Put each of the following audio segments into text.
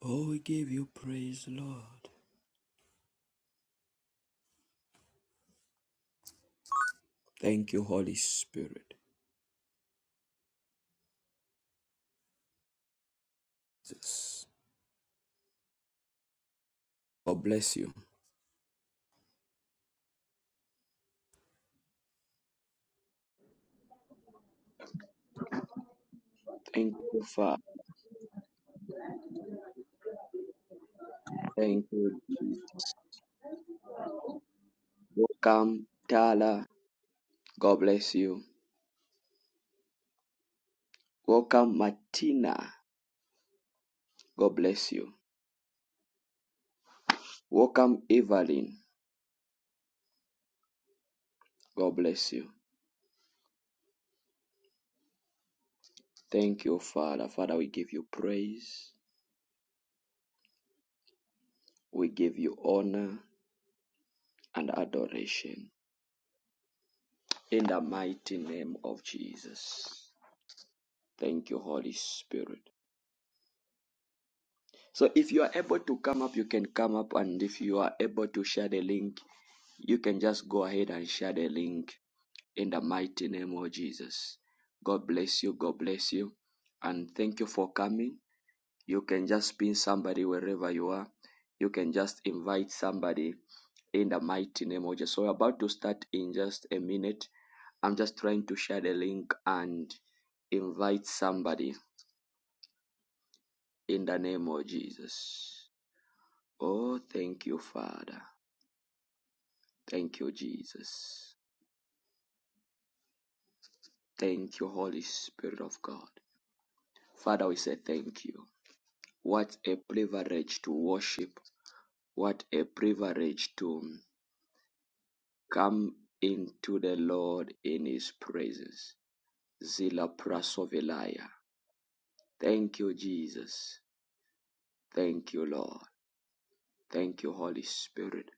Oh, we give you praise, Lord. Thank you, Holy Spirit. Jesus. God bless you. Thank you, Father. Thank you, Jesus. Welcome, Tala. God bless you. Welcome, Martina. God bless you. Welcome, Evelyn. God bless you. Thank you, Father. Father, we give you praise. We give you honor and adoration. In the mighty name of Jesus. Thank you, Holy Spirit. So if you are able to come up, you can come up, and if you are able to share the link, you can just go ahead and share the link in the mighty name of Jesus. God bless you. God bless you. And thank you for coming. You can just pin somebody wherever you are. You can just invite somebody in the mighty name of Jesus. So we're about to start in just a minute. I'm just trying to share the link and invite somebody in the name of Jesus. Oh, thank you, Father. Thank you, Jesus. Thank you, Holy Spirit of God. Father, we say thank you. What a privilege to worship. What a privilege to come into the Lord in His praises. Zila prasovelaya. Thank you, Jesus. Thank you, Lord. Thank you, Holy Spirit.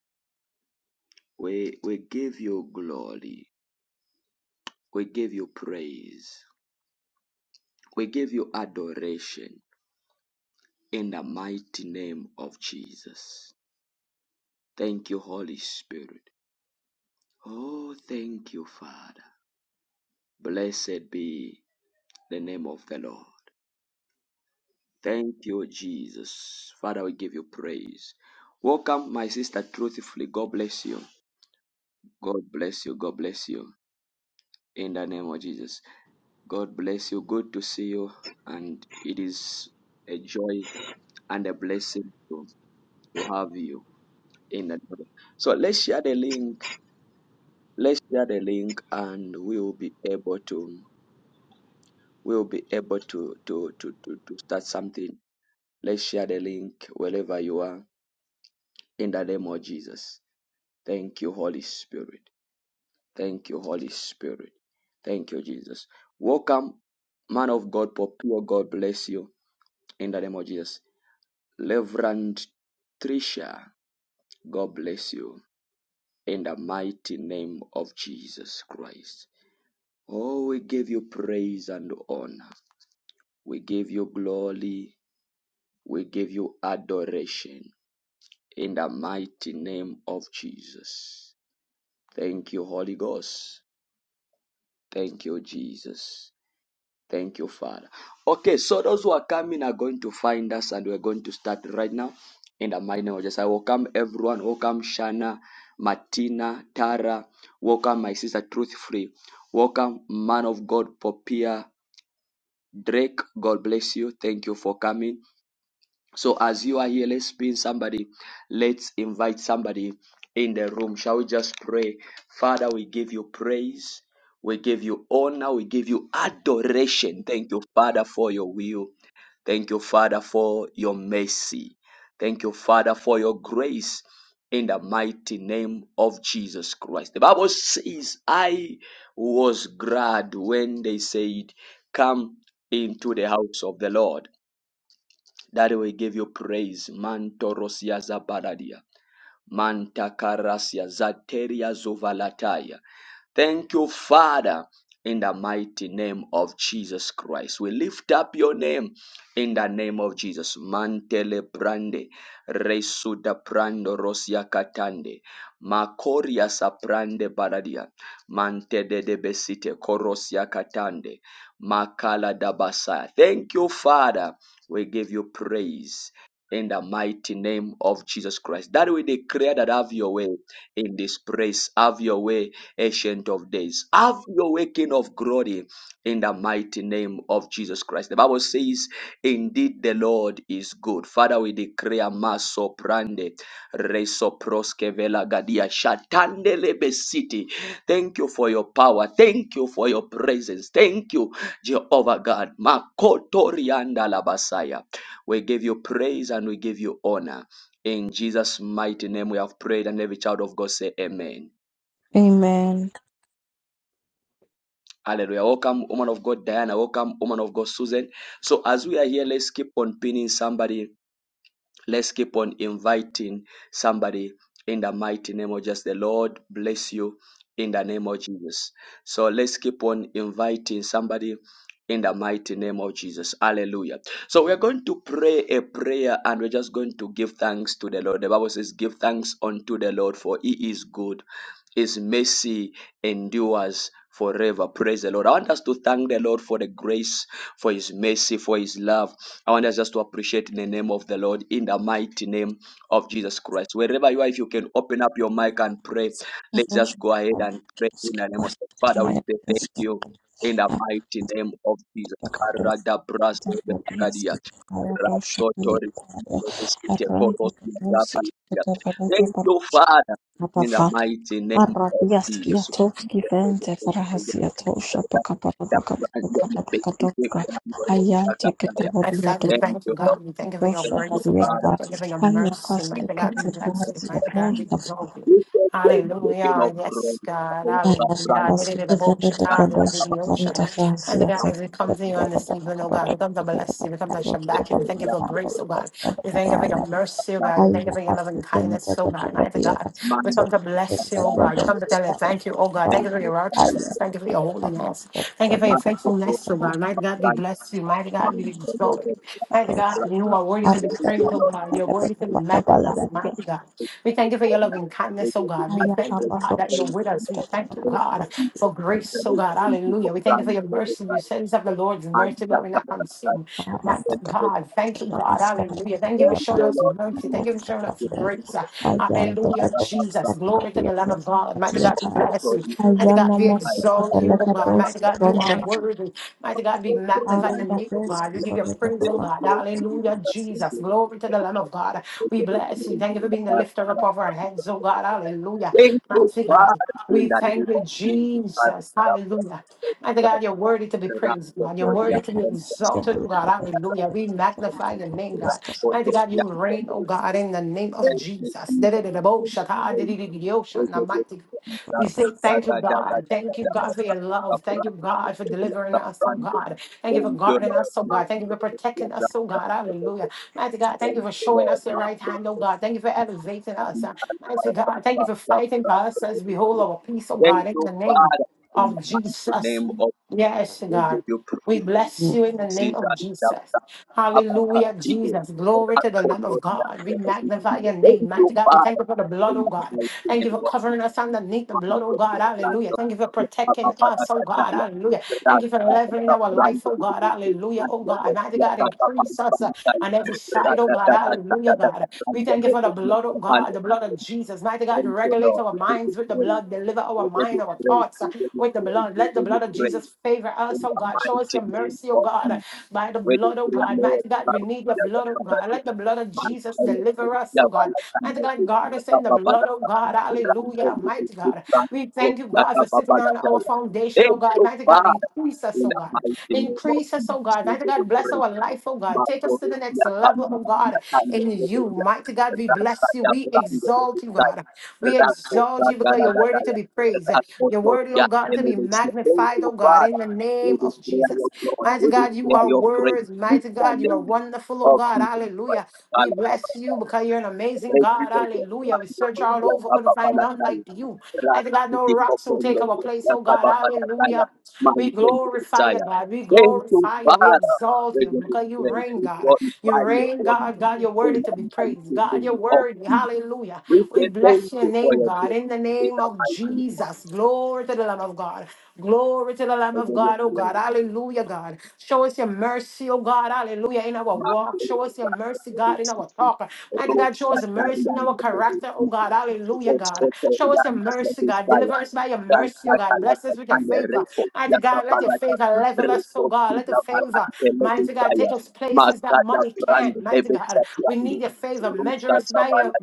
We, we give you glory. We give you praise. We give you adoration in the mighty name of Jesus. Thank you, Holy Spirit. Oh, thank you, Father. Blessed be the name of the Lord. Thank you, Jesus. Father, we give you praise. Welcome, my sister, truthfully. God bless you. God bless you. God bless you. In the name of Jesus. God bless you. Good to see you. And it is a joy and a blessing to, to have you in the Lord. So let's share the link. Let's share the link and we will be able to we'll be able to to to to, to start something. Let's share the link wherever you are in the name of Jesus. Thank you, Holy Spirit. Thank you, Holy Spirit. Thank you, Jesus. Welcome, man of God, Popio. God bless you in the name of Jesus. Reverend Trisha, God bless you in the mighty name of Jesus Christ. Oh, we give you praise and honor. We give you glory. We give you adoration in the mighty name of Jesus. Thank you, Holy Ghost. Thank you, Jesus. Thank you, Father. Okay, so those who are coming are going to find us and we're going to start right now in the mighty name of Jesus. I welcome everyone. Welcome Shana, Martina, Tara. Welcome my sister Truth Free. Welcome man of God, Popia Drake. God bless you. Thank you for coming. So as you are here, let's pin somebody. Let's invite somebody in the room. Shall we just pray? Father, we give you praise. We give you honor. We give you adoration. Thank you, Father, for your will. Thank you, Father, for your mercy. Thank you, Father, for your grace in the mighty name of Jesus Christ. The Bible says, I was glad when they said, Come into the house of the Lord. Daddy, we give you praise. Mantorosia Zabaradia. Mantakarasia Zateria Zovalataya. Thank you, Father, in the mighty name of Jesus Christ. We lift up your name in the name of Jesus. Mantele brande, resuda prando rosia katande, makoria saprande baradia, mantede de besite korosia katande, makala dabasa. Thank you, Father we give you praise in the mighty name of Jesus Christ. That we declare that have your way in this place. Have your way, Ancient of Days. Have your way, King of Glory, in the mighty name of Jesus Christ. The Bible says, Indeed, the Lord is good. Father, we declare Maso Prande, Reso Proskevela Gadia, Shatandele Besiti. Thank you for your power. Thank you for your presence. Thank you Jehovah God. Makotorianda Labasaya. We give you praise and we give you honor. In Jesus' mighty name we have prayed, and every child of God say amen. Amen. Hallelujah. Welcome, woman of God, Diana. Welcome, woman of God, Susan. So as we are here, let's keep on pinning somebody Let's keep on inviting somebody in the mighty name of Jesus. The Lord bless you in the name of Jesus. So let's keep on inviting somebody in the mighty name of Jesus. Hallelujah. So we're going to pray a prayer and we're just going to give thanks to the Lord. The Bible says, Give thanks unto the Lord, for he is good, his mercy endures forever. Praise the Lord. I want us to thank the Lord for the grace, for his mercy, for his love. I want us just to appreciate in the name of the Lord, in the mighty name of Jesus Christ. Wherever you are, if you can open up your mic and pray, let's just go ahead and pray in the name of the Father. We Skipasitaya say thank you in the mighty name of Jesus. Karada braso belakadia. Rasotori belekesite koros magabalia. Thank you, Father, in the mighty name of Jesus. Mighty God, we Thank thank you, you, God. Lord. We thank you for your Thank you, grace, oh God. Father. We thank you for your mercy. In Mighty the God, we mighty bless name you. of Mighty God, Jesus. we exalt you. We say thank you, King Hallelujah. of glory. Yes, God. Oh, Ayah, Father, Hallelujah. We did it about you, that God. We now did it in our the people ocean. Mighty God, come. as we That come to we you that on this evening, oh come to God, we come to bless you. We come to say Shabbat you. We thank thank you you, for grace, Lord. oh God. We thank you for your That mercy, oh love God. We thank you for your loving kindness, oh God. Mighty God, we man, come to that bless you, oh man, God. We come to Lord. tell you thank you, oh God. Thank Thank you for you, your Father. righteousness. Thank Thank you for you, your Lord. holiness. Thank you for your Man, for all faithfulness to you God. Mighty have God be done. blessed you. Mighty God be Man, for all you have destroyed. done. Mighty God, Thank you are worthy to be you, praised, oh Lord. God. You're worthy to be magnified. Jesus. Mighty God. We thank you for your loving kindness, oh God. We thank you, God, that you're with us. We thank you, God, for grace, oh God. Hallelujah. We thank you for your mercy. You said it's of the Lord's mercy, but we're not consumed. Mighty God, thank you, God. Hallelujah. Thank you for showing us I I mercy. I Thank you for showing us grace. am am am the Hallelujah, Lord. Jesus. Glory to the Lamb of God. Mighty God, we Satyakarta. bless you. I Mighty am God, a we mostly of exalt the you, oh God. Lakatos Mighty to God, you are London. worthy. Mighty God, be I am the magnified and name, Thank oh first you. God. to We the give you praise, Thank oh Lakatos. God. Hallelujah, Jesus. Glory to the Lamb of God. We bless you. Thank you for being the lifter up of our heads, oh God. Hallelujah. you, Mighty Father, God, in we the name thank you, of Jesus. Father, Jesus. God, God, Hallelujah. Mighty God, God, you're worthy to be God, God, God, praised, God, God, God, God. I You're am the worthy to be first God, exalted, God, oh to God. God, Hallelujah. We magnify the name, the God. of God, Mighty God, you reign, oh God. God, in the name of Thank you, Jesus. Jesus. Thank you, thank you, thank you, Mighty we thank of say you, God, thank you, God, God, God, God, God, God. Thank you, Ayana God, God, God, God, God, God, God, for your love. God, God, Thank you, God, for delivering God, us, oh God, God. God. Thank you for Thank you, guarding us, oh God. Thank you for protecting us, oh God. Lord. Hallelujah. Mighty God, thank you for showing us your right hand, oh God. Thank you for elevating us. Uh, Mighty God, thank you for fighting for us as we hold our peace, oh Thank God, in you, the name Father, in of the mighty Jesus. name of Jesus. Yes, We give God. you We praise. bless Amen. you in the name Jesus, of Jesus. Hallelujah, Abakatiko, Jesus. Glory to the Lamb Rakoto, of God. We magnify your Thank name. you, Mighty God, we thank Father, you for the blood, in oh the God. mighty Thank you name for of covering us underneath the Thank blood, oh you, God. Hallelujah. Thank Lord. you for protecting us, oh God. Hallelujah. Thank you for leveling our life, oh God. Hallelujah, oh God. Mighty God, increase us uh, on every side, oh God. Hallelujah, God. We thank you for the blood, oh God, the blood of Jesus. Mighty God, regulate our We give mind you minds with the praise. blood. Deliver We our give mind, you our praise. thoughts We uh, give you with the praise. blood. We give Let the you blood of praise. Jesus favor In us, oh the God. Show us mighty your name mercy, oh of God, uh, Jesus. by the We blood, oh declare, God. Lord, Mighty God, we need the blood, oh God. Let the blood of Hey, Jesus you! deliver us, oh God. Mighty God, guard us in the blood, oh God. Hallelujah, mighty God. We thank you, God, for sitting on our foundation, oh God. Mighty God, far, increase us, in oh the God. mighty name of Increase us, oh Jesus, God. we Mighty give you God, bless praise. our life, oh God. Mark Take for us to it, the next level level, Yakam, oh God, Yakam, in Yakam, you. Mighty God, we Rasta, bless you. We Yakam, exalt you, Yakam, God. We Rasta, exalt ya you because Gana, you're Gana, worthy to ya. be praised. You're Rasta, worthy, oh Yak, God, to be Melodies. Thank magnified, you, oh God, in Father. the We name of declare your Jesus. glory, we Mighty God, you declare are your praise. words. In Mighty the God, you name are wonderful, oh of God. Jesus Hallelujah. Christ. We bless you because you're an amazing Grace, God. grace, grace, Hallelujah. We search all over, couldn't Baba find none like Palakaya, you. Mighty God, Rati, no the rocks will take Popendo, our place, oh God. Baba Palakaya, Hallelujah. my We friend glorify you, Messiah. God. We Thank you, glorify you. We Father, exalt for you your because you grace, reign, we God. You glorify your reign, holy God. name. God, you're In worthy to be the mighty praised. God, you're name of worthy. Jesus, Hallelujah. we We say thank bless your you for name, your grace. God. In the In name the of mighty name Jesus. Glory to the Lamb of God. Glory to the Lamb of of God, oh Jesus, God. Hallelujah, God. Show us your mercy, oh God. Hallelujah prayer, in our Thank walk. Show us your mercy, God, in our talk. Mighty God, show us mercy in our character, oh God. Hallelujah, God. Show us your mercy, God. Deliver us by your mercy, oh God. Bless us with your favor. Mighty God, let your favor level us, oh God. Let the favor, mighty God, take us places that money can't. Mighty God, we need your favor. Measure us by your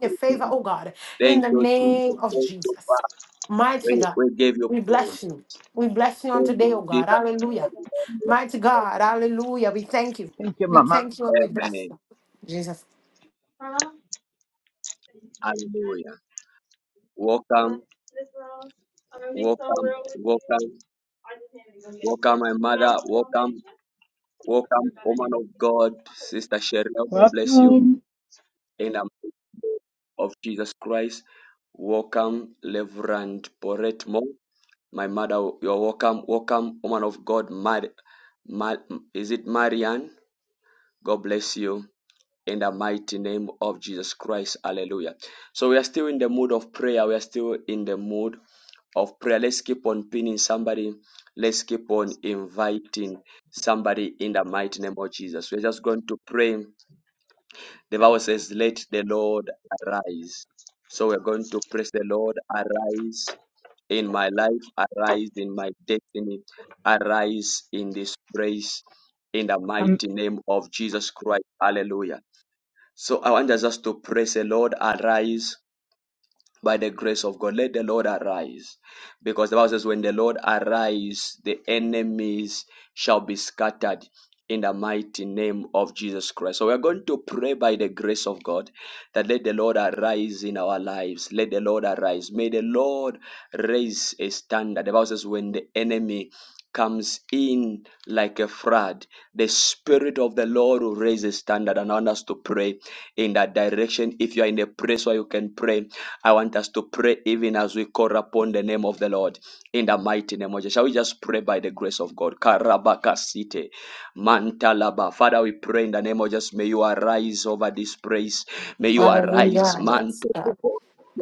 your favor, oh God, in the you, Jesus. name of Thank you, Father. Jesus. Mighty We, God, we give you we praise. bless you. We bless you on today, oh In Jesus' God. Hallelujah. Mighty God, hallelujah. We thank you. Thank you, We Mama. thank you and we bless Amen. you. Jesus. Hallelujah. Welcome. Welcome, welcome, welcome, my mother. Welcome, welcome, woman of God, Sister Cheryl. God bless you. Welcome. In the name of Jesus Christ, welcome, Reverend Porette Mo. My mother, you're welcome. Welcome, woman of God, Mar- Mar- is it Marianne? God bless you. in the mighty name of Jesus Christ. Hallelujah. So we are still in the mood of prayer. We are still in the mood of prayer. Let's keep on pinning somebody. Let's keep on inviting somebody in the mighty name of Jesus. We're just going to pray. The Bible says, Let the Lord arise. So we're going to praise the Lord, arise in my life, arise in my destiny, arise in this praise in the Um, mighty name of Jesus Christ. Hallelujah. So I want us just to praise the Lord, arise by the grace of God. Let the Lord arise. Because the Bible says, when the Lord arise, the enemies shall be scattered in the mighty name of Jesus Christ. So we are going to pray by the grace of God that let the Lord arise in our lives. Let the Lord arise. May the Lord raise a standard. The Bible says, when the enemy comes in like a flood, the Spirit of the Lord will raise a standard and I want us to pray in that direction. If you are in a place where you can pray, I want us to pray even as we call upon the name of the Lord in the mighty name of Jesus. Shall we just pray by the grace of God? Karabakasite, mantalaba. Father, we pray in the name of Jesus. May you arise over this place. May you arise, Hallelujah. Yes, manto. God.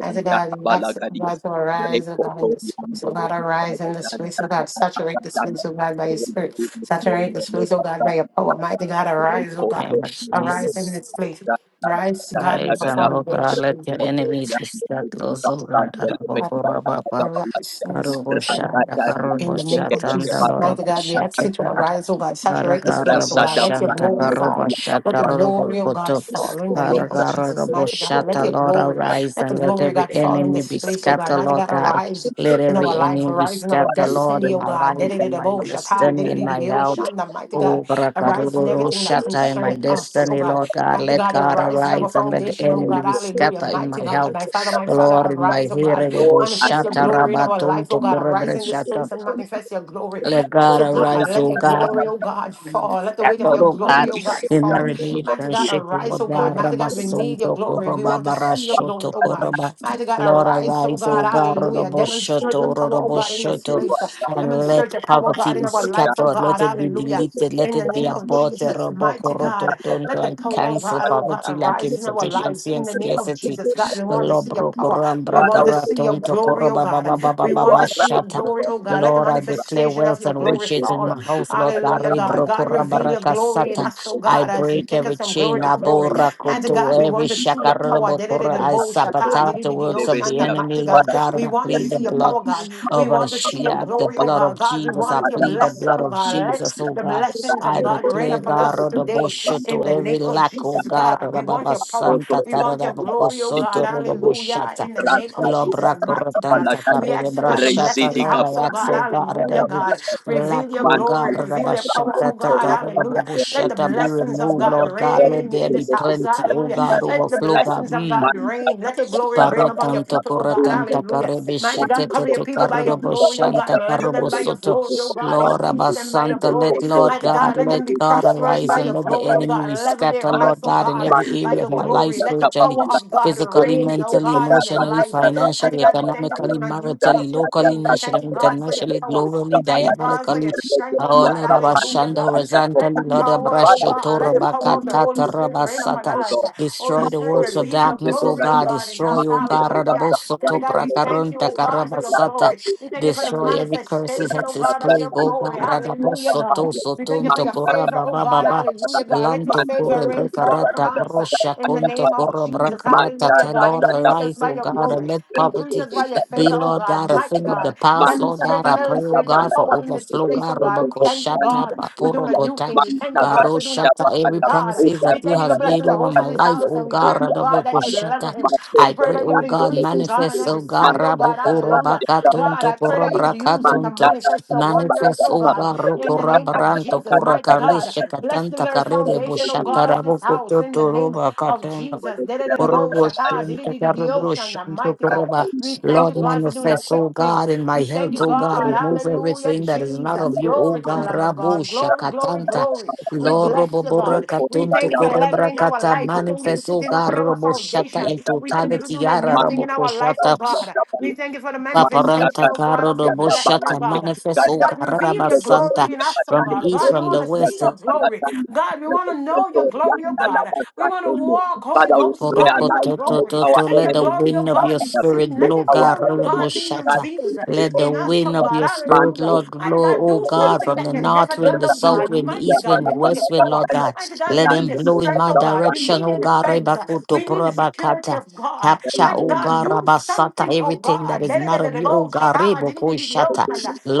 As a God, we ask you have to, God, to arise, oh God, in rekoto, this place. Oh God, yandabalagadia, arise in this place. Oh God, saturate this place, oh God, by your spirit. Saturate this place, oh God, by your power. Mighty God, arise, oh God. name of Arise in Jesus this place. Arise, God, in Christ, your and Lord God, let foundation. your Thank enemies be scattered, O God, I, Arababa, I rise in this Karubo place, oh God. Shanta, Karubo In the name of Shatanda, Jesus, Lord mighty God, we ask you to of arise, oh God, saturate this Paragara place, oh God. Let your Boshanta glory fall. Let Parabashata the glory, oh God, Robopoto fall in the name of Jesus, Paragara mighty God. Let Boshata your Lord glory, arise let the and let glory of every God fall in enemy this be place, oh God. scattered, Mighty Lord God, God. arise Let in our every life, enemy be arise in our scattered, Lord, destiny, in oh my God. life, in my Dedededebo, shata, destiny, in my dedededeo, health. shanda, Mighty God, Oh arise in Barakaruro everything that Shata in my concerneth us, oh destiny, God. Lord God. Mighty Let God, God arise as our arise and let the foundation, oh enemy God. be you. Hallelujah. scattered in Mighty my God, my health. Father, my Father, Lord, in my arise, oh hearing, God. Lord, I Manifest your Boshata thank you glory in our for life, oh Rabatunto being God. the Arise Korebre in teaching this of Shata. place the and benefit manifest your glory. of the Let Lord, God Mighty for the God, young arise, let O your man, the one God. glory, of oh the God, fall. Let the That, weight of man, your oh the God, glory, Lord, oh that God, is in the done fall. in the name of Mighty God, Jesus, relationship, arise, Lord oh because God. God, Mighty God, we need your the Rabasonto, glory. We Koroba, want to see your glory, Lord, Barashoto, oh God. Koroba. Mighty God, Lord, arise, oh arise, O God. Father, we thank God, Hallelujah. Demonstrate your Rodoboshoto, power, oh God, in this Rodoboshoto, place. and you Demonstrate let your power, poverty God, in be our life, oh scattered, let God. it be Hallelujah. deleted, let In the it be name of aborted, Jesus, mighty God. Robokoroto, Tonto, Let the I power of cancel God, oh God, poverty, lack, arise in our lives insufficiency, in and the name of scarcity. Jesus. God, we want to see your Lobro, power. Koram, We want to Brakara, see your Tonto, glory, oh Koroba, God. Baba, that Baba, We you want to are see your right Baba, for the glory, first oh God. Let the Lord, I time. declare manifestation of wealth your and Thank glory you. riches in fall. my Thank you. house, Lord. I got Hallelujah, that Bari one. I God. got God, that one. reveal your glory in Thank us, oh you. I God, as you Thank break take you. every us from chain, glory Yeah, to yeah, yeah, glory. yeah. abora Mighty God, we every want to see your power. shakarabokura. I Da-da-da-da-bo, shata, sabotage the di-di-di-di, works oh, of the shanda. Mighty enemy, God, Lord God, and we I want to plead the see your Matashikete blood power, God. kerele We of want boson to see your torele Ashia, the baba glory, oh blood baba. God. of God, we Jesus. I want your plead Yegare the blessing, blood oh boson of God. torele Let Jesus, baba oh the God. baba blessings baba. of I God rain declare, upon God, us oh, Shindele. the today bosho to in the every name of lack, oh Jesus, God, God. We want Rababa your power. Thank you. Santa, We want your Taraboko glory, oh Thank God. you. Soto, Yeah. Hallelujah. In the name Rasta of tu Jesus, Lobra kapala mighty God. kapala cortanta taya. We carre ask you, God, to bless brashata this Rezidi lora house, oh kapala God. yo. yazzo gare Hallelujah, every God. Reveal lack your Man o glory. kapala garda Reveal your kapala power, yo. bashata oh God. Seri tatara kapala Hallelujah. yo. Let the babushata Sila be blessings of removed kapala God yo. Lord God Seri let reign there in be this kapala house. plenty oh Hallelujah. God Let the kapala overflow taya. God blessings of Mm. God Man reign. Let kapala your glory kapala Paro reign upon kapala your tanto people, oh corra kapala. God. Inja tanta kapala Hallelujah. Mighty carrebishite God, cover yo. your tete people by Rasta carro your tu glory, oh kapala boshanta God. yo. Level carro them by your bosoto. glory, Rezidi oh God. kapala Lord Increase yo. them by your Sende Abasanta, glory. let koto Lord Mighty ya God, God, let mbele them let be God ya. prosperous arise by Man and your let the glory, oh kapala enemy God. be kapala Level their scatter, kapala. life, Lord oh God, in God, Man every by area of your my kapala life, glory. Let the kapala spiritually, power kapala. of God Father, we physically, reign, oh mentally, God, in their emotionally, life. Mighty financially, God, we thank you for economically, doing a new thing, a maritally, quick locally, thing. We thank nationally, you, God, for your internationally, power. globally, We thank you, God, for diabolically. your strength, oh Oh God. Lord Hallelujah, Abashanda God. Let horizontally, the Lord power, oh Abrasho God, pray let the in the power of name the of Torabakata Holy Jesus Spirit reign Christ, upon Rabasata. O us. God. Holy Destroy Mark the Spirit, for works your of reveal your children, darkness, O O Lord, glory, oh God. yes. God, in us. Destroy, Mark O in the God, name of Hallelujah. the Son, Father Radabosoto the God, we Lord of thank you, Prakarunta oh Jesus. God, for The your last Karabasata. of glory. the We thank you for the children, Destroy every the curses, manifestation, last oh of hexes, God, the of your plague, O God, glory. children, the last Hallelujah, of the God. Radabosoto children. We thank you Man, for Sotonto your the last of favor, Koraba the oh children, the God. last Baba. of the Hallelujah, children. God. Let your Lanto Man, the last of the favor Kure rain children, fall upon Brekarata us uh, the Prosha in last the of the Konto name children. of Kura Jesus. Brakarata Hallelujah, God. Talora Increase us Rise, by O your God, and glory. let Increase poverty us by your be, favor, oh Lord God. God, a Mighty thing of the God. past, Lord God. Demonstrate I and pray, O illustrate your God, for power in this overflow, place, oh God, God. We thank you, Rabakoshata God, for doing a new Bapurokota. thing. We thank you, God, for doing a Baroshata, quick thing, every God. promises that We you thank you for has made blessing the over host my of this life, house, oh and we God, pray, oh God, that Radaboko you would deliver Shata. him. We I pray pray, that you oh would God, increase in God on manifest, oh every God, side, oh God, Raboko hallelujah. God, Rabakatunto, I pray that you would use him to Korabrakatunto. manifest your wonders, Manifest, oh oh God, God, in Roko the name of Rabaranto, Jesus, Kura mighty God. Karlisha Bless the Katanta very Karere foundation, oh Boshata God, of this Raboko house, in the name of Toto Jesus. Lord, Manta The mighty I am God. the one We thank you, who is God, for doing a manifest, quick oh thing. God, in my We thank health, you, oh God, God. remove Hallelujah, everything that is not Jesus. of you, oh Glory to the God. Lamb of Rabo God. Glory, glory, shakatanta. glory. We Lord, bless you, robobora God. We thank katunto you for korebra leveling our life. We thank you for manifest, oh sitting up God, on our robo shata foundation. in We thank you for totality, doing a yara new the thing in robo our life, master of oh koshata. the God. universe We thank you for the mandata manifestation, Paparanta oh God, karo of your robo yata blessing, oh shata, balante God. manifest, Mighty oh gata God, God, reveal Rabasanta, balante your de glory de in us, oh from the batando God. east, God, we from de want the to see west. yata your glory. balante God, we want to know your Toto glory, oh yanda la God. We want basante to le walk, Holy Father we Ghost, God, in your realize let glory. our Orobotototo, Let Let your the enemies glory, be oh wind of God, your be scattered seen. spirit let Let blow, your our God. glory, oh enemies God, be be Reboshata. scattered in revealed the name Let of the in us, oh wind of Jesus God. your man spirit, Hallelujah. Lord, Mighty blow, God, oh do God, something from that the you've never north wind, done, the oh south God. wind, the Mighty east God, wind, we the need your west wind, power. Lord God. Mighty God, we Let need them the blow in strength my of God. We direction, need oh a God. defense. Rebakuto We need the security Purabakata. of God. Capture, Mighty oh God, God, do Rabasata, something, oh everything that God. is not of you, oh God. Rebokoshata.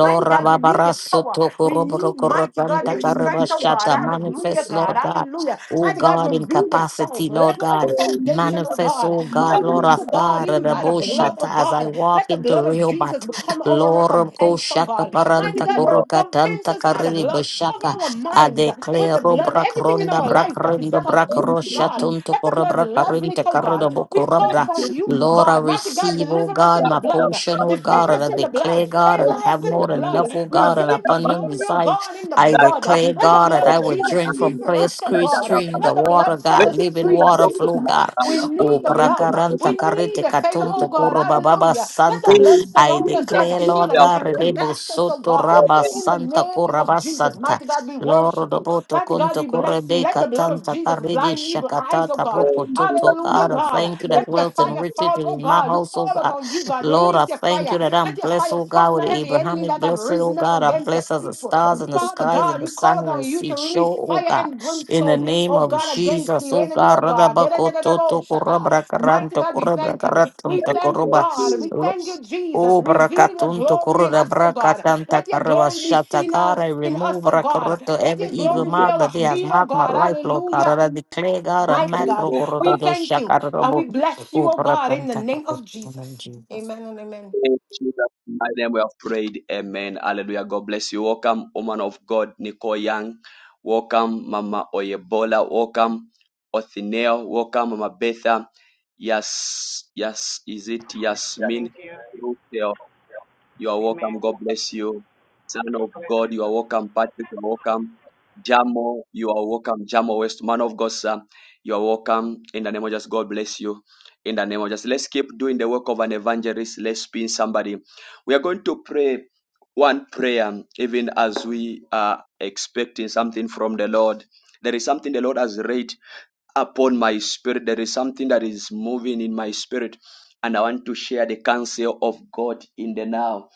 Mighty God, we need your power. Rababarasoto We need, mighty God, your strength, oh God. Koroborokorotantakarabashata. Thank you. Hallelujah, Manifest, God. Lord God. Hallelujah. Oh Mighty God, God, in reveal capacity, yourself. Lord Level God. our And we foundation, oh have Manifest, God. oh God, mighty Cover Lord us, number oh of of God, God, people even by the from blood, them. oh Raboshata, as I God. walk Let the into blood blood of Jesus Rehoboth, become our Lord of recompense, oh Koshaka, God. Mighty Paranta, Raising God, up recompense Kurukatanta, us by the Karili, blood. Cover Bashaka, our I minds with declare, the oh, blood. Brak Everything in Ronda, our Brak life that is Rondo, not of Brak you, and oh God. joking Roshatunto, Let the blood Kurabra, level it, Karinta, oh God. Karabo, We and call Kurabra, upon you, joking. oh Lord, I God. Mighty God, receive, oh deliver us God, in That the my had up blood. portion, that oh God, Defend and us I in the problem. declare, blood. God, that That is very Favor I have us in the more difficult to than enough, people. blood. oh God, Reveal and But that your that that abundant glory, that oh beside God, in the I that blood. that that is declare, Let very the God, that blood difficult. I of will And Jesus drink and we speak from will for clear us, take the oh scre- God. other God. that streams that Let that of the that thing. water, blood set Let God, the us living people that free, water don't know flow, the Jesus. God. other We that O need the that that blood. that prakaranta We thing, they need karete the faith, katunto to take the other that that that oh God. that kuro thing. bababa Hallelujah. Let the santa. They will blood I do surround us that as declare, a thing shield Lord they are and, God, and afraid to rebo compass us, oh soto God. raba In Amen. the santa name of kuraba Jesus, santa. mighty God, we Lord worship you. doboto Mighty God, kunto we bless you. kurebe Let the blood of katanta Jesus karidi blind evil eyes, oh shakatata They God. will poko do that toto. Hallelujah, God, I thing of God. thank the you that Lord. Let your wealth And and fire riches fall, is oh in my God. We house, oh call God. upon you, God. Lord, Release I your thank you fire. that I'm Let your blessed, fire oh God, with thunder every enemy Abrahamic that has blessing, oh risen up God. I'm against your blessed as the people. stars thank in the Father you. skies and God, the we call sun and the upon you sea. to Show, release oh fire God. and In the brimstone, name oh of God, against Jesus, the O enemy, God, oh God. Radabakototo Da-da-da-da-da-bo-shaka. Mighty Kurabrakaranto God, we thank you. We Kurabrakaratanta Thank thank you, Kuruba, God. you. We thank you, Jesus. O Reveal your Brakatunto glory in Kuruda us, oh God. Brakatanta Let your glory be Karabashata, seen God, us I in us, remove oh God. Rakaroto, Let every your Thank evil you. glory be mark our that they has shield, oh marked my God. life, Lord God, Hallelujah. I declare, God, a Mighty Thank macro God, Kurodo we thank you and we Shakarabo, bless you, O oh God, in the Brakanta name of Jesus. Karabashata, Amen and amen. you, Jesus. In My name we have prayed. Amen. Hallelujah. God bless you. Welcome, woman of God, Nicole Young. Welcome, Mama Oyebola. Welcome, Othinel. Welcome, Mama Betha. Yes, yes. Is it Yasmin? Thank you. You are Amen. welcome. God bless you. Son For of God, you are welcome. Patrick, you are welcome. Jamo, you are welcome. Jamo West, man of God, sir. You are welcome. In the name of Jesus, God bless you. In the name of Jesus, let's keep doing the work of an evangelist. Let's pin somebody. We are going to pray one prayer, even as we are expecting something from the Lord. There is something the Lord has read upon my spirit. There is something that is moving in my spirit, and I want to share the counsel of God in the now.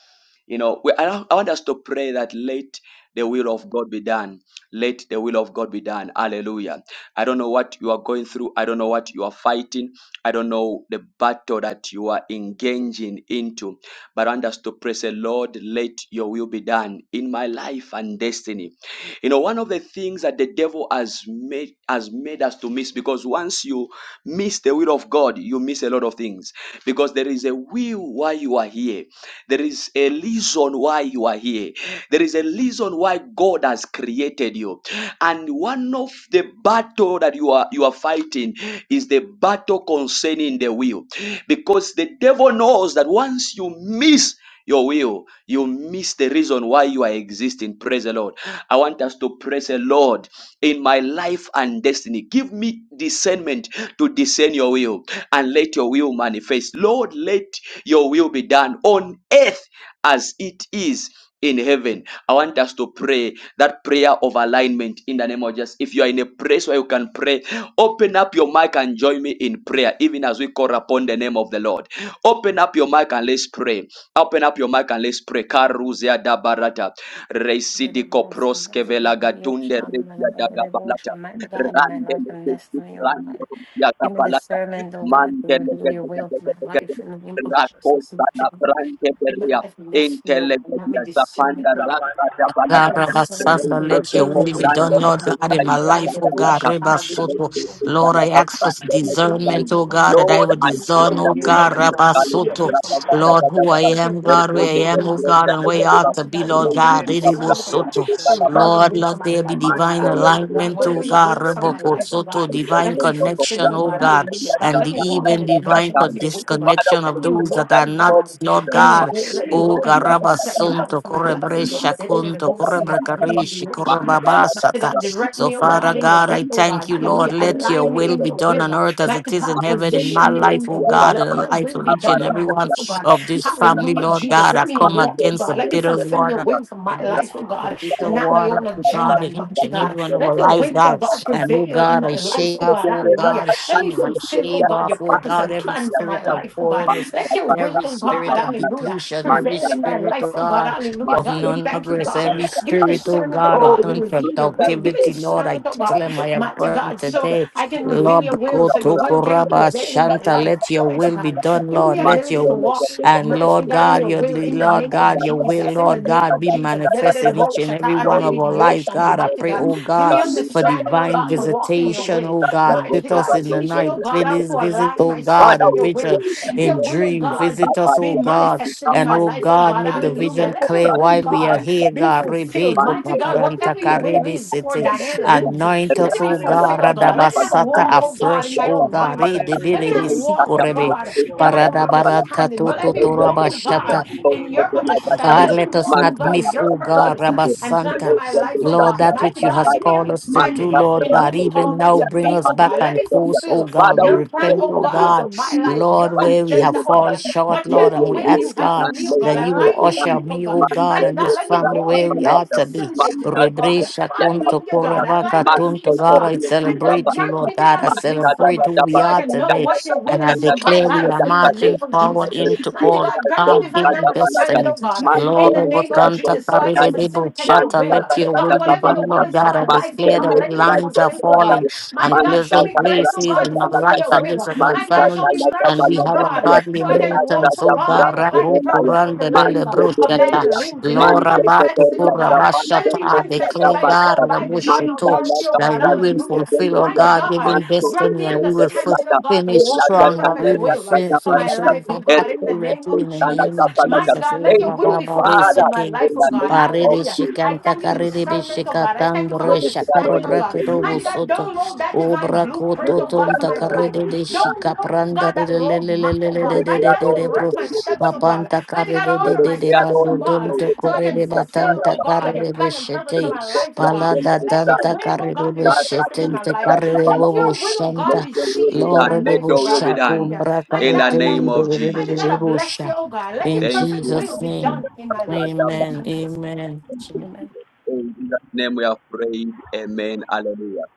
You know, we, I, I want us to pray that let the will of God be done. Let the will of God be done. Hallelujah. I don't know what you are going through. I don't know what you are fighting. I don't know the battle that you are engaging into. But I want us to pray, say, Lord, let your will be done in my life and destiny. You know, one of the things that the devil has made has made us to miss because once you miss the will of God, you miss a lot of things because there is a will why you are here. There is a reason why you are here. There is a reason why God has created you. And one of the battle that you are you are fighting is the battle concerning the will because the devil knows that once you miss your will, you miss the reason why you are existing. Praise the Lord. I want us to praise the Lord in my life and destiny. Give me discernment to discern your will and let your will manifest. Lord, let your will be done on earth as it is in heaven. I want us to pray that prayer of alignment in the name of Jesus. If you are in a place where you can pray, open up your mic and join me in prayer, even as we call upon the name of the Lord. Open up your mic and let's pray. Open up your mic and let's pray. Karuzia da barata. Reisidi kopros kevela gatunde rekia da da balata. Almighty God, in my Rande life and lekesi destiny, oh rande God. ya da Give me balata. discernment, oh God, to Mande reveal your lekesi will for my life in the name of Jesus. rakonda na prande In my beria. life, bless me, oh Intele God. Give me beria da discernment, panda oh God. rasta da Let balata. God, me Rabba discern and Sanda, to Reise let your reveal will kopo your be will for done, rande God Lord from lekesi my God, in life. my da Whether da they life, get oh the God, balata. motion, Rabba ah, maybe they Soto. will be Reise open da Lord, up. I I da think, ask for ah, rande Reveal your discernment, lekesi. oh will for God, God. that I Lord, would Reveal I me to pray discern, in God, the oh your name will of God, for Jesus. blessing God. Rabba Reveal your Soto. will for my life, oh Lord, God. who I Hallelujah. I can am, will of God, where God for I him am, oh in my God, life, and oh where I God. ought Let to me, be, God, Lord reveal God, Let, your Rebo your servant, oh will God. be Soto. For done. reveal your Lord, will for let my there be life, oh God. divine Hallelujah, God. alignment, oh Whatever your God, will is for my Rebo life, oh Soto, God. Let divine me be fulfilled, connection, oh oh God. God, Hallelujah, God. and the Let me walk in even the divine dimension for of your will, oh God. disconnection Let of me those that walk, are oh not, God Lord in your God. way. Let me O walk in the garaba purpose that you have sunto for my life, oh korebresha God. Let it in the kunto most see, You did it You korebrekarishi the ocean. Mighty korebabasata. God, direct So me, oh Father God, in your God, will, I oh thank God. you, Lord. Hallelujah. Let your Align me will in be your done on will. earth as it Mighty is in God, heaven in my position me life, in oh your will. God, in Let the your life will of be each done and for every my one life, oh God. of this family, Hallelujah, Thank Lord you. Jesus. God. I Let me come Thank walk, oh against the God. Let me bitter fulfill your water. will for my And this life, oh the God, bitter and not my water, own oh God, agenda, in each mighty and every God. one of our Let your lives, will, oh God. God, And oh prevail in God, I my life, shave oh off, God. oh Hallelujah. God, Let me shame. I fulfill, oh shave God, off, your oh purpose God, and every plan for spirit my of life, oh God. boring Let your will, every oh God, spirit of hallelujah, depletion, every prevail in my spirit, life, oh oh God, God, hallelujah. of God, we non thank you, progress, God. every Give me the spirit, oh sermon, oh God, of God, to non reveal your will. Give me the productivity, Lord, sermon, I oh tell God, them I am mighty burning God, so today. I can reveal Lord, your will, go so your to will can Kuraba prevail in my Shanta, life. let your Mighty will be God, you. done, give me Lord. the Let your ability to will- walk, and mighty Lord God, in God, your your will, in the Lord name of God, your will, Jesus, in the Lord name God, of be Jesus. manifest in each and every one of our lives. Da-da-da-da-bo-shata-a-di-di-di-di-yo-shana. God, I Mighty pray, God, oh give me God, for understanding, oh divine God, to walk in your visitation, will. oh God. Mighty Visit us God, in the teach me, night. oh God, how to Visit, visit, align oh myself God, in and your will. visit Let in your will, oh dream. God, be, Visit us, oh be God, manifested in and my oh life, oh God, God. make the Hallelujah. vision Let your clear will, while we are God, here, be God. fulfilled. Rebeko Mighty God, paparanta whatever your will karebe is for sete. Thank Diana you. Lindsay, Anoint let us, it be oh Hallelujah, God, fulfilled, oh God. Let me not radabasata Jesus. walk, oh God, in afresh, my oh own God. Eh, mindset. Let Hallelujah, me debelebe not Jesus. walk, oh Lord, sikorebe. let God, your in my will own be done Paradabaranta understanding, but let me walk, in the oh toto God, mighty in name your of Jesus. understanding. God, Let me let us walk, oh not God, in miss, your oh God, purpose uh, Rabba and plan for Santa. my life, oh Lord, God. that Mighty which you God, has give me called us to do, understanding Lord in who God, you call even me now to bring be, us oh back God. Let on me course, fulfill oh God. Father, We your we plan, pray repent, in oh oh the name God, for God, of my Jesus. life, Lord, your One where we day, have agenda, oh fallen God, Father, short, let Lord, whatever and your we will will you ask be have for done, God me, oh let God, that your you would will align be me in usher done. it, oh me, oh God. Man, God, the Mighty and God, Lord, this let the me Lord, family walk where in the it, we Lord, let me are to be. the facilitate it, for Lord, the God. Rebresha kunto Hallelujah, God. Align korabaka my tunto, feet, oh God, God. I And God celebrate you, grant Lord me God. I divine wisdom celebrate who we so I are can know today, what your will and I is for my declare we are life in the name marching of forward Jesus. into Mighty all God, grant me God divine given understanding, oh destiny. God, in the Glory name of Botanta Jesus, so I can Karidebo facilitate your shatter. will. let your God, will be whatever your done, will Lord is for God. I my life, oh declare that God, the let it be lines are fulfilled, oh falling God. Mighty and God, show me pleasant grace, oh places God, to in my fulfill life your and this will. of my Mighty God, show family. me And mercy, we oh have a God, godly so I can walk, inheritance, oh oh God, God. in the plan Rabo and purpose of the Kuranda life Dele uh, of Brochata, Man, Diana Lindsay. Let it Lord be Manta Rabato manifested, oh Teperia da God. Let it Kurabashata, Panto be I Costa da manifested declare by the God Pasta, power, by divine Manta Rabushoto, authority la mercy, oh da that God. we will Brasil Hallelujah. de fulfill, oh Leria, Mighty God, God, given Manto de grant destiny me and we Creste will de fulfill la understanding, da, oh God, to finish la walk in da your strong, but perfect we Tanera will will da uh, fin- da for my finish Parata, life, it oh back God, in the Ernesto name accurately de of in the la, name Jesus. da of Palata, Mighty Jesus. God, Eh, let your Thank will you, Rabba be fulfilled Barisi in Father, my King. in life, oh the God. name of Baridi Hallelujah. Jesus. I Shikanta thank you for Karidi discernment, oh God. I Bishikatan thank you for Whether it's Bresha an understanding, old oh God. letter you did, Kurebrakidobu Mighty God, Soto download that divine blueprint, whether Ubrakoto oh it's God, an for Tonta my old life. letter Karidi you de did, Download, Shika oh Pranda God, that roadmap, oh whether God. it's Mighty an God, old de Bro direct letter you did, my steps, oh God. Mapanta Mighty God, Karidi de whether order de my it's de an steps, old oh Bado letter God, Domte you so I can did, Korede Santa fulfill, Batanta oh God, your Rabasta, Karidi plan and purpose for Bishete my Ernesto life, oh from God. the Palada Let your Messiah. Tanta will, oh Karidi God, be God, God, manifested Bishete in my Jesus, life. God, Karidi God, Let God. Bobo your will, oh God, Let Shanta be your will be seen in done. my Lord, de Let life, oh your will God. be busha, done. Hallelujah. cumbra, Mighty In God, the I carrete, name de- thank de- of you. de- Mighty de- Jesus. God, de- I bless you, busha. oh God. Let your In Thank perfect you. will Jesus' Lord be name. done Jesus. in my life. In Amen. Jesus' name. Amen. Thank you, Amen. Jesus. In Jesus' name we have prayed. Amen. Hallelujah.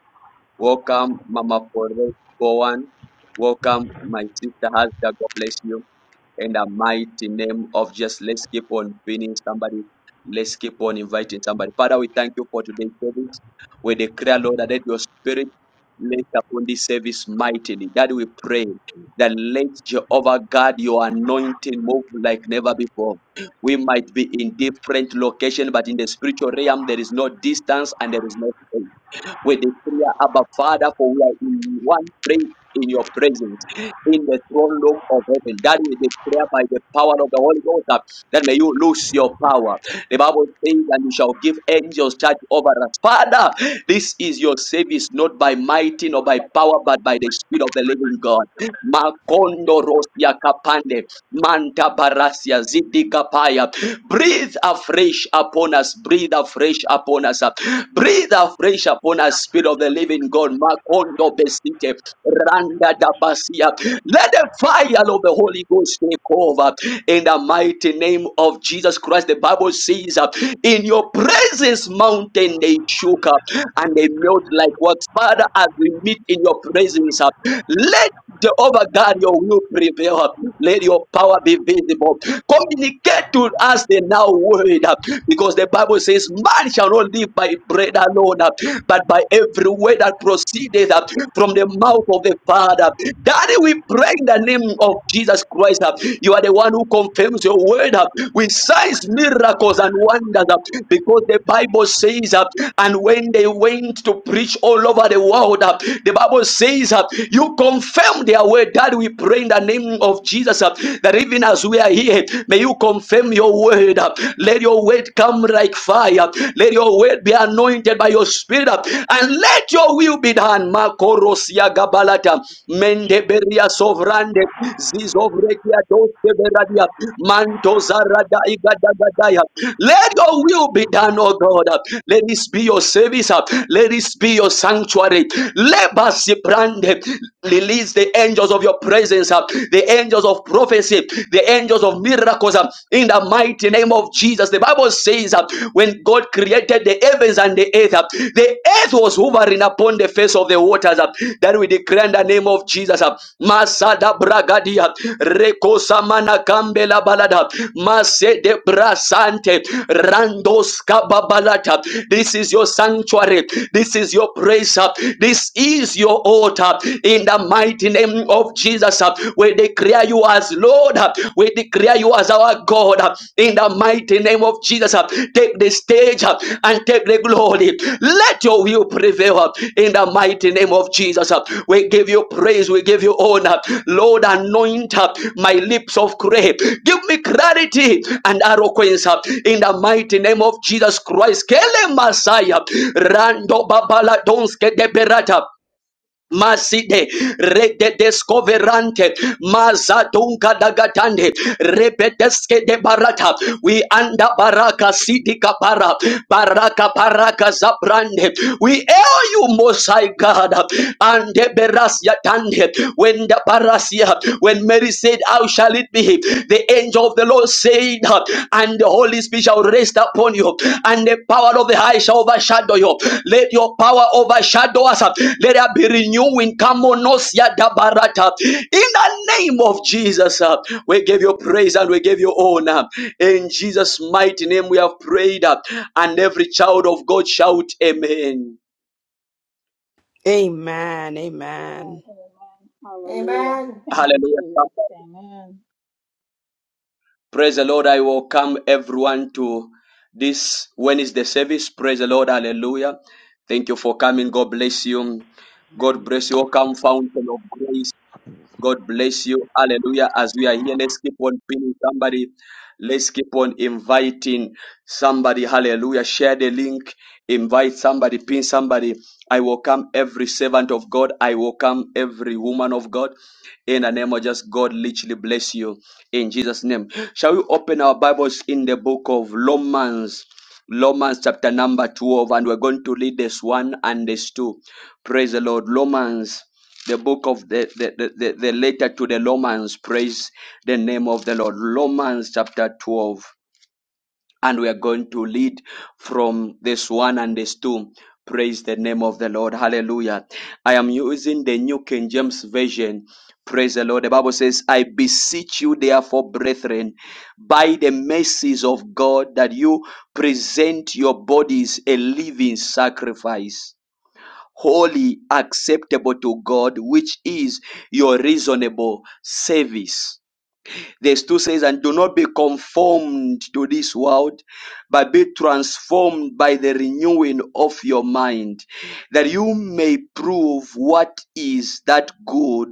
Welcome, Mama Forever. Bowen. Welcome, my sister Hasda. God bless you in the mighty name of just let's keep on pinning somebody. Let's keep on inviting somebody. Father, we thank you for today's service. We declare, Lord, that let your spirit lay upon this service mightily. That we pray that let Jehovah God, your anointing move like never before. We might be in different locations, but in the spiritual realm, there is no distance and there is no space. We declare, Abba Father, for we are in one place in your presence, in the throne room of heaven. That we declare by the power of the Holy Ghost that that may you lose your power. The Bible says, and you shall give angels charge over us. Father, this is your service, not by mighty nor by power, but by the Spirit of the living God. Makondo rosia kapande, manta barasia zidika Breathe afresh upon us. Breathe afresh upon us. Breathe afresh upon us, Spirit of the Living God. Makondo besite. Randa da basia. Let the fire of the Holy Ghost take over in the mighty name of Jesus Christ. The Bible says, uh, In your presence, mountain they shook up and they melt like what? Father, as we meet in your presence, uh, let the over God, your will prevail. Let your power be visible. Communicate to us the now word uh, because the Bible says, Man shall not live by bread alone, uh, but by every word that proceedeth uh, from the mouth of the Father. Daddy, we pray in the name of Jesus Christ. uh, You are the one who confirms your word uh, with signs, miracles, and wonders uh, because the Bible says, uh, and when they went to preach all over the world, uh, the Bible says, uh, You confirm their word. Daddy, we pray in the name of Jesus. uh, uh, that even as we are here, may you confirm your word. uh, Let your word come like fire. Let your word be anointed by your spirit. uh, And let your will be done. Makorosia gabalata. Mendeberia sovrande. Zizovrekia doseberadia. Mantozarada igadagadaya. Let your will be done, O God. Let this be your service. uh, Let this be your sanctuary. Lebasi brande. Release the angels of your prayer presence, uh, the angels of prophecy, the angels of miracles, uh, in the mighty name of Jesus. The Bible says uh, when God created the heavens and the earth, uh, the earth was hovering upon the face of the waters. uh, That we declare in the name of Jesus. uh, Masada bragadia, rekosamana kambela balada, masede brasante, randos kababalata. This is your sanctuary. This is your praise. uh, This is your altar. In in the mighty name of Jesus. uh, We declare you as Lord. uh, We declare you as our God uh, in the mighty name of Jesus. uh, Take the stage uh, and take the glory. Let your will prevail uh, in the mighty name of Jesus. uh, We give you praise. We give you honor. Lord, anoint uh, my lips of grace. Give me clarity and eloquence uh, in the mighty name of Jesus Christ. Kele Messiah. Rando Babala Donske de Berata. Maside rede descoverante mazadunga dagatande repeteske de barata we anda baraka sidi kapara baraka baraka zabrande we hail you most high God and the berasia tande when the barasia when Mary said how shall it be the angel of the Lord saying, and the Holy Spirit shall rest upon you, and the power of the high shall overshadow you. Let your power overshadow us. Let there be renewing. Kamonosia Dabarata. In the name of Jesus, uh, we give you praise and we give you honor. In Jesus' mighty name, we have prayed, uh, and every child of God shout, Amen. Amen. Amen. Amen. Hallelujah. Amen. Thank you, Hallelujah. Jesus. Amen. Praise the Lord. I welcome everyone to this Wednesday service. Praise the Lord. Hallelujah. Thank you for coming. God bless you. God Amen. bless you. Welcome, Fountain of Grace. God bless you. Hallelujah. As we are here, let's keep on pinning somebody. Let's keep on inviting somebody. Hallelujah. Share the link. Invite somebody. Pin somebody. I welcome every servant of God. I welcome every woman of God. In the name of just God, literally bless you. In Jesus' name. Shall we open our Bibles in the book of Romans? Romans chapter number 12, and we're going to read this one and this two. Praise the Lord. Romans the book of the, the, the, the, the letter to the Romans. Praise the name of the Lord. Romans chapter 12. And we are going to lead from this one and this two. Praise the name of the Lord. Hallelujah. I am using the New King James Version. Praise the Lord. The Bible says, I beseech you, therefore, brethren, by the mercies of God, that you present your bodies a living sacrifice holy, acceptable to God, which is your reasonable service. Verse 2 says, And do not be conformed to this world, but be transformed by the renewing of your mind, that you may prove what is that good,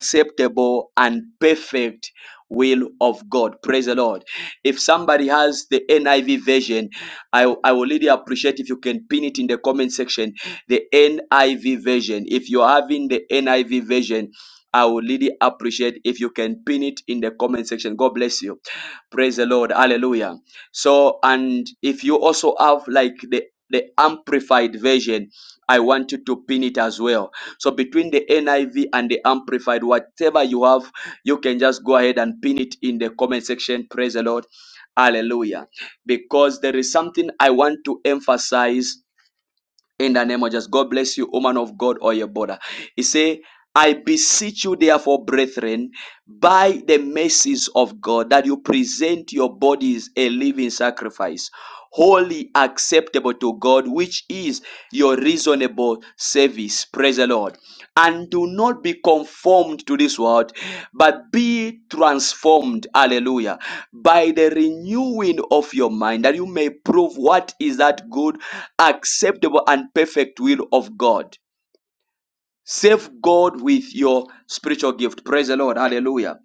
acceptable and perfect will of God. Praise the Lord. If somebody has the NIV version, I, I will really appreciate if you can pin it in the comment section. The NIV version. If you're having the NIV version, I will really appreciate if you can pin it in the comment section. God bless you. Praise the Lord. Hallelujah. So, and if you also have like the, the amplified version, I want you to pin it as well so between the NIV and the Amplified, whatever you have, you can just go ahead and pin it in the comment section. Praise the Lord. Hallelujah. Because there is something I want to emphasize in the name of just God bless you, woman of God or your border. He say, I beseech you, therefore, brethren, by the mercies of God, that you present your bodies a living sacrifice, wholly acceptable to God, which is your reasonable valuable service. Praise the Lord. And do not be conformed to this world, but be transformed. Hallelujah. By the renewing of your mind, that you may prove what is that good, acceptable, and perfect will of God. Save God with your spiritual gift. Praise the Lord. Hallelujah.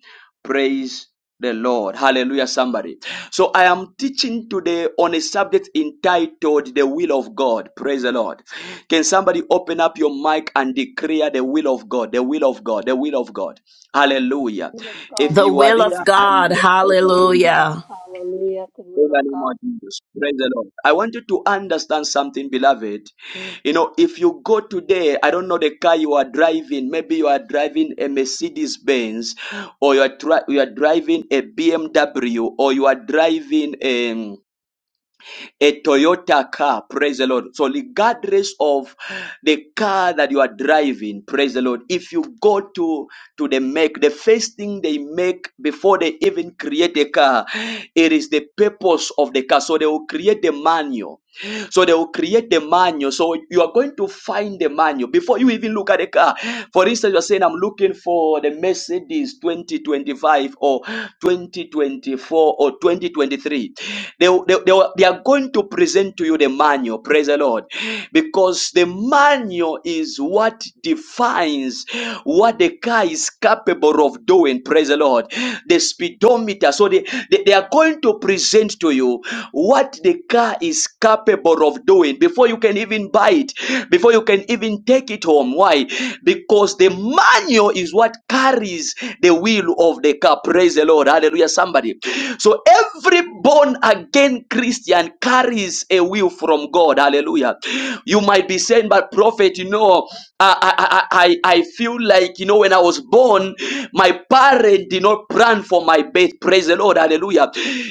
Praise the Lord. Hallelujah, somebody. So I am teaching today on a subject entitled The Will of God. Praise the Lord. Can somebody open up your mic and declare the will of God? The will of God. The will of God. Hallelujah. The will of God, If The the you are will will of of there God, and God. you the will are of God. Hallelujah. Hallelujah. The in will the of name of God. Jesus. Praise the Lord. I want you to understand something, beloved. You know, if you go today, I don't know the car you are driving. Maybe you are driving a Mercedes Benz, or you are, tri- you are driving a BMW, or you are driving a a Toyota car. Praise the Lord. So, regardless of the car that you are driving, praise the Lord. If you go to to the make, the first thing they make before they even create a car, it is the purpose of the car. So they will create the manual. So they will create the manual. So you are going to find the manual before you even look at the car. For instance, you're saying, I'm looking for the Mercedes 2025 or 2024 or 2023. They, they, they, will- they are going to present to you the manual. Praise the Lord. Because the manual is what defines what the car is capable of doing. Praise the Lord. The speedometer. So they, they, they are going to present to you what the car is is capable of doing before you can even buy it, before you can even take it home. Why? Because the manual is what carries the wheel of the car. Praise the Lord. Hallelujah. Somebody. So every born again Christian carries a will from God. Hallelujah. You might be saying, but prophet, you know, I, I, I, I I feel like, you know, when I was born, my parent did not plan for my birth. Praise the Lord. Hallelujah.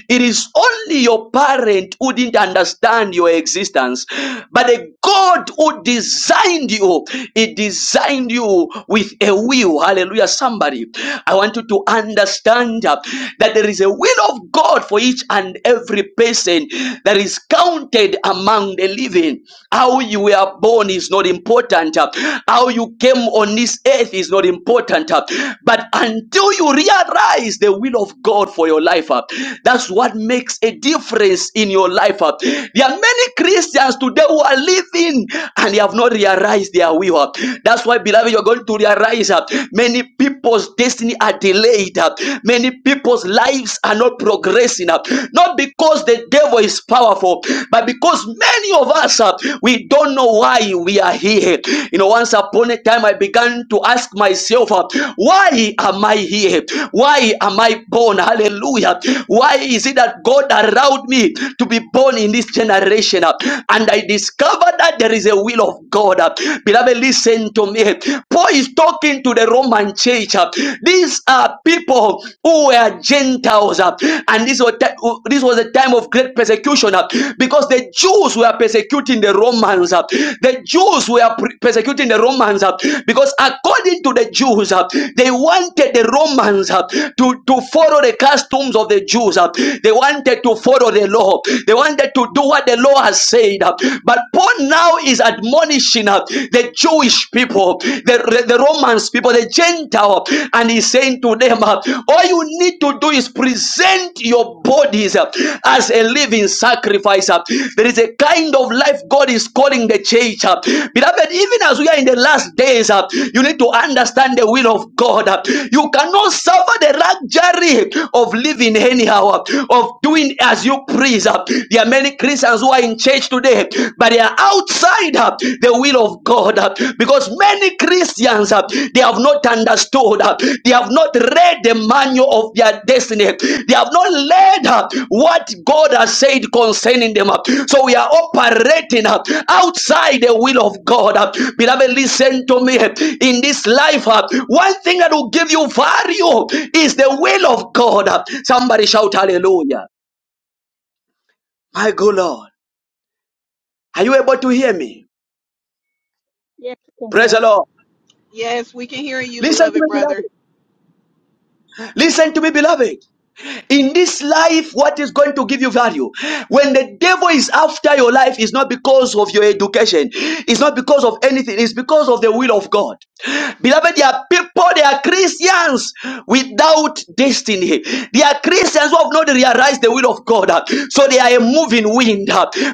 It is only your parent who didn't didn't understand your existence. But the God who designed you, He designed you with a will. Hallelujah. Somebody, I want you to understand uh, that there is a will of God for each and every person that is counted among the living. How you were born is not important, uh, how you came on this earth is not important. uh, But until you realize the will of God for your life, uh, that's what makes a difference in your your life. uh. There are many Christians today who are living and they have not realized their will. uh. That's why, beloved, you're going to realize uh, many people's destiny are delayed. uh. Many people's lives are not progressing. uh. Not because the devil is powerful, but because many of us, uh, we don't know why we are here. You know, once upon a time, I began to ask myself, uh, why am I here? Why am I born? Hallelujah. Why is it that God allowed me me to be born in this generation. uh, And I discovered that there is a will of God. uh. Beloved, listen to me. Paul is talking to the Roman church. uh. These are people who were Gentiles. uh, And this was, this was a time of great persecution uh, because the Jews were persecuting the Romans. uh. The Jews were pre- persecuting the Romans uh, because according to the Jews, uh, they wanted the Romans uh, to, to follow the customs of the Jews. uh. They wanted to follow word of the law. They wanted to do what the law has said. But Paul now is admonishing uh, the Jewish people, the, the Romans people, the Gentile, and he's saying to them, uh, all you need to do is present your bodies uh, as a living sacrifice. uh. There is a kind of life God is calling the church. uh. Beloved, even as we are in the last days, uh, you need to understand the will of God. uh. You cannot suffer the luxury of living anyhow, uh, of doing even as you praise, uh, there are many Christians who are in church today, but they are outside uh, the will of God uh, because many Christians uh, they have not understood, uh, they have not read the manual of their destiny, they have not read uh, what God has said concerning them. uh. So we are operating uh, outside the will of God. uh. Beloved, listen to me. In this life, uh, one thing that will give you value is the will of God. uh. Somebody shout hallelujah. I go, Lord. Are you able to hear me? Yes, we can Praise hear. the Lord. Yes, we can hear you, Listen to me, beloved brother. beloved. Listen to me, beloved. In this life, what is going to give you value? When the devil is after your life, it's not because of your education, it's not because of anything, it's because of the will of God. Beloved, there are people, there are Christians without destiny. There are Christians who have not realized the will of God. So they are a moving wind.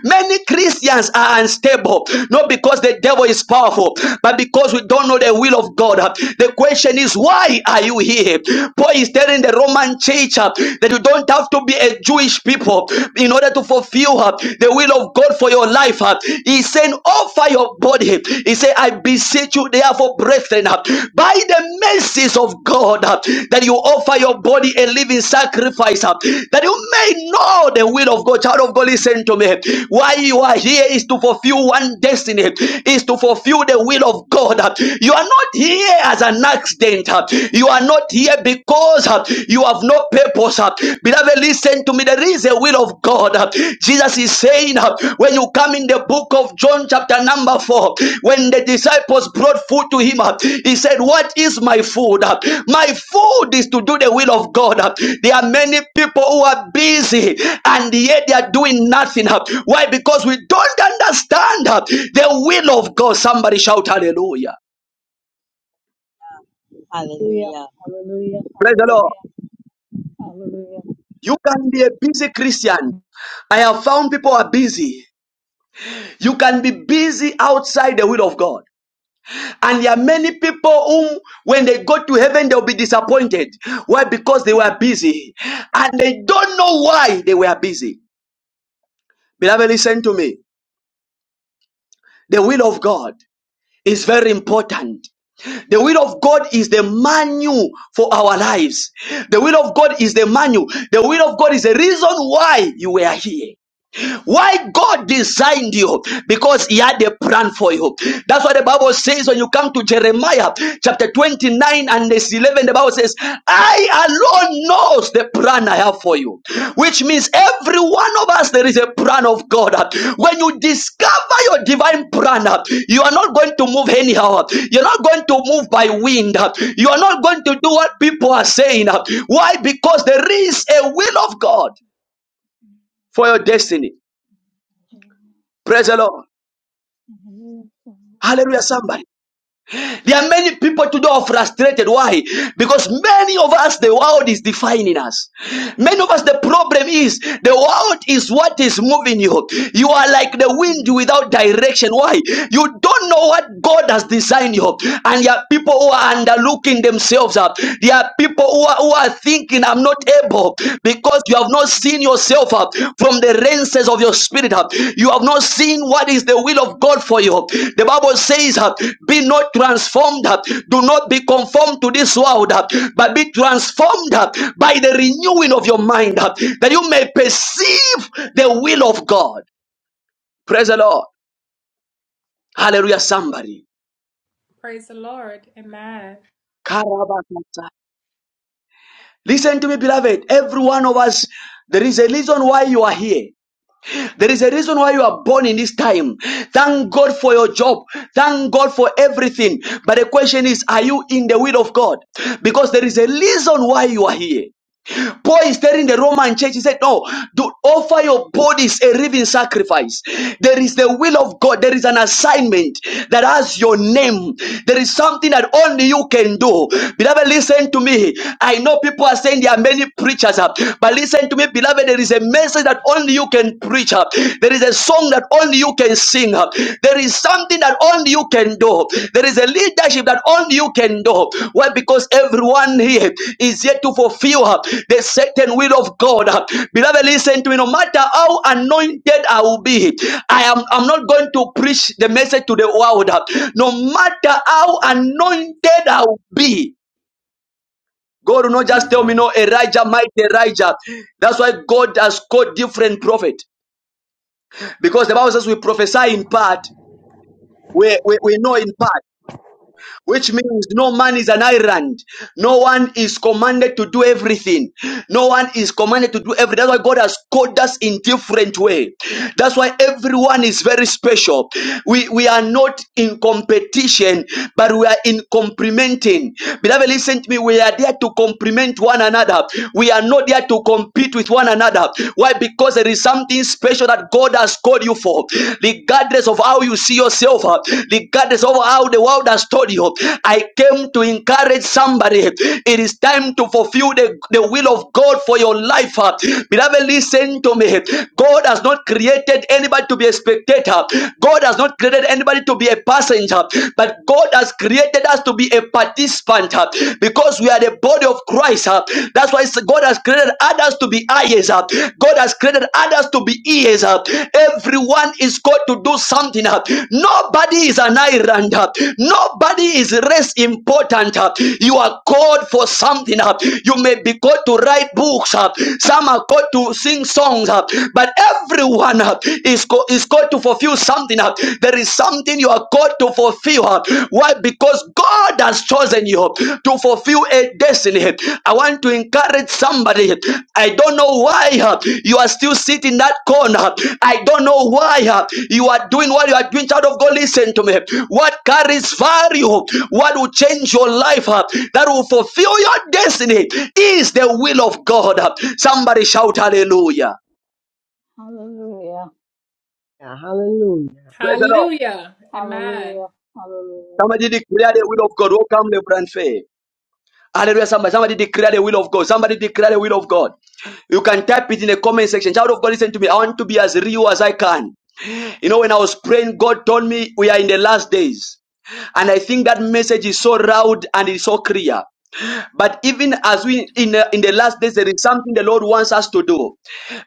Many Christians are unstable, not because the devil is powerful, but because we don't know the will of God. The question is, why are you here? Paul is telling the Roman church uh, that you don't have to be a Jewish people in order to fulfill uh, the will of God for your life. uh. He said, offer your body. He said, I beseech you, therefore, brethren, uh, by the mercies of God, uh, that you offer your body a living sacrifice, uh, that you may know the will of God. Child of God, listen to me. Why you are here is to fulfill one destiny, is to fulfill the will of God. You are not here as an accident accident. uh, You are not here because uh, you have no purpose. uh. Beloved, listen to me. There is a will of God. uh. Jesus is saying uh, when you come in the book of John, chapter number four, when the disciples brought food to him, uh, he said, What is my food? uh? My food is to do the will of God. uh." There are many people who are busy and yet they are doing nothing. uh. Why? Because we don't understand uh, the will of God. Somebody shout hallelujah. Hallelujah. Hallelujah. Hallelujah. Praise the Lord. Hallelujah. Hallelujah. You can be a busy Christian. I have found people are busy. You can be busy outside the will of God. And there are many people whom, when they go to heaven, they'll be disappointed. Why? Because they were busy. And they don't know why they were busy. Beloved, listen to me. The will of God is very important. The will of God is the manual for our lives. The will of God is the manual. The will of God is the reason why you were here. Why God designed you? Because He had a plan for you. That's what the Bible says when you come to Jeremiah chapter 29 and verse 11. The Bible says, I alone knows the plan I have for you. Which means every one of us, there is a plan of God. When you discover your divine plan, you are not going to move anyhow. You're not going to move by wind. You are not going to do what people are saying. Why? Because there is a will of God for your destiny. Praise the Lord. Hallelujah. Hallelujah, somebody. There are many people today who are frustrated. Why? Because many of us, the world is defining us. Many of us, the problem is the world is what is moving you. You are like the wind without direction. Why? You don't know what God has designed you. And there are people who are underlooking themselves up. There are people who are, who are thinking, I'm am not able because you have not seen yourself uh, from the lenses of your spirit. uh. You have not seen what is the will of God for you. The Bible says, uh, Be not transformed, uh, do not be conformed to this world, uh, but be transformed uh, by the renewing of your mind uh, that you may perceive the will of God. Praise the Lord. Hallelujah, somebody. Praise the Lord. Amen. Listen to me, beloved. Every one of us, there is a reason why you are here. There is a reason why you are born in this time. Thank God for your job. Thank God for everything. But the question is, are you in the will of God? Because there is a reason why you are here. Paul is telling the Roman church, he said, No, do offer your bodies a living sacrifice. There is the will of God, there is an assignment that has your name. There is something that only you can do. Beloved, listen to me. I know people are saying there are many preachers, uh, but listen to me, beloved, there is a message that only you can preach. uh. There is a song that only you can sing. There is something that only you can do. There is a leadership that only you can do. Why? Because everyone here is yet to fulfill uh, the certain will of God. Beloved, listen to me. No matter how anointed I will be, I am I'm not going to preach the message to the world. No matter how anointed I will be. God will not One just tell quarter. me, no, Elijah, mighty Elijah. That's why God has called different prophet Because the Bible says we prophesy in part We, we, we know in part, which means no man is an island. No one is commanded to do everything. No one is commanded to do everything. That's why God has called us in different way. That's why everyone is very special. We, we are not in competition, but we are in complementing. Beloved, listen to me. We are there to complement one another. We are not there to compete with one another. Why? Because there is something special that God God has called you for, regardless of how you see yourself, uh, regardless of how the world has told you. I came to encourage somebody. It is time to fulfill the, the will of God for your life. uh. Beloved, listen to me. God has not created anybody to be a spectator, God has not created anybody to be a passenger, but God has created us to be a participant uh, because we are the body of Christ eyes. uh. That's why God has created others to be eyes. uh. God has created others to be ears. uh. Everyone is called to do something. uh. Nobody is an island. uh. Nobody is less important. uh. You are called for something. uh. You may be called to write books. uh. Some are called to sing songs. uh. But everyone uh, is, co- is called to fulfill something. uh. There is something you are called to fulfill her. Why? Because God has chosen you to fulfill a destiny. I want to encourage somebody. I don't know why uh, you are still sitting in that corner. I don't know why uh, you are doing what you are doing. Child of God, listen to me. What carries value, what will change your life, uh, that will fulfill your destiny, is the will of God. Somebody shout hallelujah. Hallelujah. Yeah, hallelujah. Praise the Lord. Hallelujah. Amen. Hallelujah. Hallelujah. Somebody declare the will of God. Welcome, Lebron Faye. Hallelujah. Somebody, somebody declare the will of God. Somebody declare the will of God. You can type it in the comment section. Child of God, listen to me. I want to be as real as I can. You know, when I was praying, God told me we are in the last days. And I think that message is so loud and it's so clear. But even as we in the, in the last days, there is something the Lord wants us to do.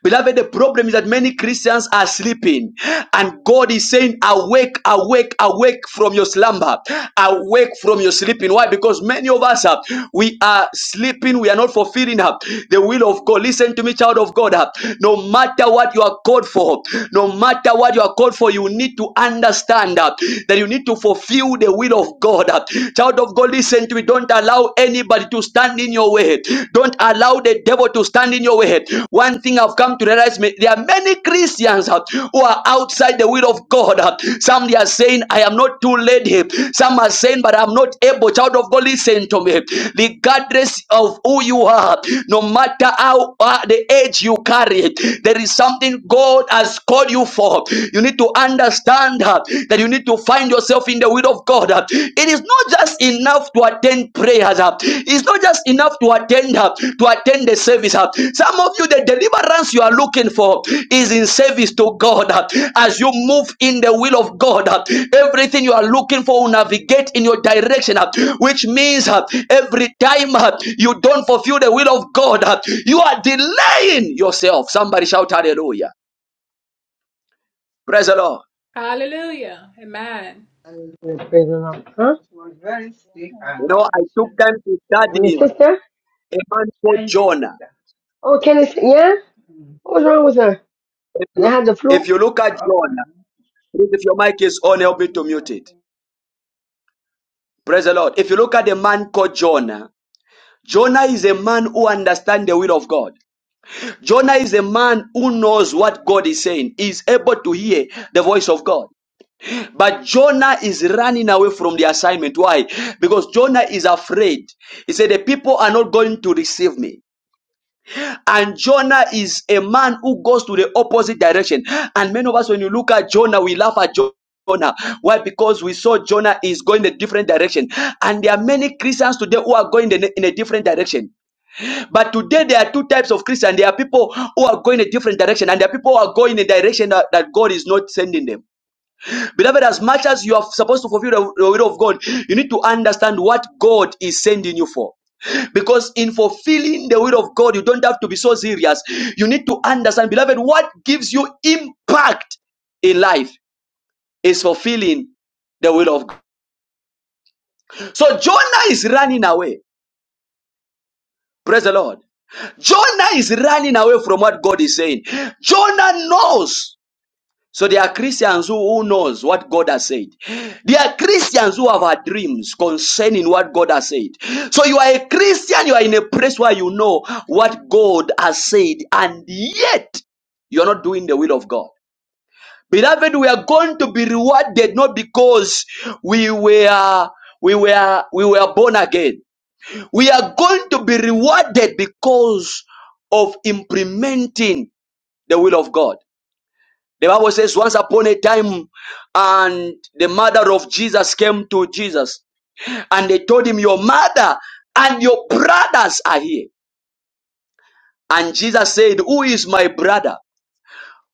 Beloved, the problem is that many Christians are sleeping, and God is saying, Awake, awake, awake from your slumber, awake from your sleeping. Why? Because many of us uh, we are sleeping, we are not fulfilling uh, the will of God. Listen to me, child of God. uh, no matter what you are called for, no matter what you are called for, you need to understand uh, that you need to fulfill the will of God. Child of God, listen to me. Don't allow anybody to stand in your way. Don't allow the devil to stand in your way. One thing I've come to realize ma- there are many Christians uh, who are outside the will of God. uh. Some they are saying, I am not too late. Some are saying, but I'm not able. Child of God, listen to me. Regardless of who you are, no matter how uh, the age you carry, there is something God has called you for. You need to understand uh, that you need to find yourself in the will of God. uh. It is not just enough to attend prayers. uh. It's not just enough to attend uh, to attend the service. uh. Some of you, the deliverance you are looking for is in service to God. uh. As you move in the will of God, uh, everything you are looking for will navigate in your direction, uh, which means uh, every time uh, you don't fulfill the will of God, uh, you are delaying yourself. Somebody shout hallelujah. Praise the Lord. Hallelujah. Amen. Praise the Lord. Huh? You know, I took time to When your study. sister? a man called Jonah. Oh, Kenny, yeah? What was wrong with her? If And you, I had the if flu? you look at Jonah, please, if your mic is on, help me to mute it. Praise the Lord. If you look at a man called Jonah, Jonah is a man who understands the will of God. Jonah is a man who knows what God is saying. He is able to hear the voice of God. But Jonah is running away from the assignment. Why? Because Jonah is afraid. He said, The people are not going to receive me. And Jonah is a man who goes to the opposite direction. And many of us, when you look at Jonah, we laugh at Jonah. Jonah. Why? Because we saw Jonah is going a different direction. And there are many Christians today who are going in a in a different direction. But today there are two types of Christians. There are people who are going a different direction, and there are people who are going in a direction that, that God is not sending them. Beloved, as much as you are supposed to fulfill the will of God, you need to understand what God is sending you for. Because in fulfilling the will of God, you don't have to be so serious. You need to understand, beloved, what gives you impact in life is fulfilling the will of God. So Jonah is running away. Praise the Lord. Jonah is running away from what God is saying. Jonah knows. So there are Christians who, who knows what God has said. There are Christians who have had dreams concerning what God has said. So you are a Christian, you are in a place where you know what God has said, and yet you are not doing the will of God. Beloved, we are going to be rewarded not because we were we were we were born again. We are going to be rewarded because of implementing the will of God. The Bible says, once upon a time, and the mother of Jesus came to Jesus, and they told him, Your mother and your brothers are here. And Jesus said, Who is my brother?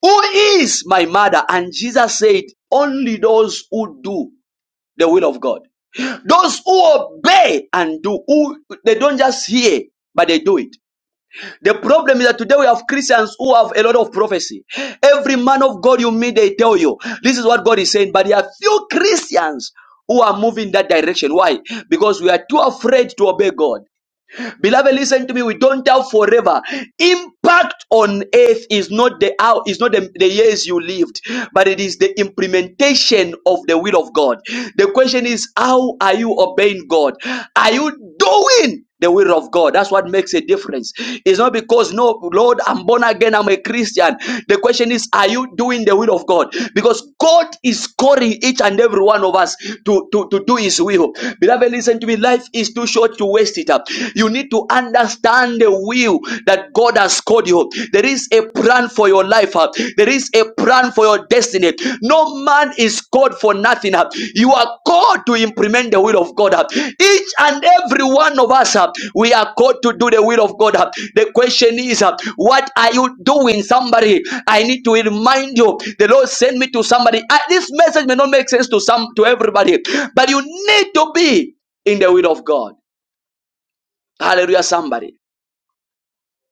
Who is my mother? And Jesus said, Only those who do the will of God. Those who obey and do, who, they don't just hear, but they do it. The problem is that today we have Christians who have a lot of prophecy. Every man of God you meet, they tell you this is what God is saying, but there are few Christians who are moving that direction. Why? Because we are too afraid to obey God. Beloved, listen to me. We don't doubt forever. Impact on earth is not the hour, is not the, the years you lived, but it is the implementation of the will of God. The question is, how are you obeying God? Are you doing the will of God. That's what makes a difference. It's not because, no, Lord, I'm born again, I'm a Christian. The question is, are you doing the will of God? Because God is calling each and every one of us to, to, to do His will. Beloved, listen to me. Life is too short not to waste it up. You need to understand the will that God has called you. There is a plan for your life. uh. There is a plan for your destiny. No man is called for nothing. uh. You are called to implement the will of God. uh. Each and every one of us, uh, we are called to do the will of God. uh. The question is, uh, what are you doing? Somebody, I need to remind you. The Lord sent me to somebody. Uh, This message may not make sense to some to everybody, but you need to be in the will of God. Hallelujah, somebody.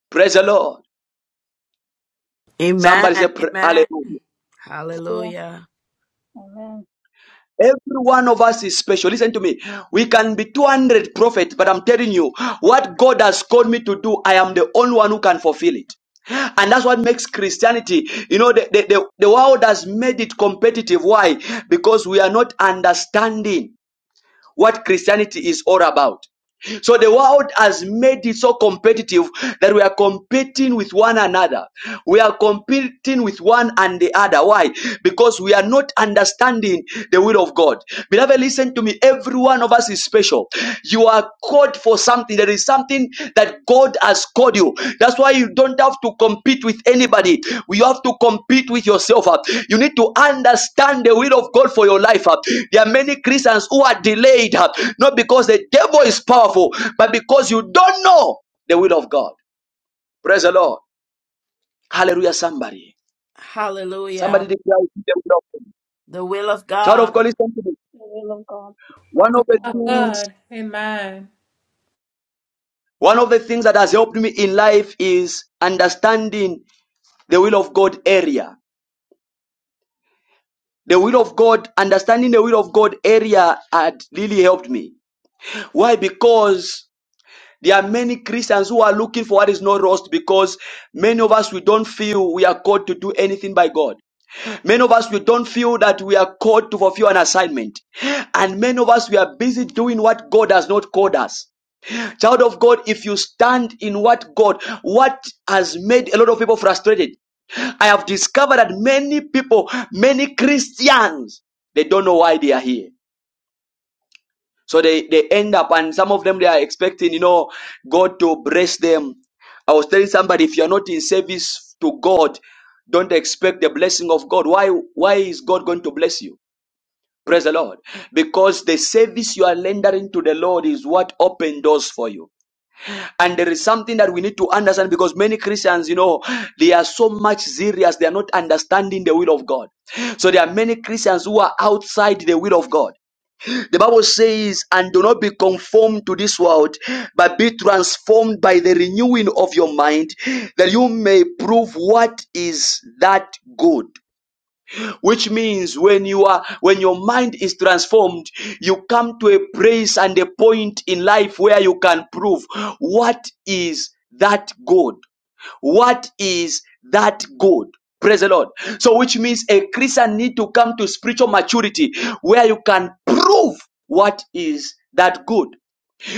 Praise the Lord. Amen. Somebody say, pr- Amen. Hallelujah. Hallelujah. Hallelujah. Amen. Every one of us is special. Listen to me. We can be 200 prophets, but I'm telling you, what God has called me to do, I am the only one who can fulfill it. And that's what makes Christianity, you know, the, the, the, the world has made it competitive. Why? Because we are not understanding. what Christianity is all about. So the world has made it so competitive that we are competing with one another. We are competing with one and the other. Why? Because we are not understanding the will of God. Beloved, listen to me. Every one of us is special. You are called for something. There is something that God has called you. That's why you don't have to compete with anybody. You have to compete with yourself. uh. You need to understand the will of God for your life. uh. There are many Christians who are delayed, uh, not because the devil is powerful, but because you don't know the will of God. Praise the Lord. Hallelujah, somebody. Hallelujah. Somebody declare the will of God. The will of Child of God, God. listen to me. The will of God. One The of will the of Hallelujah. things, God. Amen. one of the things that has helped me in life is understanding the will of God area. the will of God, understanding the will of God area had really helped me. Why? Because there are many Christians who are looking for what is not lost because many of us we don't feel we are called to do anything by God. Many of us we don't feel that we are called to fulfill an assignment. And many of us we are busy doing what God has not called us. Child of God, if you stand in what God, what has made a lot of people frustrated, I have discovered that many people, many Christians, they don't know why they are here. So they, they end up, and some of them they are expecting, you know, God to bless them. I was telling somebody, if you're not in service to God, don't expect the blessing of God. Why, why is God going to bless you? Praise the Lord. Because the service you are rendering to the Lord is what opened doors for you. And there is something that we need to understand because many Christians, you know, they are so much serious, they are not understanding the will of God. So there are many Christians who are outside the will of God. The Bible says, and do not be conformed to this world, but be transformed by the renewing of your mind, that you may prove what is that good which means when you are when your mind is transformed you come to a place and a point in life where you can prove what is that god what is that god praise the lord so which means a christian need to come to spiritual maturity where you can prove what is that good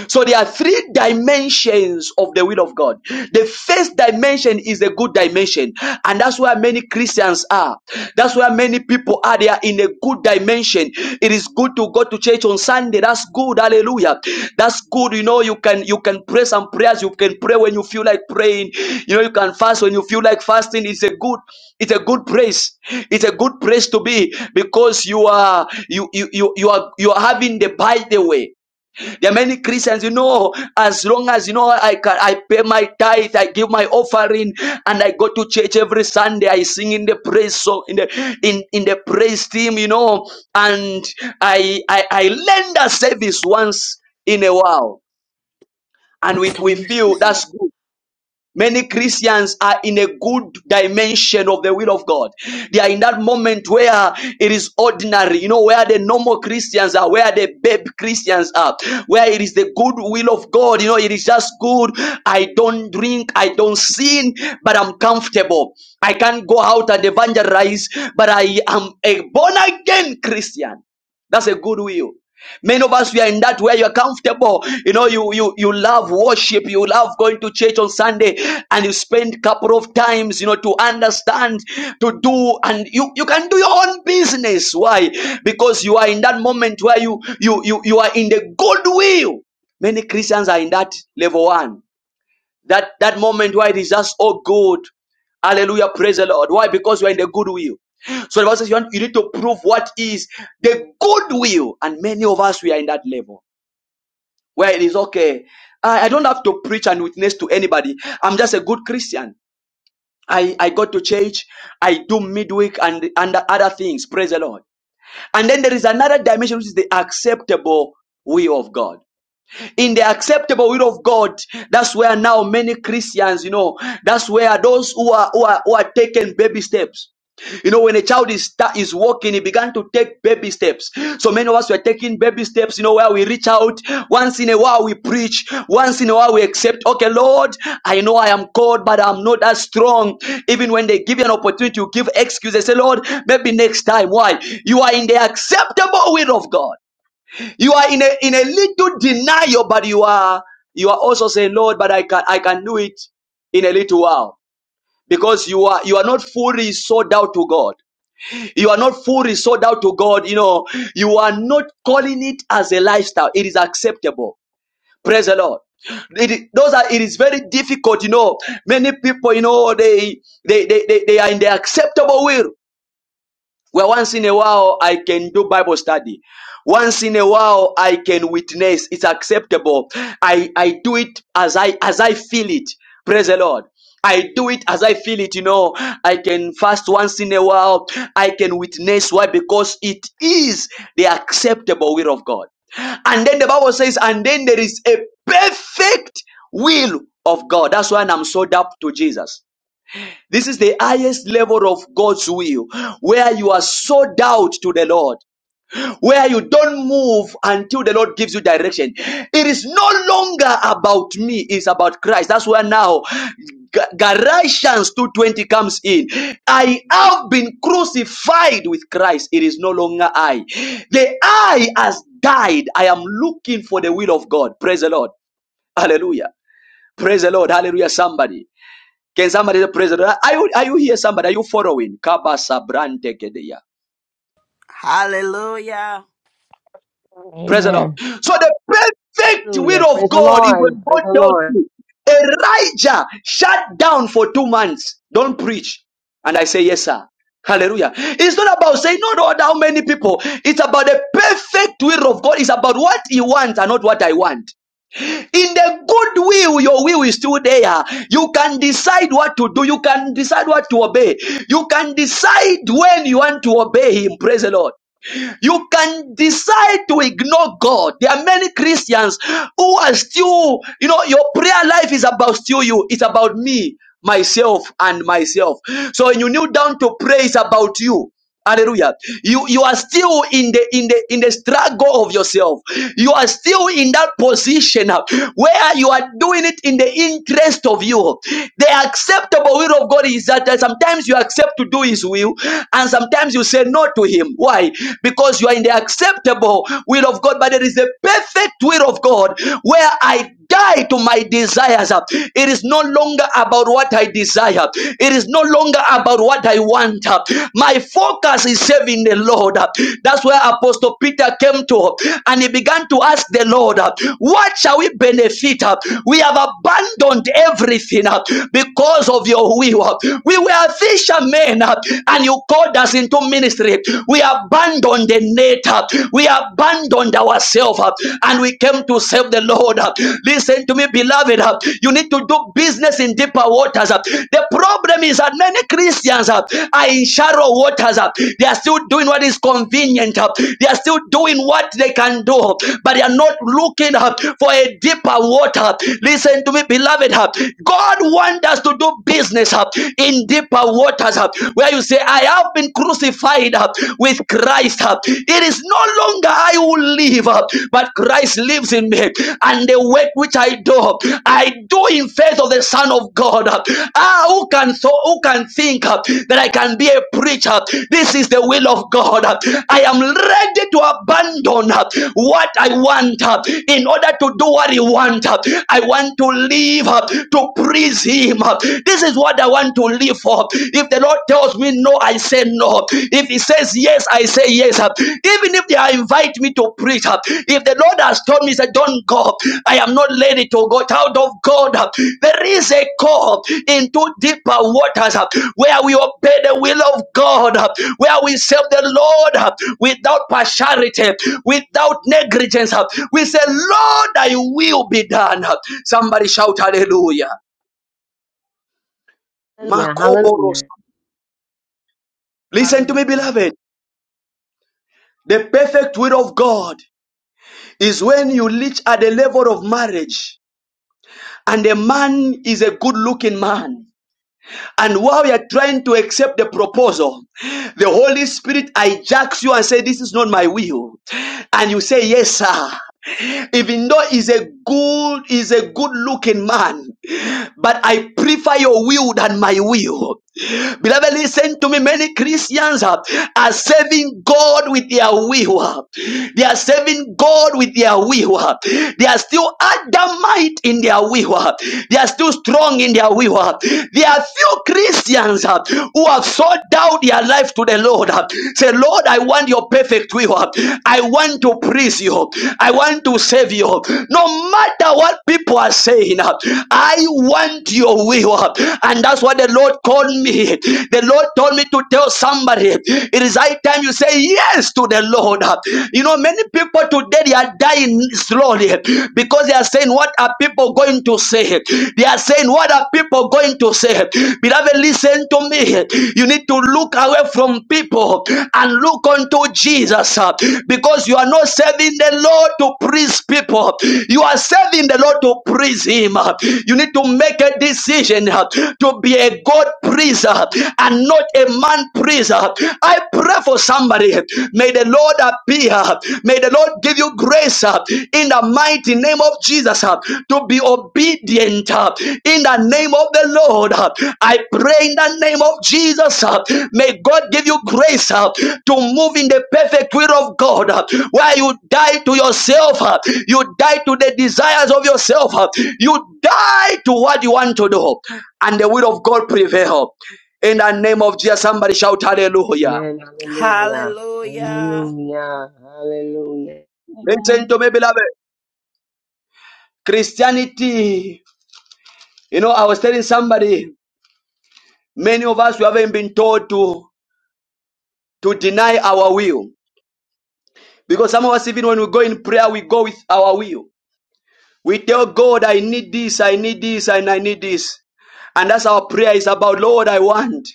so there are three dimensions of the will of God. The first dimension is a good dimension, and that's where many Christians are. That's where many people are. They are in a good dimension. It is good to go to church on Sunday. That's good. Hallelujah. That's good. You know, you can you can pray some prayers. You can pray when you feel like praying. You know, you can fast when you feel like fasting. It's a good. It's a good place. It's a good place to be because you are you you you, you are you are having the by the way. There are many Christians, you know, as long as you know I can I pay my tithe, I give my offering, and I go to church every Sunday, I sing in the praise song in the in, in the praise team, you know, and I I, I lend a service once in a while, and we, Don't be. we feel that's good. Many Christians are in a good dimension of the will of God. They are in that moment where it is ordinary, you know, where the normal Christians are, where the babe Christians are, where it is the good will of God, you know, it is just good. I don't drink, I don't sin, but I'm comfortable. I can't go out and evangelize, but I am a born again Christian. That's a good will. Many of us we are in that where you're comfortable. You know, you you you love worship, you love going to church on Sunday, and you spend couple of times, you know, to understand, to do, and you you can do your own business. Why? Because you are in that moment where you you you you are in the goodwill. Many Christians are in that level one that that moment where it is just all good. Hallelujah. Praise the Lord. Why? Because you are in the good will. So the Bible says you, want, you need to prove what is the good will. And many of us, we are in that level where it is okay. I, I don't have to preach and witness to anybody. I'm just a good Christian. I, I go to church. I do midweek and, and other things. Praise the Lord. And then there is another dimension, which is the acceptable will of God in the acceptable will of God. That's where now many Christians, you know, that's where those who are who are, who are taking baby steps. You know, when a child is sta- is walking, he began to take baby steps. So many of us were taking baby steps. You know, where we reach out once in a while, we preach once in a while, we accept. Okay, Lord, I know I am called, but I'm not that strong. Even when they give you an opportunity, you give excuses. Say, Lord, maybe next time. Why? You are in the acceptable will of God. You are in a in a little denial, but you are you are also saying, Lord, but I can I can do it in a little while. Because you are you are not fully sold out to God. You are not fully sold out to God. You know, you are not calling it as a lifestyle. It is acceptable. Praise the Lord. It is- those are it is very difficult, you know. Many people, you know, they they they, they, they are in the acceptable will. Well, once in a while, I can do Bible study. Once in a while, I can witness. It's acceptable. I, I do it as I, as I feel it. Praise the Lord. I do it as I feel it, you know. I can fast once in a while. I can witness. Why? Because it is the acceptable will of God. And then the Bible says, and then there is a perfect will of God. That's why I'm sold up to Jesus. This is the highest level of God's will, where you are sold out to the Lord, where you don't move until the Lord gives you direction. It is no longer about me, it's about Christ. That's where now Ga- Galatians 2.20 comes in. I have been crucified with Christ. It is no longer I. The I has died. I am looking for the will of God. Praise the Lord. Hallelujah. Praise the Lord. Hallelujah. Somebody. Can somebody say, praise the Lord? Are you, are you here, somebody? Are you following? Kaba Sabrante Kedeya. Hallelujah. Praise the Amen. Lord. So the perfect Hallelujah. will of Praise the God is Lord. when God Praise the tells Lord. you, Elijah shut down for two months. Don't preach. And I say, yes, sir. Hallelujah. It's not about saying, no, Lord, how many people. It's about the perfect will of God. It's about what he wants and not what I want. In the good will, your will is still there. You can decide what to do. You can decide what to obey. You can decide when you want to obey Him. Praise the Lord. You can decide to ignore God. There are many Christians who are still, you know, your prayer life is about still you. It's about me, myself, and myself. So when you kneel down to pray, it's about you. Hallelujah. You you are still in the in the in the struggle of yourself. You are still in that position uh, where you are doing it in the interest of you. The acceptable will of God is that uh, sometimes you accept to do his will, and sometimes you say no no to him. Why? Because you are in the acceptable will of God, but there is a perfect will of God where I die to my desires. It is no longer about what I desire. It is no longer about what I want. My focus is serving the Lord. That's where Apostle Peter came to and he began to ask the Lord, What shall we benefit? We have abandoned everything because of your will. We were fishermen and you called us into ministry, we abandoned the nature. we abandoned ourselves, uh, and we came to serve the Lord. uh. Listen to me, beloved. uh, You need to do business in deeper waters. uh. The problem is that many Christians uh, are in shallow waters. uh. They are still doing what is convenient. uh. They are still doing what they can do, uh, but they are not looking uh, for a deeper water. Listen to me, beloved. uh. God wants us to do business uh, in deeper deeper waters uh, where you say, I have been crucified uh, with Christ. uh. It is no longer I who live, uh, but Christ lives in me. And the work which I do, uh, I do in faith of the Son of God. uh. Ah, who can so who can think uh, that I can be a preacher? This is the will of God. uh. I am ready to abandon uh, what I want uh, in order to do what He wants. I want to live uh, to praise Him. uh. This this is what I want to live for. If the Lord tells me no, I say no. If He says yes, I say yes. Even if they invite me to preach, if the Lord has told me, say, don't go, I am not ready to go out of God. There is a call into deeper waters where we obey the will of God, where we serve the Lord without partiality, without negligence. We say, Lord, I will be done. Somebody shout hallelujah. Hallelujah. Makoboros Hallelujah. Listen to me, Hallelujah. beloved. The perfect will of God is when you reach at the level of marriage and the man is a good looking man. And while you're trying to accept the proposal, the Holy Spirit hijacks you and says, This is not my will. And you say, Yes, sir. Even though he's a good, he's a good looking man, but I prefer your will than my will. Beloved, listen to me. Many Christians uh, are serving God with their will. uh. They are serving God with their will. uh. They are still adamant in their will. uh. They are still strong in their will. uh. There are few Christians uh, who have sought out their life to the Lord. uh. Say, Lord, I want your perfect will. uh. I want to praise you. I want to save you. No matter what people are saying, uh, I want your will. uh, And that's what the Lord called me somebody. The Lord told me to tell somebody it is high time you say yes to the Lord. You know, many people today they are dying slowly because they are saying, What are people going to say? They are saying, What are people going to say? Beloved, listen to me. You need to look away from people and look unto Jesus uh, because you are not serving the Lord to please people, you are serving the Lord to please Him. uh. You need to make a decision uh, to be a God pleaser priest uh, and not a man priest. uh. I pray for somebody. May the Lord appear. May the Lord give you grace uh, in the mighty name of Jesus uh, to be obedient uh, in the name of the Lord. uh. I pray in the name of Jesus. uh, May God give you grace uh, to move in the perfect will of God uh, where you die to yourself, uh, you die to the desires of yourself, uh, you die to what you want to do, and the will of God prevail. In the name of Jesus, somebody shout hallelujah. Amen. Hallelujah. Hallelujah. Hallelujah. Hallelujah. Listen Amen. to me, beloved. Christianity, you know, I was telling somebody, many of us, we haven't been taught to, to deny our will. Because some of us, even when we go in prayer, we go with our will. We tell God, I need this, I need this, and I need this. And that's our prayer is about, Lord, I want.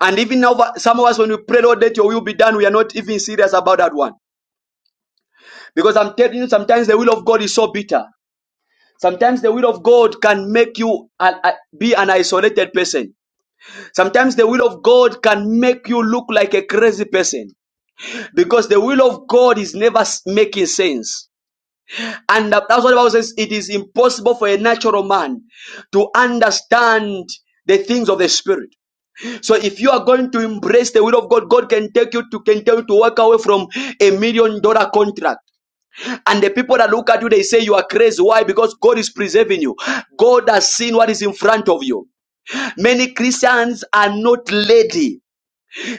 And even over some of us, when we pray, Lord, let your will be done, we are not even serious about that one. Because I'm telling you, sometimes the will of God is so bitter. Sometimes the will of God can make you an- a- be an isolated person. Sometimes the will of God can make you look like a crazy person because the will of God is never s- making sense. And that- that's what the Bible says it is impossible for a natural man to understand the things of the spirit. So if you are going to embrace the will of God, God can take you to can tell you to walk away from a million dollar contract. And the people that look at you, they say you are crazy. Why? Because God is preserving you. God has seen what is in front of you. Many Christians are not lady.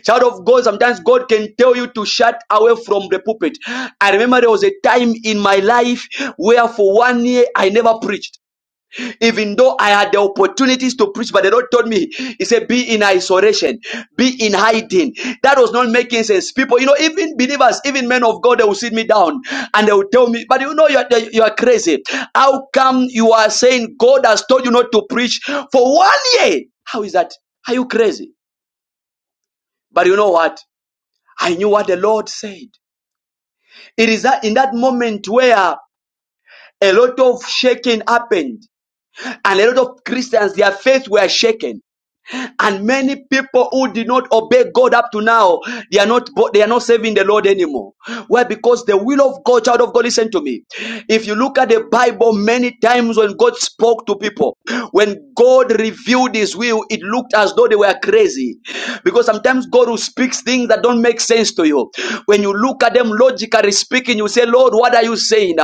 Child of God, sometimes God can tell you to shut away from the pulpit. I remember there was a time in my life where for one year I never preached even though I had the opportunities to preach, but the Lord told me, He said, be in isolation, be in hiding. That was not making sense. People, you know, even believers, even men of God, they will sit me down and they will tell me, but you know, you're, you're crazy. How come you are saying God has told you not to preach for one year? How is that? Are you crazy? But you know what? I knew what the Lord said. It is that in that moment where a lot of shaking happened and a lot of Christians, their faith were shaken And many people who did not obey God up to now, they are not they are not serving the Lord anymore. Why? Because the will of God, child of God, listen to me. If you look at the Bible, many times when God spoke to people, when God revealed His will, it looked as though they were crazy, because sometimes God will speak things that don't make sense to you. When you look at them logically speaking, you say, "Lord, what are you saying?"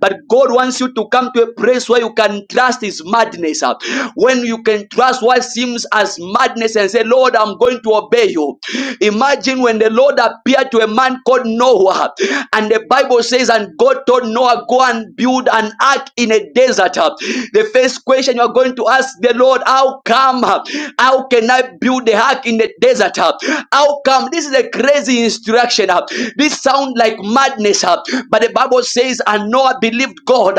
But God wants you to come to a place where you can trust His is madness. uh, When you can trust what seems as madness and say, Lord, I'm going to obey you. Imagine when the Lord appeared to a man called Noah, and the Bible says, and God told Noah, go and build an ark in a desert. uh." The first question you are going to ask the Lord, how come? uh, How can I build the ark in the desert? uh? How come? This is a crazy instruction. uh. This sounds like madness, uh, but the Bible says, and Noah Noah believed God.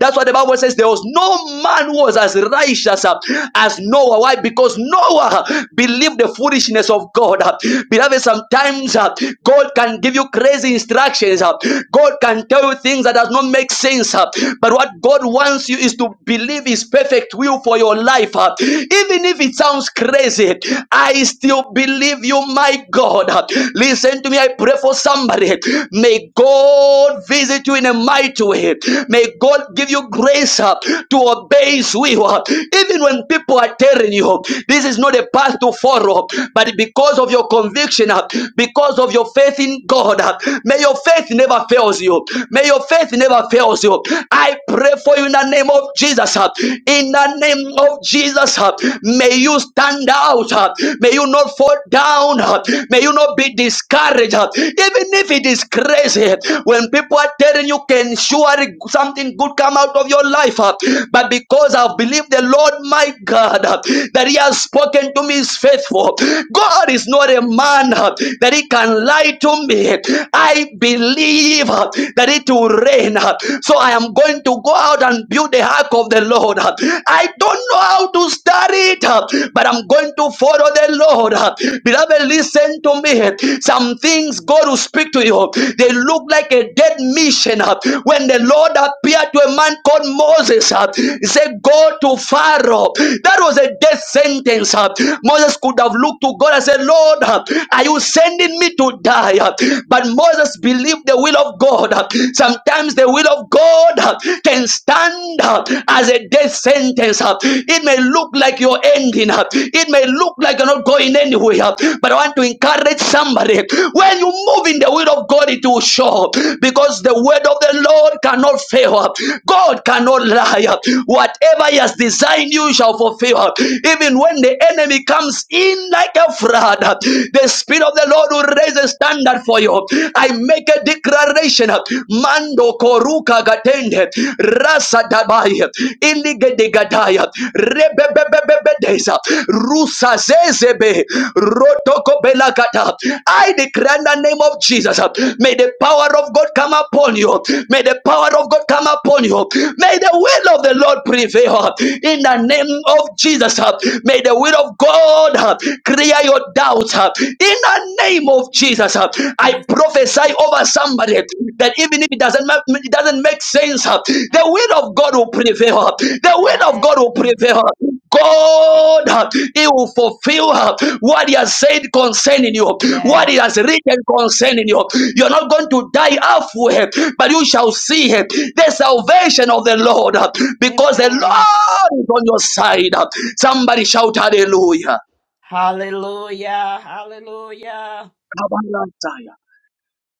That's what the Bible says. There was no man who was as righteous uh, as Noah. Why? Because Noah uh, believed the foolishness of God. uh. Beloved, sometimes uh, God can give you crazy instructions. uh. God can tell you things that does not make sense. uh. But what God wants you is to believe His perfect will for your life. uh. Even if it sounds crazy, I still believe you, my God. Listen to me. I pray for somebody somebody. May God visit you in a mighty way. May God give you grace uh, to obey His will. Uh, Even when people are telling you this is not a path to follow, but because of your conviction, uh, because of your faith in God, uh, may your faith never fails you. May your faith never fails you. I pray for you in the name of Jesus. uh, In the name of Jesus, uh, may you stand out. uh, May you not fall down. uh, May you not be discouraged. uh, Even if it is crazy, when people are telling you can surely something good come out of your life. uh, But because I've believed the Lord my God uh, that He has spoken to me is faithful. God is not a man uh, that He can lie to me. I believe uh, that it will rain. uh, So I am going to go out and build the ark of the Lord. uh. I don't know how to start studied, uh, but I'm going to follow the Lord. uh. Beloved, listen to me. Some things God will speak to you, they look like a dead mission. uh. When the Lord appeared to a man called Moses, uh, he said, Go to Pharaoh. That was a death sentence. uh. Moses could have looked to God and said, Lord, uh, are you sending me to die? uh? But Moses believed the will of God. uh. Sometimes the will of God uh, can stand stand uh, as a death sentence. uh. It may look like you're ending up. It may look like you're not going anywhere. uh, But I want to encourage somebody. When you move in the will of God, it will show. Because the word of the Lord cannot fail. uh. God cannot lie. uh. Whatever He has designed, you shall fulfill. uh. Even when the enemy comes in like a flood, uh, the Spirit of the Lord will raise a standard for you. I make a declaration revelation mando koruka gatende rasa dabaya iligede gadaya rebebebebebedeza rusa zezebe rotoko belakata I declare in the name of Jesus may the power of God come upon you may the power of God come upon you may the will of the Lord prevail in the name of Jesus may the will of God clear your doubts in the name of of Jesus. uh, I Yes. prophesy Lord. over somebody that even if it doesn't ma- it doesn't make sense, uh, the will of God will prevail. uh, The will of God will Amen. prevail. uh. God, uh, He will fulfill uh, what He has said concerning you, Yes. what He has written concerning you. You're not going to die halfway, but you shall see uh, the salvation of the Lord uh, because the Amen. Lord is on your side. uh. Somebody shout hallelujah. Hallelujah. Hallelujah.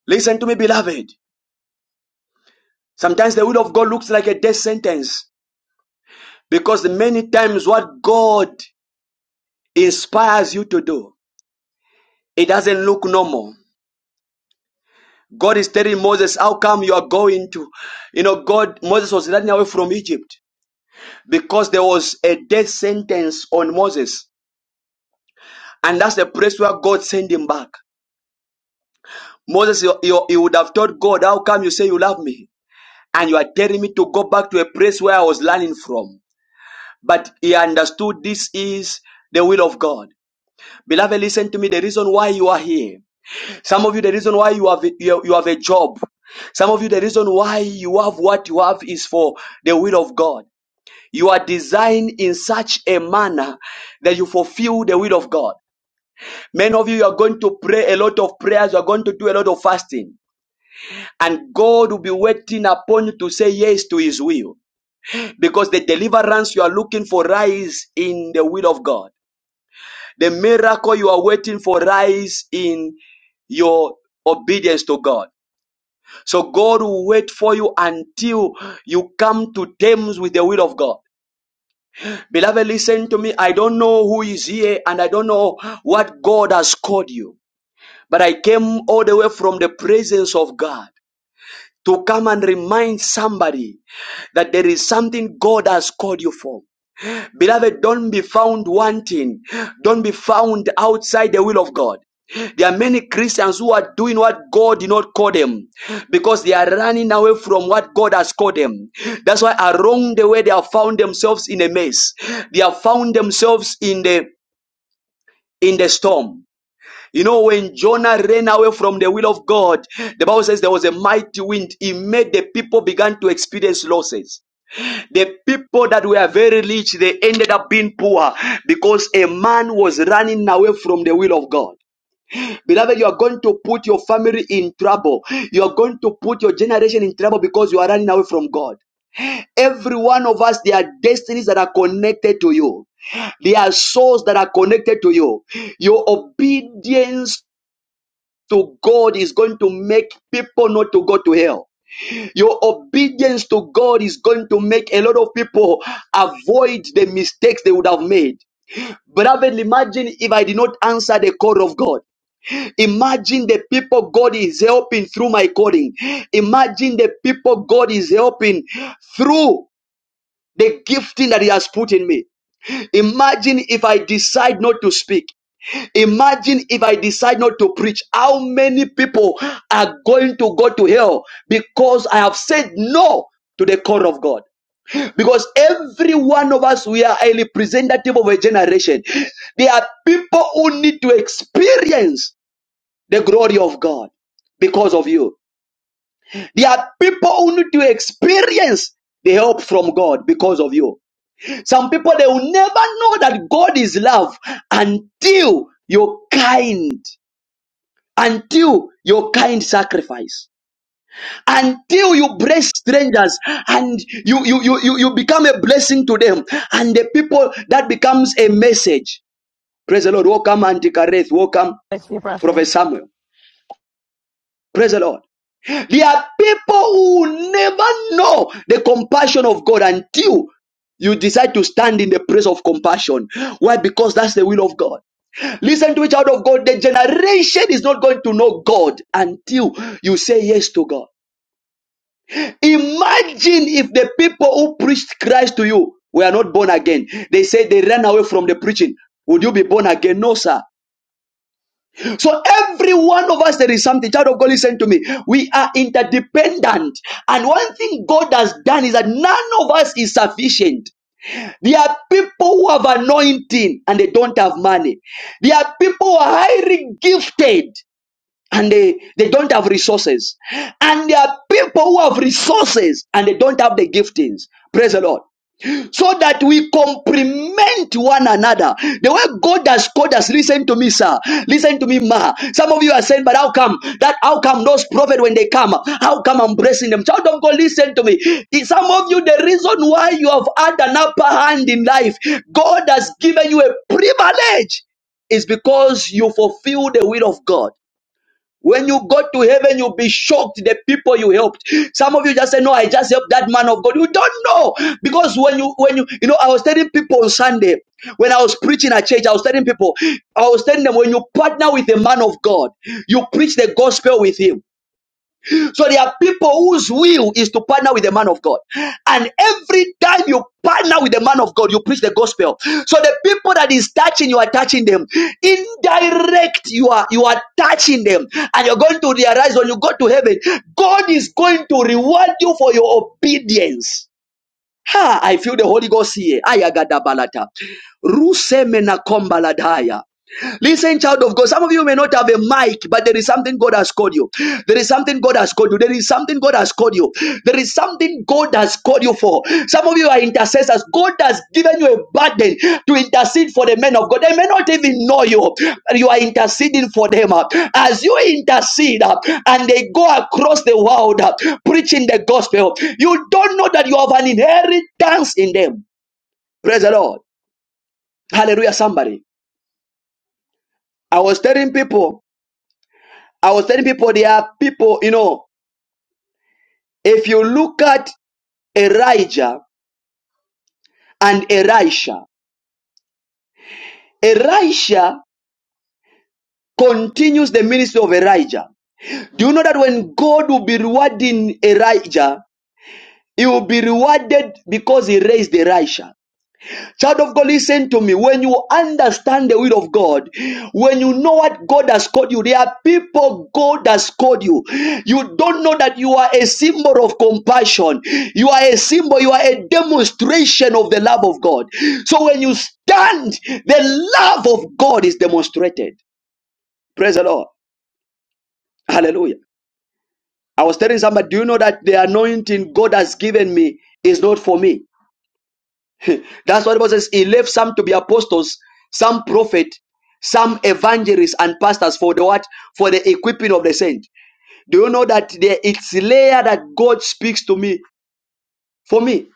Listen to me, beloved. Sometimes the will of God looks like a death sentence because many times what God inspires you to do, it doesn't look normal. God is telling Moses, How come you are going to? You know, God, Moses was running away from Egypt because there was a death sentence on Moses. And that's the place where God sent him back. Moses, you, you, you would have told God, How come you say you love me? And you are telling me to go back to a place where I was learning from. But he understood this is the will of God. Beloved, listen to me. The reason why you are here. Some of you, the reason why you have you, you have a job. Some of you, the reason why you have what you have is for the will of God. You are designed in such a manner that you fulfill the will of God. Many of you, you are going to pray a lot of prayers. You are going to do a lot of fasting. And God will be waiting upon you to say yes to his will. Because the deliverance you are looking for lies in the will of God. The miracle you are waiting for rise in your obedience to God. So God will wait for you until you come to terms with the will of God. Beloved, listen to me. I don't know who is here and I don't know what God has called you. But I came all the way from the presence of God to come and remind somebody that there is something God has called you for. Beloved, don't be found wanting. Don't be found outside the will of God. There are many Christians who are doing what God did not call them because they are running away from what God has called them. That's why along the way they have found themselves in a mess. They have found themselves in the in the storm. You know, when Jonah ran away from the will of God, the Bible says there was a mighty wind. It made the people began to experience losses. The people that were very rich, they ended up being poor because a man was running away from the will of God. Beloved, you are going to put your family in trouble. You are going to put your generation in trouble because you are running away from God. Every one of us, there are destinies that are connected to you. There are souls that are connected to you. Your obedience to God is going to make people not to go to hell. Your obedience to God is going to make a lot of people avoid the mistakes they would have made. Beloved, imagine if I did not answer the call of God. Imagine the people God is helping through my calling. Imagine the people God is helping through the gifting that He has put in me. Imagine if I decide not to speak. Imagine if I decide not to preach, how many people are going to go to hell because I have said no to the call of God. Because every one of us, we are a representative of a generation. There are people who need to experience the glory of God because of you. There are people who need to experience the help from God because of you. Some people, they will never know that God is love until you're kind until your kind sacrifice until you bless strangers and you you you you, you become a blessing to them and the people that becomes a message praise the lord welcome Antikareth. welcome Let's see, Prophet. prophet samuel praise the lord there are people who never know the compassion of god until you decide to stand in the place of compassion why because that's the will of god Listen to me, child of God. The generation is not going to know God until you say yes to God. Imagine if the people who preached Christ to you were not born again. They said they ran away from the preaching. Would you be born again? No, sir. So every one of us, there is something. Child of God, listen to me. We are interdependent. And one thing God has done is that none of us is sufficient. There are people who have anointing and they don't have money. There are people who are highly gifted and they, they don't have resources. And there are people who have resources and they don't have the giftings. Praise the Lord. So that we complement one another. The way God has called us, listen to me, sir. Listen to me, ma. Some of you are saying, but how come that how come those prophets when they come, how come I'm blessing them? Child of God, listen to me. Some of you, the reason why you have had an upper hand in life, God has given you a privilege is because you fulfill the will of God. When you go to heaven, you'll be shocked the people you helped. Some of you just say, No, I just helped that man of God. You don't know. Because when you when you you know, I was telling people on Sunday, when I was preaching at church, I was telling people, I was telling them when you partner with a man of God, you preach the gospel with him. So there are people whose will is to partner with the man of God. And every time you partner with the man of God, you preach the gospel. So the people that is touching, you are touching them. Indirect, you are you are touching them. And you're going to realize when you go to heaven, God is going to reward you for your obedience. Ha, I feel the Holy Ghost here. Ayagadabalata. Rusemena kombaladaya. Listen, child of God. Some of you may not have a mic, but there is something God has called you. There is something God has called you. There is something God has called you. There is something God has called you for. Some of you are intercessors. God has given you a burden to intercede for the men of God. They may not even know you. but You are interceding for them. As you intercede uh, and they go across the world uh, preaching the gospel, you don't know that you have an inheritance in them. Praise the Lord. Hallelujah, somebody. I was telling people I was telling people there are people, you know, if you look at Elijah and Elisha, Elisha continues the ministry of Elijah. Do you know that when God will be rewarding Elijah, he will be rewarded because he raised Elisha? Child of God, listen to me. When you understand the will of God, when you know what God has called you, there are people God has called you. You don't know that you are a symbol of compassion. You are a symbol, you are a demonstration of the love of God. So when you stand, the love of God is demonstrated. Praise the Lord. Hallelujah. I was telling somebody, do you know that the anointing God has given me is not for me? That's what the Bible says he left some to be apostles, some prophet, some evangelists and pastors for the what? For the equipping of the saint. Do you know that there it's layer that God speaks to me for me?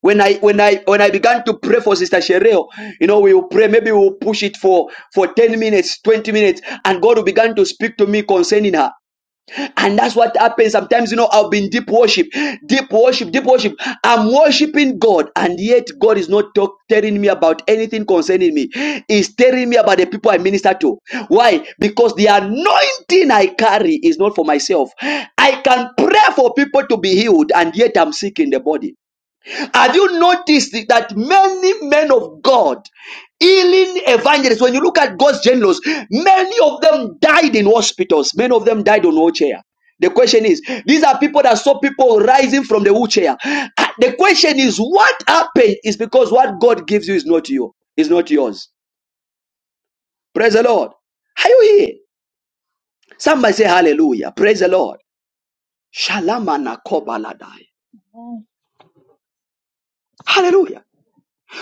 When I when I when I began to pray for Sister Shereo, you know, we will pray, maybe we'll push it for for 10 minutes, 20 minutes, and God will begin to speak to me concerning her. And that's what happens sometimes. You know, I'll be in deep worship, deep worship, deep worship. I'm worshiping God, and yet God is not talk, telling me about anything concerning me. He's telling me about the people I minister to. Why? Because the anointing I carry is not for myself. I can pray for people to be healed, and yet I'm sick in the body. Have you noticed that many men of God, healing evangelists, when you look at God's generals, many of them died in hospitals, many of them died on wheelchair. The question is, these are people that saw people rising from the wheelchair. Ah, The question is, what happened is because what God gives you is not you, is not yours. Praise the Lord. Are you here? Somebody say hallelujah. Praise the Lord. Shalom Hallelujah. anakobaladai. Amen. Hallelujah.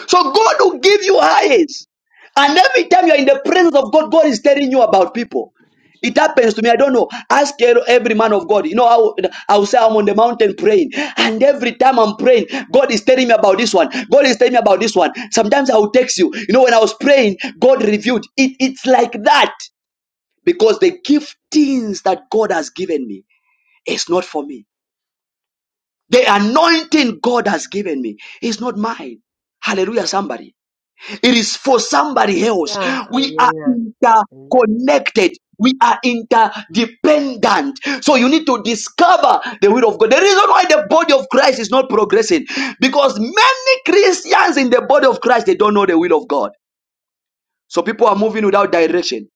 So God will give you eyes, And every time you're in the presence of God, God is telling you about people. It happens to me. I don't know. Ask e- every man of God. You know how I will say I'm on the mountain praying, and every time I'm praying, God is telling me about this one. God is telling me about this one. Sometimes I will text you. You know when I was praying, God revealed it. It's like that because the giftings that God has given me is not for me. The anointing God has given me is not mine. Hallelujah, somebody. It is for somebody else. Yeah. We are Hallelujah. Amen. interconnected. We are interdependent. So you need to discover the will of God. The reason why the body of Christ is not progressing because many Christians in the body of Christ they don't know the will of God. So people are moving without direction.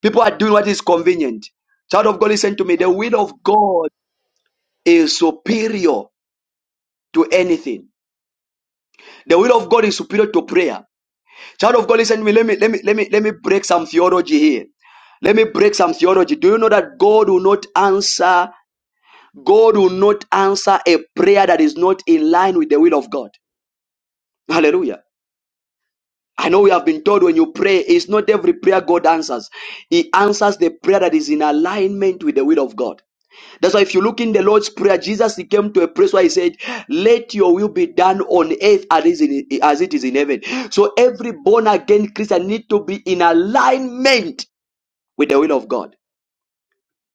People are doing what is convenient. Child of God, listen to me. The Child of God, will of God is superior to anything. The will of God is superior to prayer. Child of God, listen to me. Let me let me let me let me break some theology here. Let me break some theology. Do you know that God will not answer? God will not answer a prayer that is not in line with the will of God. Hallelujah. I know we have been told when you pray, it's not every prayer God answers. He answers the prayer that is in alignment with the will of God. That's why if you look in the Lord's Prayer, Jesus he came to a place where he said, Let your will be done on earth as it is in heaven. So every born-again Christian need to be in alignment with the will of God.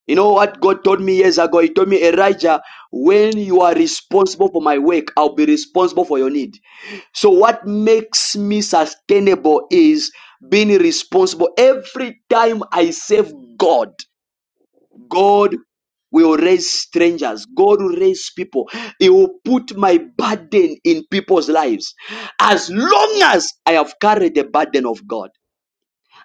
You know what God told me years ago? He told me, Elijah, when you are responsible for my work, I'll be responsible for your need. So, what makes me sustainable is being responsible. Every time I serve God, God will raise strangers. God will raise people. He will put my burden in people's lives. As long as I have carried the burden of God.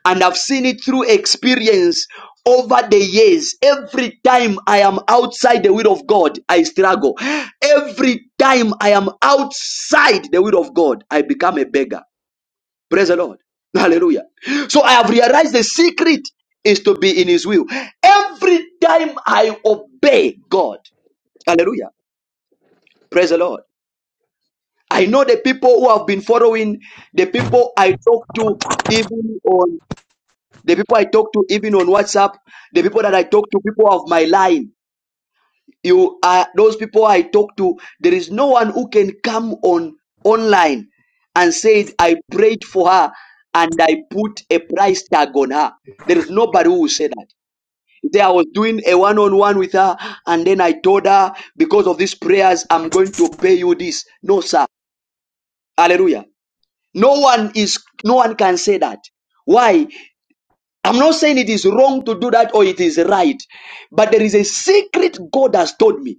And I've seen it through experience over the years. Every time I am outside the will of God, I struggle. Every time I am outside the will of God, I become a beggar. Praise the Lord. Hallelujah. So I have realized the secret is to be in His will. Every time I obey God, hallelujah. Praise the Lord. I know the people who have been following, the people I talk to, even on the people I talk to, even on WhatsApp, the people that I talk to, people of my line. you are those people I talk to. There is no one who can come on online and said I prayed for her and I put a price tag on her. There is nobody who will say that. They, I was doing a one-on-one with her, and then I told her because of these prayers, I'm going to pay you this. No, sir. Hallelujah. No one is. No one can say that. Why? I'm not saying it is wrong to do that or it is right, but there is a secret God has told me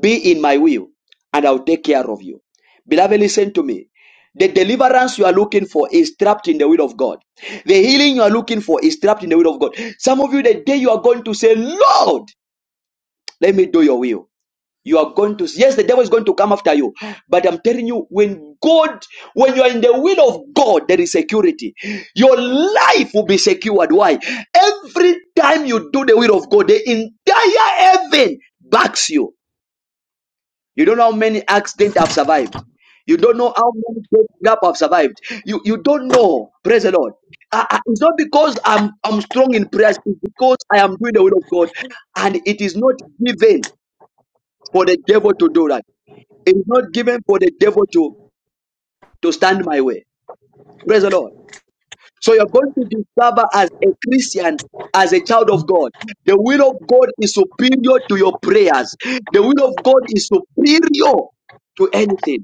be in my will, and I'll take care of you. Beloved, listen to me. The deliverance you are looking for is trapped in the will of God. The healing you are looking for is trapped in the will of God. Some of you, the day you are going to say, Lord, let me do your will. You are going to, yes, the devil is going to come after you. But I'm telling you, when God, when you are in the will of God, there is security. Your life will be secured. Why? Every time you do the will of God, the entire heaven backs you. You don't know how many accidents have survived. You don't know how many breakup have survived. You you don't know. Praise the Lord. I- I- it's not because I'm I'm strong in prayers. It's because I am doing the will of God, and it is not given for the devil to do that. It is not given for the devil to to stand my way. Praise the Lord. So you're going to discover as a Christian, as a child of God, the will of God is superior to your prayers. The will of God is superior to anything.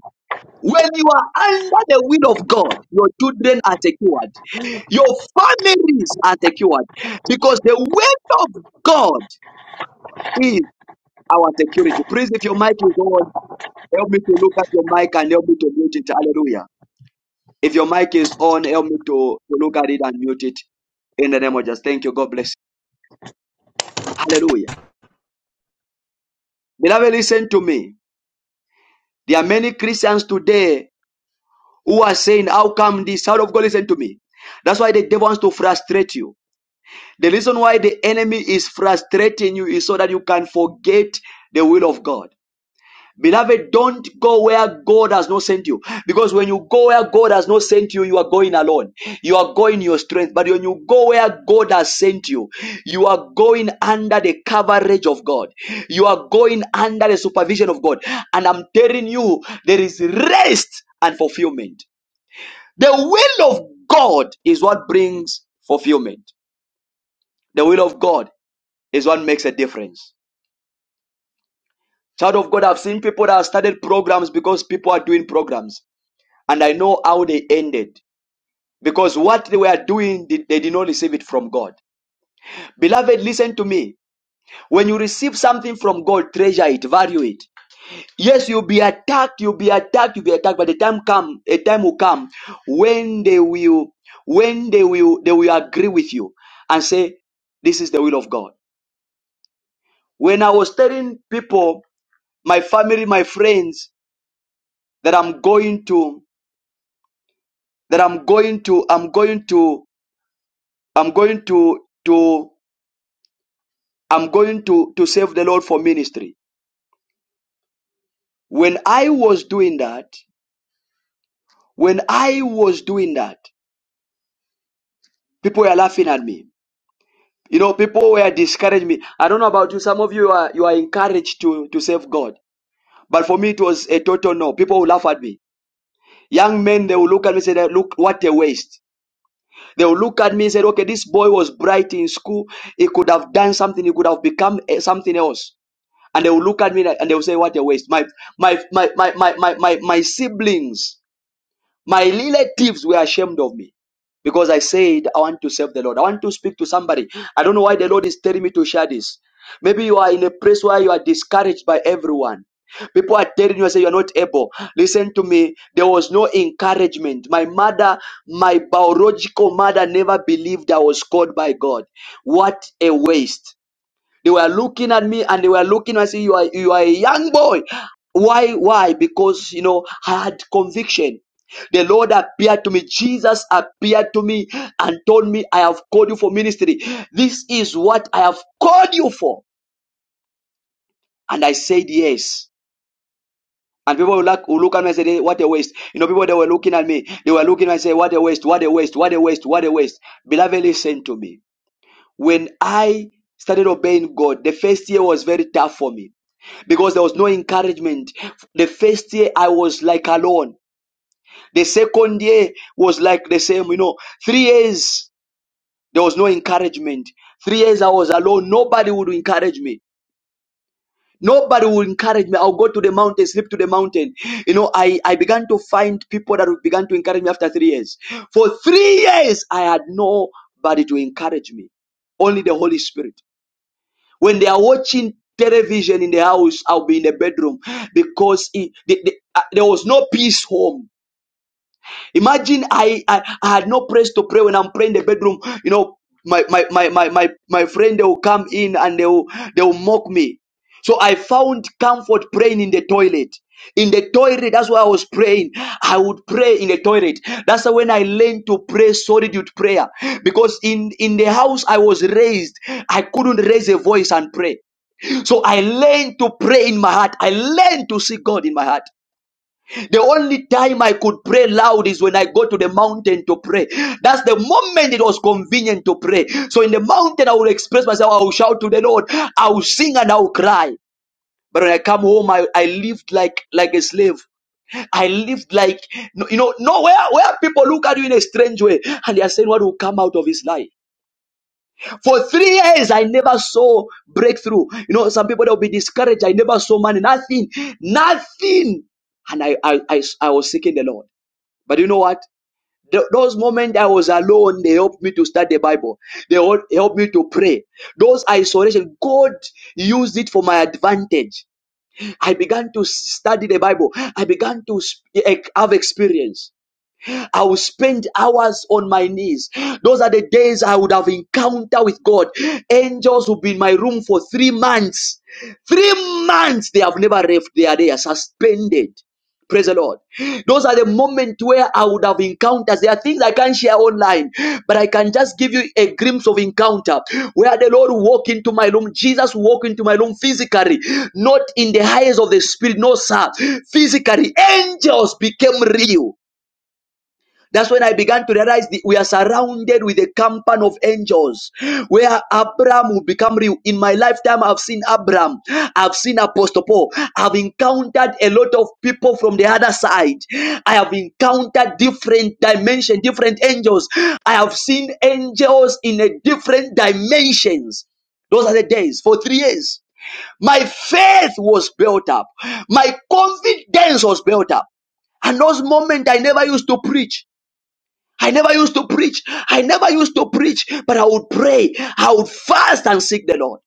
When you are under the will of God, your children are secured. Your families are secured. Because the will of God is our security. Please, if your mic is on, help me to look at your mic and help me to mute it. Hallelujah. If your mic is on, help me to, to look at it and mute it. In the name of Jesus. Thank you. God bless. you. Hallelujah. Beloved, listen to me. There are many Christians today who are saying, How come this? Out of God, listen to me. That's why the devil wants to frustrate you. The reason why the enemy is frustrating you is so that you can forget the will of God. Beloved, don't go where God has not sent you. Because when you go where God has not sent you, you are going alone. You are going in your strength. But when you go where God has sent you, you are going under the coverage of God. You are going under the supervision of God. And I'm telling you, there is rest and fulfillment. The will of God is what brings fulfillment. The will of God is what makes a difference. Child of God, I've seen people that have started programs because people are doing programs, and I know how they ended because what they were doing, they did not receive it from God. Beloved, listen to me. When you receive something from God, treasure it, value it. Yes, you'll be attacked, you'll be attacked, you'll be attacked, but the time come, a time will come when they will, when they will, they will agree with you and say, "This is the will of God." When I was telling people, my family, my friends, that I'm going to that I'm going to I'm going to I'm going to to I'm going to to save the Lord for ministry. When I was doing that, when I was doing that, people were laughing at me. You know, people were discouraging me. I don't know about you. Some of you are you are encouraged to to serve God, but for me it was a total no. People will laugh at me. Young men they will look at me and say, "Look, what a waste." They will look at me and say, okay, this boy was bright in school. He could have done something. He could have become eh, something else. And they will look at me and they will say, what a waste. My, my, my, my, my, my, my, my siblings my relatives were ashamed of me because I said, I want to serve the Lord. I want to speak to somebody. I don't know why the Lord is telling me to share this. Maybe you are in a place where you are discouraged by everyone. People are telling you, I say, you're not able. Listen to me. There was no encouragement. My mother, my biological mother never believed I was called by God. What a waste. They were looking at me and they were looking and saying, you are, you are a young boy. Why? Why? Because, you know, I had conviction. The Lord appeared to me. Jesus appeared to me and told me, I have called you for ministry. This is what I have called you for. And I said, yes. And people will look, will look at me and say, "Hey, what a waste. You know, people, they were looking at me. They were looking at me and say, what a waste, what a waste, what a waste, what a waste. Beloved, listen to me. When I started obeying God, the first year was very tough for me. because there was no encouragement. The first year I was like alone. The second year was like the same, you know. Three years there was no encouragement. Three years I was alone. Nobody would encourage me. Nobody would encourage me. I'll go to the mountain, sleep to the mountain. You know, I, I began to find people that began to encourage me after three years. For three years, I had nobody to encourage me, only the Holy Spirit. When they are watching television in the house, I'll be in the bedroom because it, the- the- uh, there was no peace home. Imagine I, I, I had no place to pray when I'm praying in the bedroom. You know, my, my, my, my, my, my friend, they will come in and they will, they will mock me. So I found comfort praying in the toilet. In the toilet, that's why I was praying. I would pray in the toilet. That's when I learned to pray solitude prayer. Because in, in the house I was raised, I couldn't raise a voice and pray. So I learned to pray in my heart. I learned to see God in my heart. The only time I could pray loud is when I go to the mountain to pray. That's the moment it was convenient to pray. So in the mountain, I will express myself. I will shout to the Lord. I will sing and I will cry. But when I come home, I, I lived like, like a slave. I lived like, no, you know, nowhere where where people look at you in a strange way and they are saying what will come out of his life. For three years, I never saw breakthrough. You know, some people they'll be discouraged. I never saw money, nothing, nothing. And I, I, I, I was seeking the Lord. But you know what? Th- those moments I was alone, they helped me to study the Bible. They hel- helped me to pray. Those isolation, God used it for my advantage. I began to study the Bible. I began to sp- e- e-, have experience. I will spend hours on my knees. Those are the days I would have encounter with God. Angels will be in my room for three months. Three months they have never left. They are there suspended. Praise the Lord. Those are the moments where I would have encounters. There are things I can't share online, but I can just give you a glimpse of encounter where the Lord walk into my room. Jesus walk into my room physically, not in the highest of the spirit. No, sir. Physically, angels became real. That's when I began to realize that we are surrounded with a company of angels. Where Abraham will become real. In my lifetime, I've seen Abraham, I've seen Apostle Paul, I've encountered a lot of people from the other side. I have encountered different dimensions, different angels. I have seen angels in a different dimensions. Those are the days for three years. My faith was built up. My confidence was built up. And those moments I never used to preach. I never used to preach. I never used to preach, but I would pray. I would fast and seek the Lord.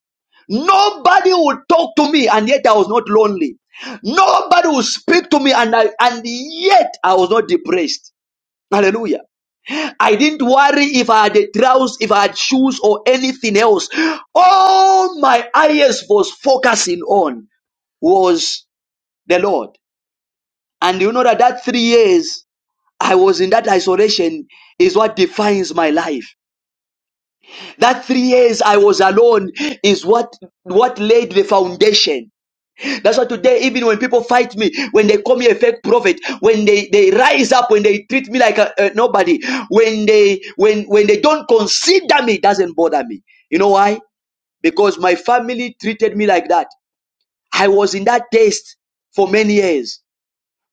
Nobody would talk to me, and yet I was not lonely. Nobody would speak to me, and I, and yet I was not depressed. Hallelujah. I didn't worry if I had a trousers, if I had shoes or anything else. All my eyes was focusing on was the Lord. And you know that that three years I was in that isolation is what defines my life. That three years I was alone is what what laid the foundation. That's why today, even when people fight me, when they call me a fake prophet, when they, they rise up, when they treat me like a, a nobody, when they when when they don't consider me, it doesn't bother me. You know why? Because my family treated me like that. I was in that taste for many years.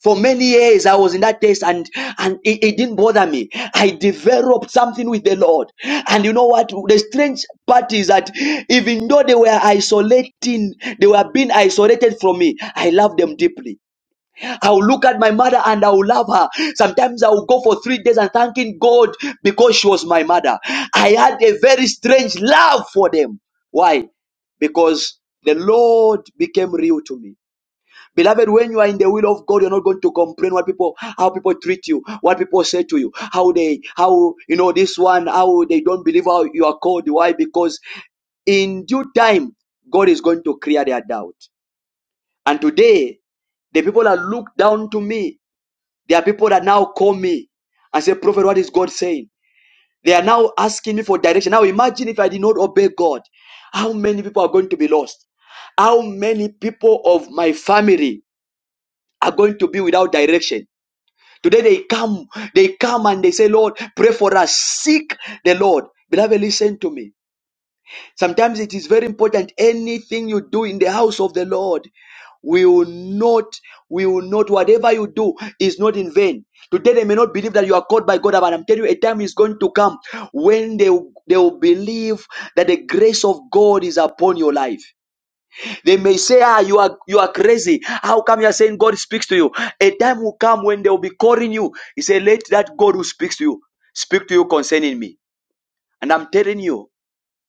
For many years, I was in that taste and, and it, it didn't bother me. I developed something with the Lord. And you know what? The strange part is that even though they were isolating, they were being isolated from me, I love them deeply. I will look at my mother and I will love her. Sometimes I will go for three days and thanking God because she was my mother. I had a very strange love for them. Why? Because the Lord became real to me. Beloved, when you are in the will of God, you're not going to complain what people, how people treat you, what people say to you, how they, how, you know, this one, how they don't believe how you are called. Why? Because in due time, God is going to clear their doubt. And today, the people that look down to me, there are people that now call me and say, Prophet, what is God saying? They are now asking me for direction. Now imagine if I did not obey God, how many people are going to be lost? How many people of my family are going to be without direction. Today they come, they come and they say, Lord, pray for us, seek the Lord. Beloved, listen to me. Sometimes it is very important. Anything you do in the house of the Lord will not, will not, whatever you do is not in vain. Today they may not believe that you are called by God, but I'm telling you, a time is going to come when they, will- they will believe that the grace of God is upon your life. They may say, ah, you are, you are crazy. How come you are saying God speaks to you? A time will come when they will be calling you. He said, let that God who speaks to you speak to you concerning me. And I'm telling you,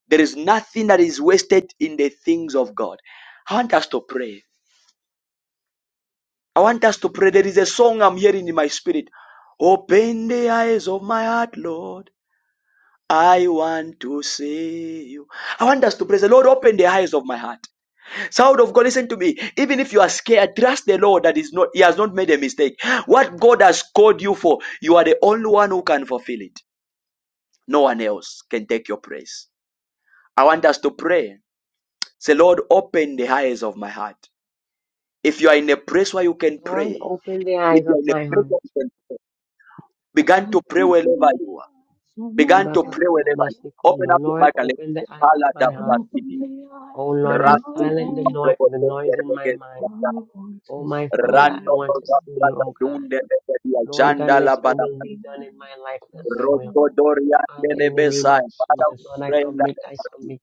there is nothing that is wasted in the things of God. I want us to pray. I want us to pray. There is a song I'm hearing in my spirit. Open the eyes of my heart, Lord. I want to see you. I want us to pray. Say, Lord, open the eyes of my heart. Child of God, listen to me. Even if you are scared, trust the Lord that is not, He has not made a mistake. What God has called you for, you are the only one who can fulfill it. No one else can take your praise. I want us to pray. Say, Lord, open the eyes of my heart. If you are in a place where you can Lord, pray, open the if eyes you are of in a my place heart. where you can pray, begin to pray Open wherever the you are. eyes of my Begin to heart. pray wherever you Lord. are. Open Ibakasanamasikunno. up your Lord, mic and let's open the pray. eyes of Kala da my heart. Open brasidi. the eyes Oh Lord, of and my Ratu silent the, heart. noi- the noise in my I mind. want Oh, to see my Father, I Rando you. want to see Rosatra you, oh God. Dunde Lebedia Lord God, Janda let La your will Balaban be done in my life, not To my see will. Roto Doria Father, in the name Lebesai of Father Jesus, Lord, we I pray in the commit, name I of Jesus. submit,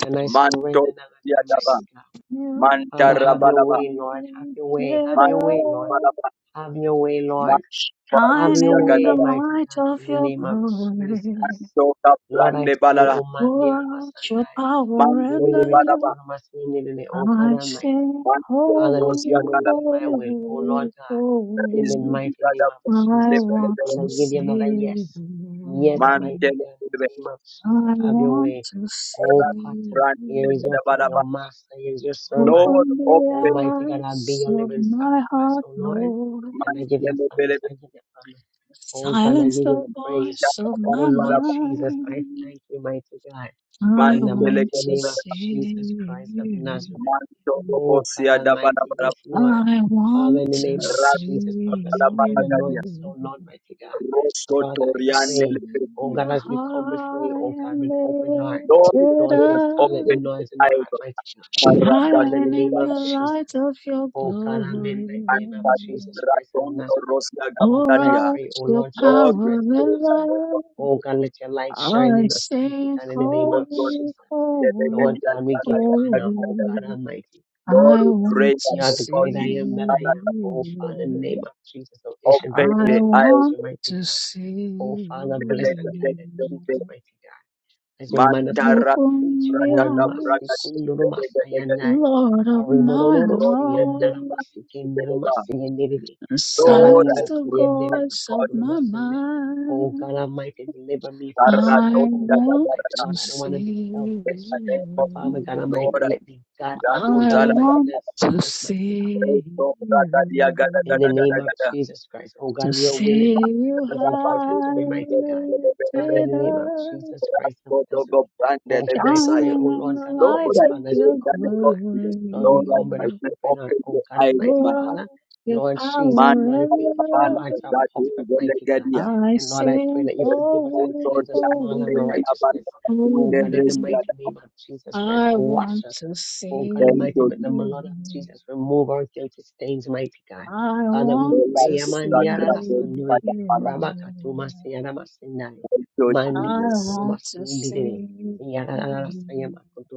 and I Manto surrender that I might Yadaba be God. you. Manta Father, have your Rabalaba way, Lord. Have your way. Have your Manto way, Lord. Balaba Have your way, Lord. Manto Have Shining your in the way, Yagadaba mighty light God, of in the your name of glory. Jesus. Manto Lord, I Kaprande pray, Balala O man, Pour near my out your Sunday. power and Manto de Remember me, get love. to Balaba my Sunday, oh God I Almighty. sing Manto Father, let Rosia your holy, will Gala be my will, O holy, Lord God. in the holy. Riziki mighty name of Gadaba I Jesus Christ. want Lebele to Lord, I give you another see yes. Yes, Mante mighty you. God, in the Lebe name of Jesus. I Have your want way. to see Oh, Potter, Rando here is you. your Lebe clay. Balaba Oh, Master, here is your servant. Lord Open Oh, open mighty the God, I'll be eyes your of living my sacrifice, heart, oh Lord. Lord. And I give you Mante thanks. I give you honor. Oh, God, I Silence give you the the Lord, praise. voice of Oh, my Lord Jesus, I mind. thank you, mighty God, I in the want mighty to name of open Jesus see Christ of Nazareth. you. Oh God Almighty, yes, Lord. I Father, want in the to name of see Jesus, Father, sometimes the noise you, is so loud, mighty God. So, Father, I pray, see oh God, you as we come before you, high oh God, and with open heart, lifted Lord, and silent the up, the noise in our eyes heart, of mighty God. Father, in hiding the Paragadu, name in of the light Jesus, of your oh God, I'm in the glory. name of Paragadu, Jesus Christ of Radondo, Nazareth. Rosia, Oh Pour God, I Gabdadia. out pray, oh your Lord Jesus Lord, we power Christ of pray and that Nazareth. the love. Lord Oh God, let your light shine I in us, mighty sing God, in the name Lord, of Lord, the- holy, Jesus. the- the- the- holy, Lord the- the- the- God, we give you the- honor, the- the- oh God the- holy. Almighty. Lord, I we pray want that You to are the the see Lord great I is- am that I am. Oh, Father, in you. the name of Jesus, oh, ancient I Open of things, the we eyes ask want you, mighty to God. Oh, see Father, bless and guide and keep us, mighty God. As your man of God, Mantara preach open your word, the Masi eyes, Kunduru Masayanai. Lord of my Arimororo Siandara heart, Masi Kendero Masi Yenderebe. and Lord, I silence Rabanara the pray that Siendere voice of God Makotulu my Masene. Oh, God mind. Almighty, deliver me from Sarah self. I don't Oh, die, God da, want da, da, Almighty, da. to Lord, I don't want to be see. in selfish. the name of But Father Jesus. God you. Lord, Almighty, I let me pray God, that let oh you I God Zala da, Almighty, want da, let da, to selfless mighty God pray see so, da, da, dia, ga, da, ga, in you, da, the ga, da, name of ga, Jesus Christ. Oh to God, your will is, see you is Mantara Bazu, important high to da, me, mighty God. and Father, in lifted the name of up Jesus Christ of Nazareth. go, brande, Oh God, I pray, Messiah. Shining oh in Lord the God Lord, light Almighty, I of Father, as pray we in your the come, oh name God. of Jesus. Lord, we Lord, come with I a glory, pray hope in our open the Oh God eyes of Almighty my pour heart. out Father. your Lord Jesus, Man, power Lord, if you and for our Bala, love. hearts are that is puffed up, mighty God. Velegadia. I And Lord, I pray sing, that you forgive us and holy, cleanse us from all holy, unrighteousness. Oh God, in the holy. mighty name of Jesus Christ, I wash want us. to Oh God Thank see Almighty, you, with the Jesus. you. blood of Jesus, remove our guilty stains, mighty God. I Father, we want Bala, to pray. that Amandiara grace, see that lasandui, you. Bala. rabakatu masiyana masindai, Thank you, I mandikutu Jesus. want to masiyindiri, see yara you. lasayama kutu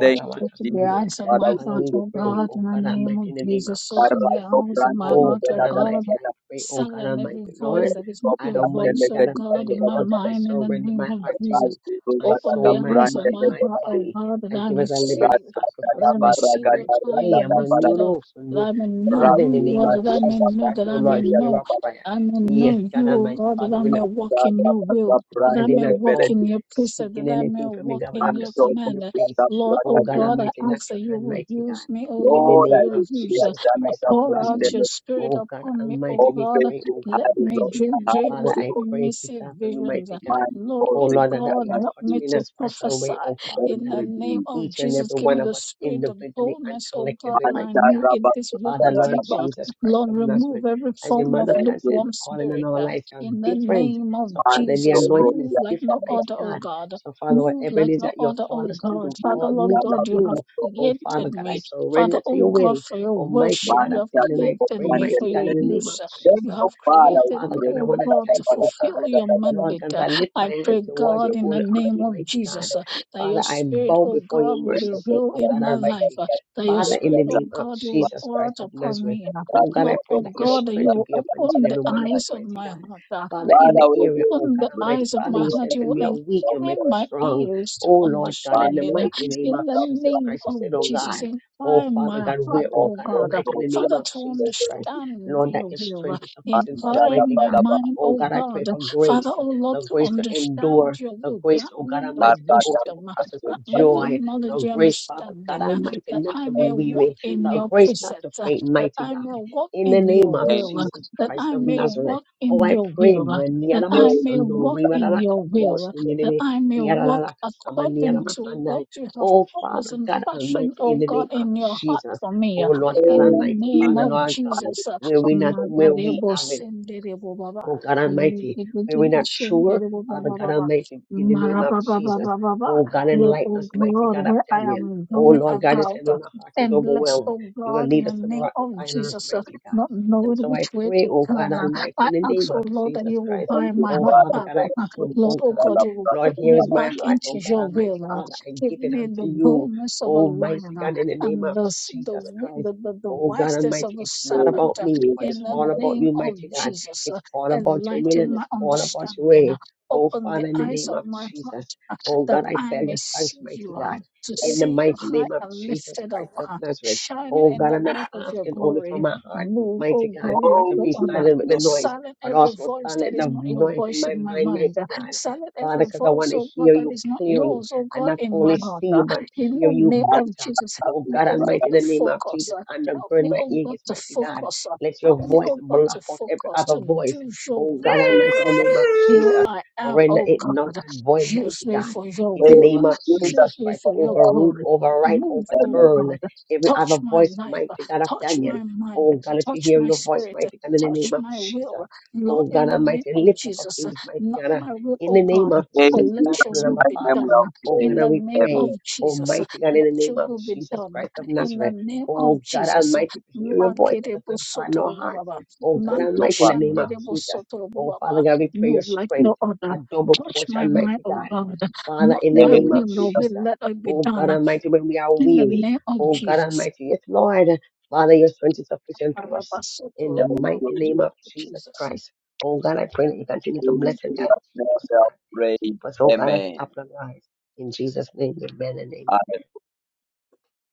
Thank you, Open the Jesus. eyes of Father, my Father, we give heart, we you O pray, praise. God, oh in the God name Almighty, of in the name of Jesus. Father, Open I the Jesus. come eyes of brand my new, Oh heart, da, O God da, da, da, God. Almighty, da, I da. pray, oh God Silent every Almighty, voice Lord, that is not Come God your brand new, voice, Almighty, O da, da, God of da, God, da, Daniel, in da, my Lord God, da, I da. mind, in the surrender name my of heart to Father, you, Jesus. we give you, my da, da, Open da, the soul, my brand eyes new, of mind, da, my da, my heart, da, da. O body. God, that I I give may it a see Ra, living you, da, da, that da, sacrifice, I ba, may mighty ra, see God, ga, and you I da, ra, high da, pray, I'm and da, ba, on la, you, lifted up, Lord, so that Lord, I may Lord, know Father, in who the you name are, of that I may Jesus know, Christ, that oh I may Lord, hear know, our prayer. I may know Yes, God you, O Almighty, God, that I Father, may walk in your will, Lord, that I I did may not walk come in your precept, seeking that I may anything from you, walk God, but in I'm your just seeking command your face. Lord, Oh oh God God, I Almighty, not ask that your you hand, will mighty use God. me, oh In Lord, the for name I your of use. declare Uh, Jesus Jana Christ the of pour out Nazareth. brand your spirit Oh God upon me, oh Almighty, we God. open pray, the oh God Let eyes me of Almighty. my dream heart, dreams, Father, Holy let I Ghost. me pray this see afternoon, visions. Uh, mighty God. Man Lord, Oh oh causing Lord, that God, you Jana to help touch be me me in a to special prophesy way, oh Father thank in the God. you, name Jesus. of Each and Jesus. every Give one me the of us spirit of individually and boldness, oh God, collectively, Man that I mighty need God. Jana in this walk Father, with Bakara Lord the you. Uh, band. Jesus Christ Lord, of remove Nazareth. every As your form man of of Thank God you, said, the lukewarm calling on spirit. our uh, lives are in the different name of so, man. Father, the Jesus, Lord, anointing is move Rosia, like no different, mighty other, oh God. God. So, Father, Move whatever it like is no that you're other, O calling us to God. do, Man Father, call Lord me Jana to God, you have do. Oh, Father created God, I me. Father, surrender to O your God, will. for your Almighty worship, God, you Man I have feel and I created pray, me for mighty your God, in Jana the name use. of Thank You Jesus. you, have Oh, Father. We created Father me, pray. We God, I O want to God, to thank you, pray. oh God. fulfill your Lord God, mandate. as I lift my I hand pray, towards your God, in the holy name oracle, of mighty God. Jesus, uh, that your Father, I spirit, bow O before your God, will be mercy seat, real oh in God my life. Almighty. uh, That your Father, in spirit, the O name of God, you will Jesus pour Christ out of upon Nazareth, me. uh, oh God, I Lord, pray O that your God, that you strength will will be upon each and open the every one of us, eyes of mighty my God. heart. uh, Father, you in the Father, will we area, give oh open God the praise Almighty. eyes and of Father, my you honor heart. said to You when will we you. are weak, Lord, you we make incline are us my strong. ears to Oh Lord God, in the understanding. thankful. uh, mighty We name In of are the Jesus thankful. name Christ, you said, of oh Jesus, God, oh incline Father my God, The heart, we're, oh Lord, O God Lord, God, uh, Almighty, in Lord, the we name Father, are of to Jesus thankful. Christ. understand Lord, that your your will. uh, strength is sufficient Man, for us, Dada, Incline mighty my God. Balaba, mind, Oh O God, I pray God, uh, for Father, grace, O Lord, the to grace to understand endure, your the will. grace, Grant oh me God the Almighty, to Arba, go Dada, through the wisdom, uh, and process with grant me the Kumbaya. joy, knowledge, the the grace, Father God understanding, uh, Almighty, that not I to be may walk weary, in the your grace not to precepts, uh, faint, that mighty I God. may walk In the in name your of Thank will, uh, you. Jesus that Christ I of may Nazareth. walk in Oh, I your pray, will man. that Niana Thank I you. may Masando, walk Jesus. in your will, that Rimanakatumosini, I may walk according to what you have Oh, purposed Father and God fashioned, Almighty, O in the name God, of in your heart Jesus. for me. Oh, Lord God In the Thank Almighty, you. name Father, of Lord God, Jesus. Jesus. where we not, where we Magarebo have it. senderebo baba. Oh God Almighty, when we're Legedegede not sure, shenderebo Father baba God baba. Almighty, in the name of Marababa Jesus. baba baba. Oh God, Lord, enlighten O us, mighty God, God of where I Daniel. am Oh We going Lord God, you about, said uh, when our heart is and bless, overwhelmed, O you will God, in lead the us to the name rock of of iron, Jesus, uh, mighty God. not And knowing so I which way pray, to oh God turn. Almighty, I in the ask, name oh of Lord, that Jesus you will Christ. thank buy you, my Oh heart Father, Father back. God, for I the uh, come, grace. Lord, oh oh God. God, Father, you will Lord, put Father, here me is Father, my back we are heart, into oh God your Almighty will. uh, Father. I Give give it me unto the you, boldness of a oh mighty lion uh, God, in the name and of the, s- the, Jesus wi- Christ. the, the, the Oh God wisdom Almighty, of a it's not praying serpent about uh, me, you but that it's in the you all about name you, of mighty God. Jesus. uh, It's all about your will Enlighten and my it's all about your understanding. uh, way. Oh, Open the Father, in the eyes name of of my Jesus. heart uh, Oh, that God, I I tell may you, see thanks, mighty you, uh, God. to are going In the see you to mighty high give name of and Jesus lifted up, Christ of uh, Nazareth. shining Oh, in God, the I'm not light of your asking only for glory. my heart, Move, mighty oh God, God, like all to the be the other. silent with the glory noise, Silent but every also voice that silent is the not your noise in voice my in my mind, mind. mighty God. Silent Father, every because I voice, want to oh God, hear that you is not clearly yours, oh and God, not in my only heart. see you, but In hear the you name and of better. Jesus, help Oh honor, me, God oh God, Almighty, brother. in to the name of focus. Jesus, Help me, undergird my oh God, ears, to mighty God. focus. Let your Help Yes. me, voice oh God, block to out every focus, other to voice. do your Oh God will, oh Almighty, in God. the name of Here Jesus, I am, render oh it God. null and void, Use mighty me God. for your In the will. name We thank you of Use Jesus me Christ, for that you your overrule, glory. are override, Move, oh Amen. God. overturn every Touch other my voice, life. mighty God of Touch Daniel. my mind. Oh God, let you Touch hear my your voice, spirit. mighty God, in the Touch name of my Jesus. will, Lord, Oh in God the name Almighty, of lift up our Jesus. Jesus, mighty Not God. my will, In oh the name God, of Thank but Jesus, let you, back your to the that's will number, my be Father. memory done of Oh God, in praise. the and we name of pray, Amen. Jesus. Almighty God, in Let the your name of will be Jesus done Christ of in Nazareth. the name of Oh God Jesus. Almighty, hear your voice. Let us not harden our hearts. Makerebosotobaba, Oh God Thank you, Almighty, in Father. the name of Jesus. Oh Father makashanderebosotobaba. God, we pray your Move like no strength, other. a double Touch my portion, mighty mind, oh God. God. Father, Not in the my name Thank of will, you, Lord, that but Jesus. let it be Oh God done Almighty, when we are in the weary. name of Oh God Jesus. Almighty, yes, Lord. Father, your strength is sufficient for us. In the thank Arabasotorobaba. you, mighty Jesus. name Thank of you, Jesus Jesus. Christ. Oh God, I pray that you continue to Thank bless and you, God. that Keep memory us, God. of praise. Keep us, oh God, at Amen. the apple of your eyes. In Jesus' name, amen and Amen.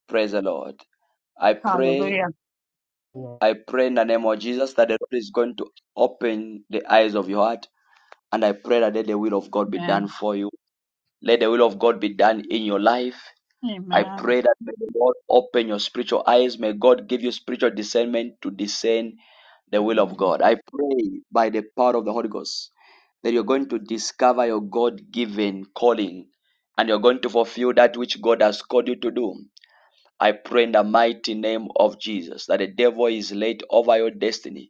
Praise the Lord. I pray. Hallelujah. amen. I pray in the name of Jesus that the Lord is going to open the eyes of your heart. And I pray that let the will of God be done Amen. for you. Let the will of God be done in your life. I Amen. pray that may the Lord open your spiritual eyes. May God give you spiritual discernment to discern the will of God. I pray by the power of the Holy Ghost that you're going to discover your God given calling and you're going to fulfill that which God has called you to do. I pray in the mighty name of Jesus that the devil is laid over your destiny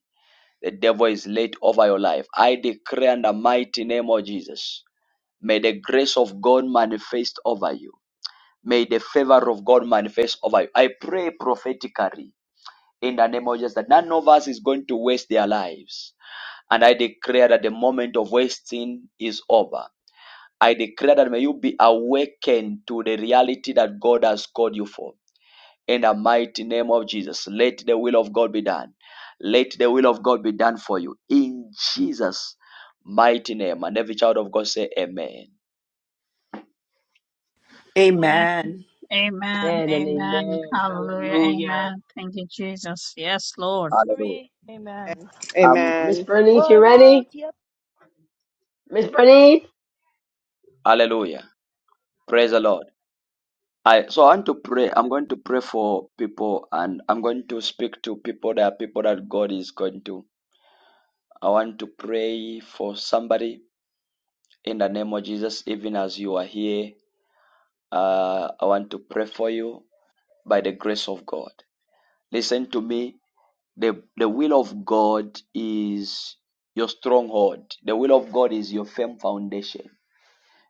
the devil is laid over your life. I declare in the mighty name of Jesus. May the grace of God manifest over you. May the favor of God manifest over you. I pray prophetically in the name of Jesus that none of us is going to waste their lives. And I declare that the moment of wasting is over. I declare that may you be awakened to the reality that God has called you for in the mighty name of Jesus. Let the will of God be done. Let the will of God be done for you in Jesus' mighty name. And every child of God say, Amen. Amen. Amen. Amen. Amen and Amen. amen. Hallelujah. Hallelujah. Amen. Thank you, Jesus. Yes, Lord. Hallelujah. Glory. Amen. Amen. Um, Miss Amen. Bernice, you Pour out. ready? Yep. Miss Bernice? hallelujah. Praise the Lord. I, so I want to pray. I'm going to pray for people and I'm going to speak to people There are people that God is going to. I want to pray for somebody in the name of Jesus, even as you are here. Uh, I want to pray for you by the grace of God. Listen to me The, the will of God is your stronghold. The will of God is your firm foundation.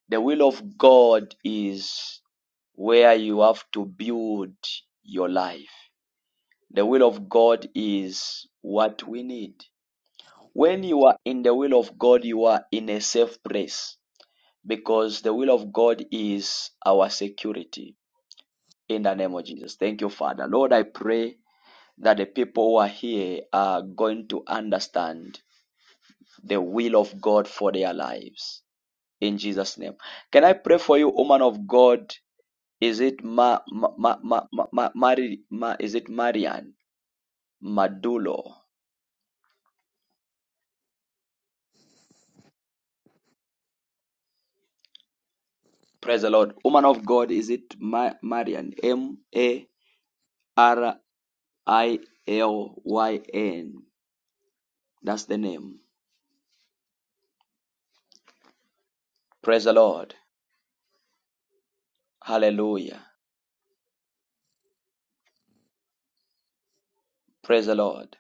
The will of God is where you have to build your life. The will of God is what we need. When you are in the will of God, you are in a safe place because the will of God is our security. In the name of Jesus. Thank you, Father. Lord, I pray that the people who are here are going to understand the will of God for their lives. In Jesus' name. Can I pray for you, woman of God? Is it Ma, Ma, Ma, Ma, Ma, Ma, Mari- Ma- is it Marian? Madulo. Praise the Lord. Woman of God, is it Ma, Marian? M A R I L Y N. That's the name. Praise the Lord. Hallelujah. Praise the Lord.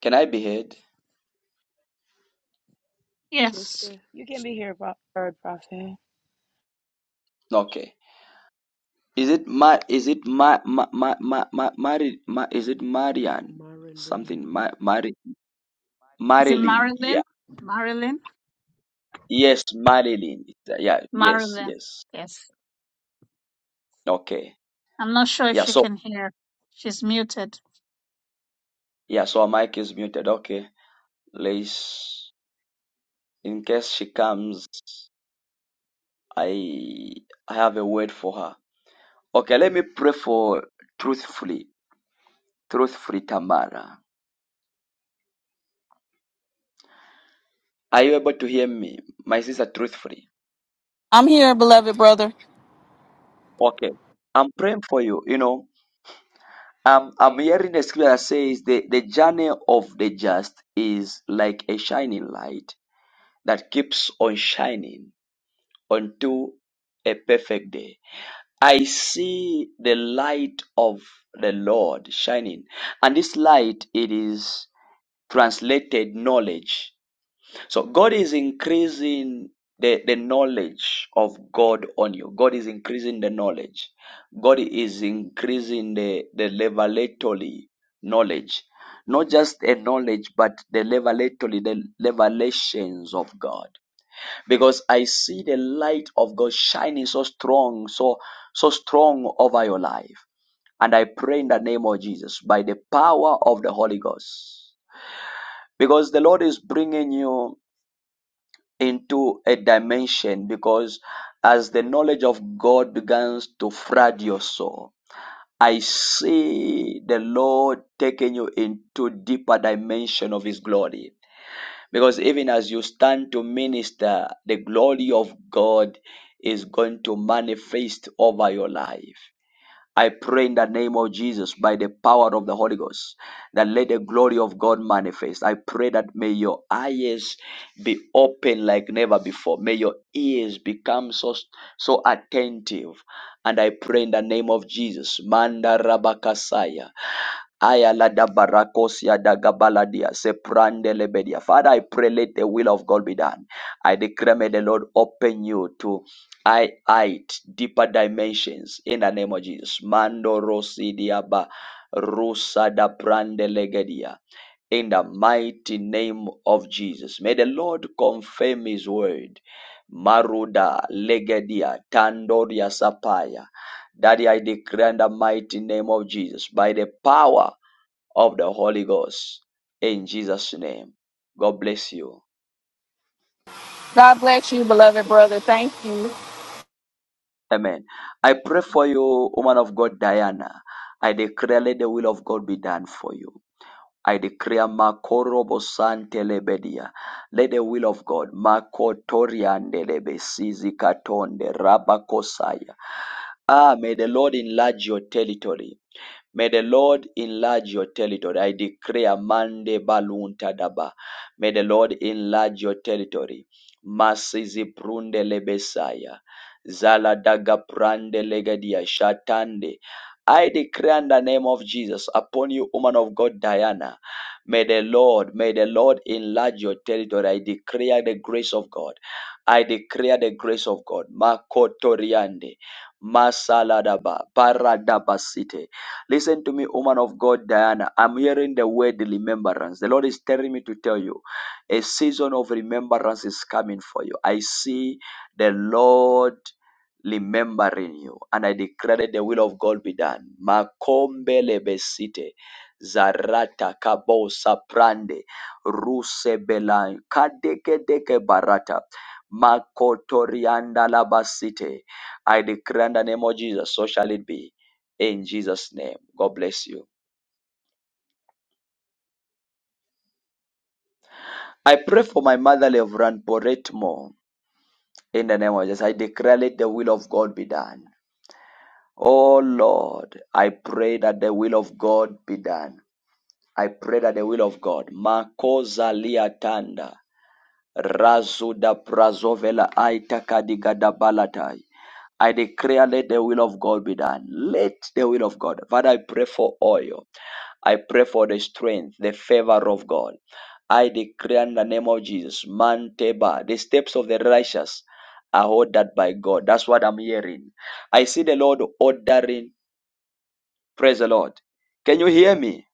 Can I be heard? Yes. You can be here, Pro- Third Prophet. Okay. Is it Ma? Is it Ma? Ma? Ma? Ma? Ma? Mari, Ma is it Marian? Something Marilyn. Ma? Mari, Is it Marilyn? Yeah. Marilyn? Marilyn? Yes, Marilyn. Yeah. Yes. Marilyn. Yes. Yes. Okay. I'm not sure if Yeah. she So can hear. She's muted. yeah. So our mic is muted. Okay. Let's. In case she comes, I I have a word for her. Okay. Let me pray for truthfully, truthfully Tamara. Are you able to hear me, my sister? Truthfully. I'm here, beloved brother. Okay. I'm praying for you. You know. Um, I'm hearing a scripture that says the, the journey of the just is like a shining light that keeps on shining unto a perfect day. I see the light of the Lord shining, and this light it is translated knowledge. So God is increasing the, the knowledge of God on you. God is increasing the knowledge. God is increasing the, the revelatory knowledge. Not just a knowledge, but the revelatory, the revelations of God. Because I see the light of God shining so strong, so so strong over your life. And I pray in the name of Jesus by the power of the Holy Ghost. Because the Lord is bringing you into a dimension because as the knowledge of God begins to flood your soul, I see the Lord taking you into deeper dimension of His glory. Because even as you stand to minister, the glory of God is going to manifest over your life. I pray in the name of Jesus by the power of the Holy Ghost that let the glory of God manifest. I pray that may your eyes be open like never before. May your ears become so so attentive. And I pray in the name of Jesus. Manda Rabakasaya. Ayala da barakosia da gabaladia seprande lebedia. Father, I pray let the will of God be done. I declare may the Lord open you to I height deeper dimensions in the name of Jesus. Mando rosidia ba rusa da prande legedia. In the mighty name of Jesus. May the Lord confirm his word. Maruda legedia tandoria sapaya. Daddy, I declare in the mighty name of Jesus by the power of the Holy Ghost. In Jesus' name. God bless you. God bless you, beloved brother. Thank you. Amen. I pray for you, woman of God, Diana. I declare, let the will of God be done for you. I declare Makorobo Santelebedia. Let the will of God. Makotoriandelebe Sizi Katonde Rabakosaya. Ah, may the Lord enlarge your territory. May the Lord enlarge your territory. I declare Mande Balunta Daba. May the Lord enlarge your territory. Masizi prunde lebesaya. Zala daga prande legadia shatande. I declare in the name of Jesus upon you, woman of God, Diana. May the Lord, may the Lord enlarge your territory. I declare the grace of God. I declare the grace of God. Makotoriande. Masaladaba. Paradabasite. Listen to me, woman of God, Diana. I'm hearing the word remembrance. The Lord is telling me to tell you a season of remembrance is coming for you. I see the Lord remembering you, and I declare that the will of God be done. Makombe lebesite. Zarata kabo saprande rusebela kadeke deke barata makotorianda labasite. I declare in the name of Jesus, so shall it be in Jesus' name. God bless you. I pray for my mother, Reverend Porette Moore, in the name of Jesus. I declare let the will of God be done. Oh Lord, I pray that the will of God be done. I pray that the will of God. Makosa liatanda. Razuda Prazovela Aita Kadigada Balatai. I declare, let the will of God be done. Let the will of God. Father, I pray for oil. I pray for the strength, the favor of God. I declare in the name of Jesus, Manteba. the steps of the righteous are ordered by God. That's what I'm hearing. I see the Lord ordering. Praise the Lord. Can you hear me?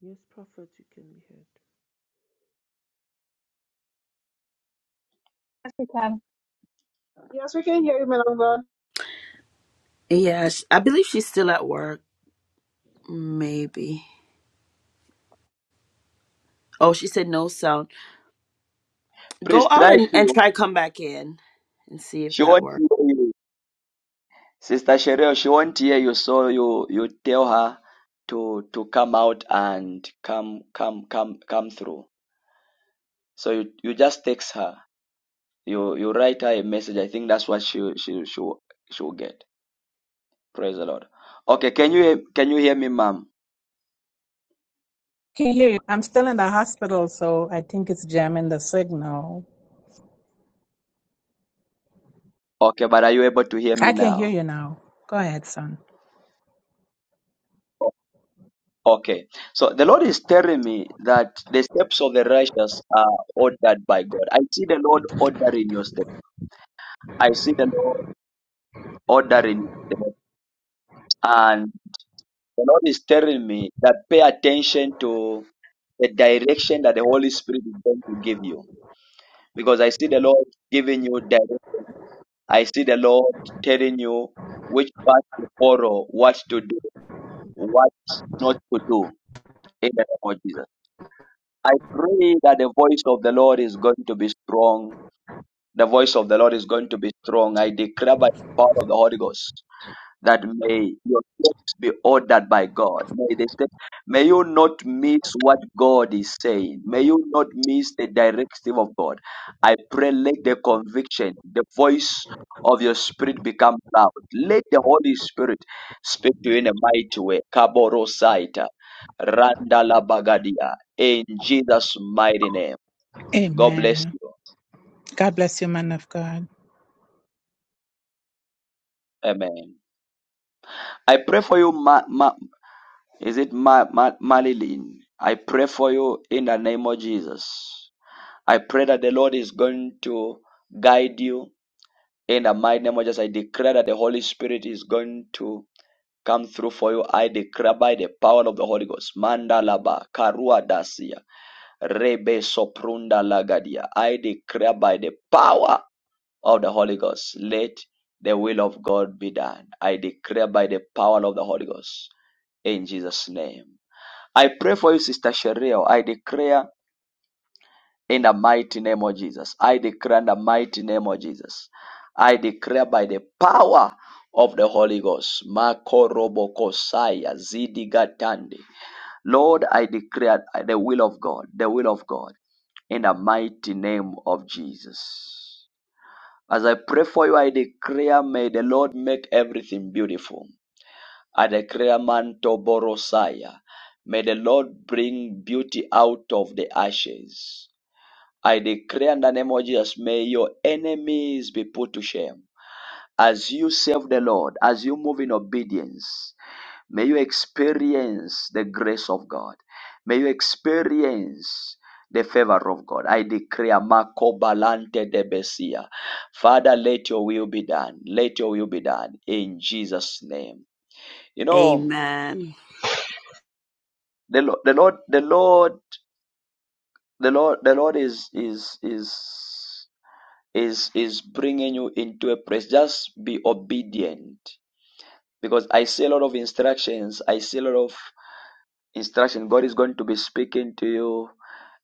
Yes, Prophet, you can be heard. Yes, we can. Yes, we can hear you, Milongo. Yes, I believe she's still at work. Maybe. Oh, she said no sound. Please Go out try and, and to. try come back in and see if She will that to works. hear you. Sister Cheryl, she won't hear you, so you you tell her to to come out and come come come come through. So you, you just text her. You you write her a message. I think that's what she she she she'll get. Praise the Lord. Okay, can you can you hear me, ma'am? can you hear you? I'm still in the hospital, so I think it's jamming the signal. Okay, but are you able to hear me I can hear now? you now. Go ahead, son. Okay. So the Lord is telling me that the steps of the righteous are ordered by God. I see the Lord ordering your steps. I see the Lord ordering your steps. The Lord is telling me that pay attention to the direction that the Holy Spirit is going to give you. Because I see the Lord giving you direction. I see the Lord telling you which path to follow, what to do, what not to do in the name of Jesus. I pray that the voice of the Lord is going to be strong. The voice of the Lord is going to be strong. I declare by the power of the Holy Ghost. that may your steps be ordered by God. May, the steps, may you not miss what God is saying. May you not miss the directive of God. I pray, let the conviction, the voice of your spirit become loud. Let the Holy Spirit speak to you in a mighty way. Kaboro Saita, Randala Bagadia, in Jesus' mighty name. God bless Amen. you. God bless you, man of God. Amen. I pray for you, Ma- Ma- Is it Ma- Ma- Marilyn? I pray for you in the name of Jesus. I pray that the Lord is going to guide you in the mighty name of Jesus. I declare that the Holy Spirit is going to come through for you. I declare by the power of the Holy Ghost. Mandalaba, Karua Dasia, Rebe Soprunda Lagadia. I declare by the power of the Holy Ghost. Let the will of God be done. I declare by the power of the Holy Ghost in Jesus' name. I pray for you, Sister Cheryl. I declare in the mighty name of Jesus. I declare in the mighty name of Jesus. I declare by the power of the Holy Ghost. Makorobokosaya zidigatande. Lord, I declare the will of God, the will of God, in the mighty name of Jesus. As I pray for you, I declare, may the Lord make everything beautiful. I declare Manto Borosaya. May the Lord bring beauty out of the ashes. I declare in the name of Jesus, may your enemies be put to shame. As you serve the Lord, as you move in obedience, may you experience the grace of God. May you experience the favor of God. I declare Makobalante de Besia. Father, let your will be done. Let your will be done in Jesus' name. You know, Amen. the Lord, the Lord, the Lord, the Lord, the Lord is is is is is bringing you into a place. Just be obedient, because I see a lot of instructions. I see a lot of instruction. God is going to be speaking to you.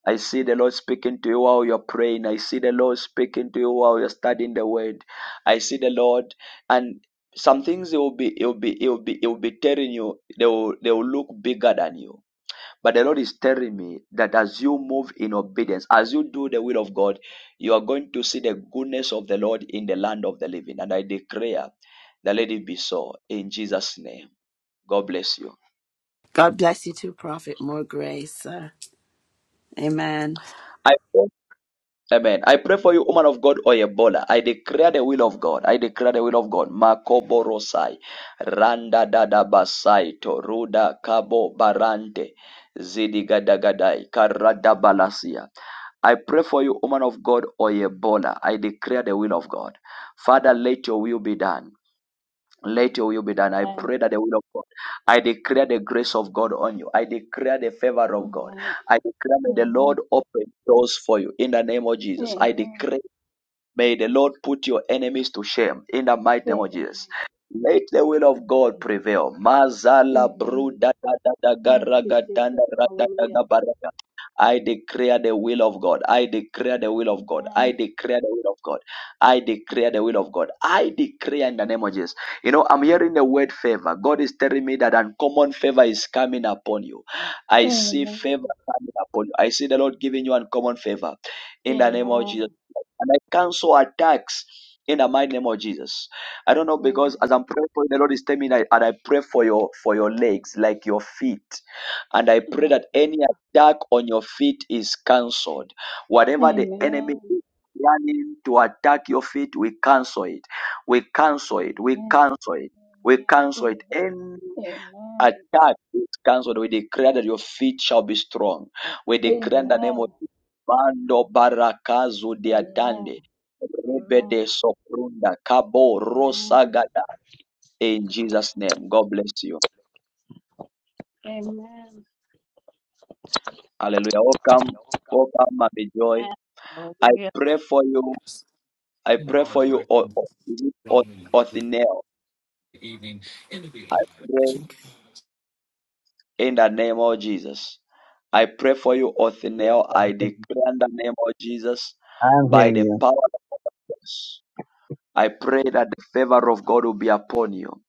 I see the Lord speaking to you while you're praying. I see the Lord speaking to you while you're studying the Word. I see the Lord, and some things He will be, He will be, He will be, He will be telling you. They will, they will look bigger than you but the Lord is telling me that as you move in obedience, as you do the will of God, you are going to see the goodness of the Lord in the land of the living. And I declare that let it be so in Jesus' name. God bless you. God bless you too, Prophet. More grace. uh, amen. I pray, Amen. I pray for you, woman of God Oyebola. I declare the will of God. I declare the will of God. Makoborosai. Randa dada basai. Toruda kabo barante. Zidigadagadai. Karadabalasia. I pray for you, woman of God, Oyebola. I declare the will of God. Father, let your will be done. Let your will be done. I Amen. pray that the will of God. I declare the grace of God on you. I declare the favor of God. Amen. I declare may the Lord Amen. open doors for you in the name of Jesus. I Amen. declare. May the Lord put your enemies to shame in the mighty name Amen. of Jesus. Let the will of God Amen. prevail. Mazala Amen. bruda da da da ga Thank ra you, ga da na Jesus. ra da da ga ba ra ga. I declare the will of God. I declare the will of God. I declare the will of God. I declare the will of God. I declare in the name of Jesus. You know, I'm hearing the word favor. God is telling me that uncommon favor is coming upon you. I Amen. see favor coming upon you. I see the Lord giving you uncommon favor in Amen. the name of Jesus and I cancel attacks in the mighty name of Jesus. I don't know because as I'm praying for you, the Lord is telling me that and I pray for your for your legs, like your feet. And I pray that any attack on your feet is cancelled. Amen. Whatever the Amen. enemy is planning to attack your feet, we cancel it. We cancel it. We cancel it. We Amen. cancel it. Amen. Any Amen. attack is cancelled. We declare that your feet shall be strong. We declare in the name of Amen. Mando Barakazu Diatande. Amen. Amen. Rebede Soprunda Kabo Amen. Rosagada. In Jesus' name. God bless you. Amen. Hallelujah. Welcome. Welcome, Mami Joy. I Amen. pray for you. I in pray our for you, O- direction O- is it from O- the Othinel. evening into the I pray. evening. in the name of Jesus. I pray for you, Yes, Othniel. I I'm hearing you. declare in the name of Jesus, I'm by hearing the you. power of the cross, I pray that the favor of God will be upon you.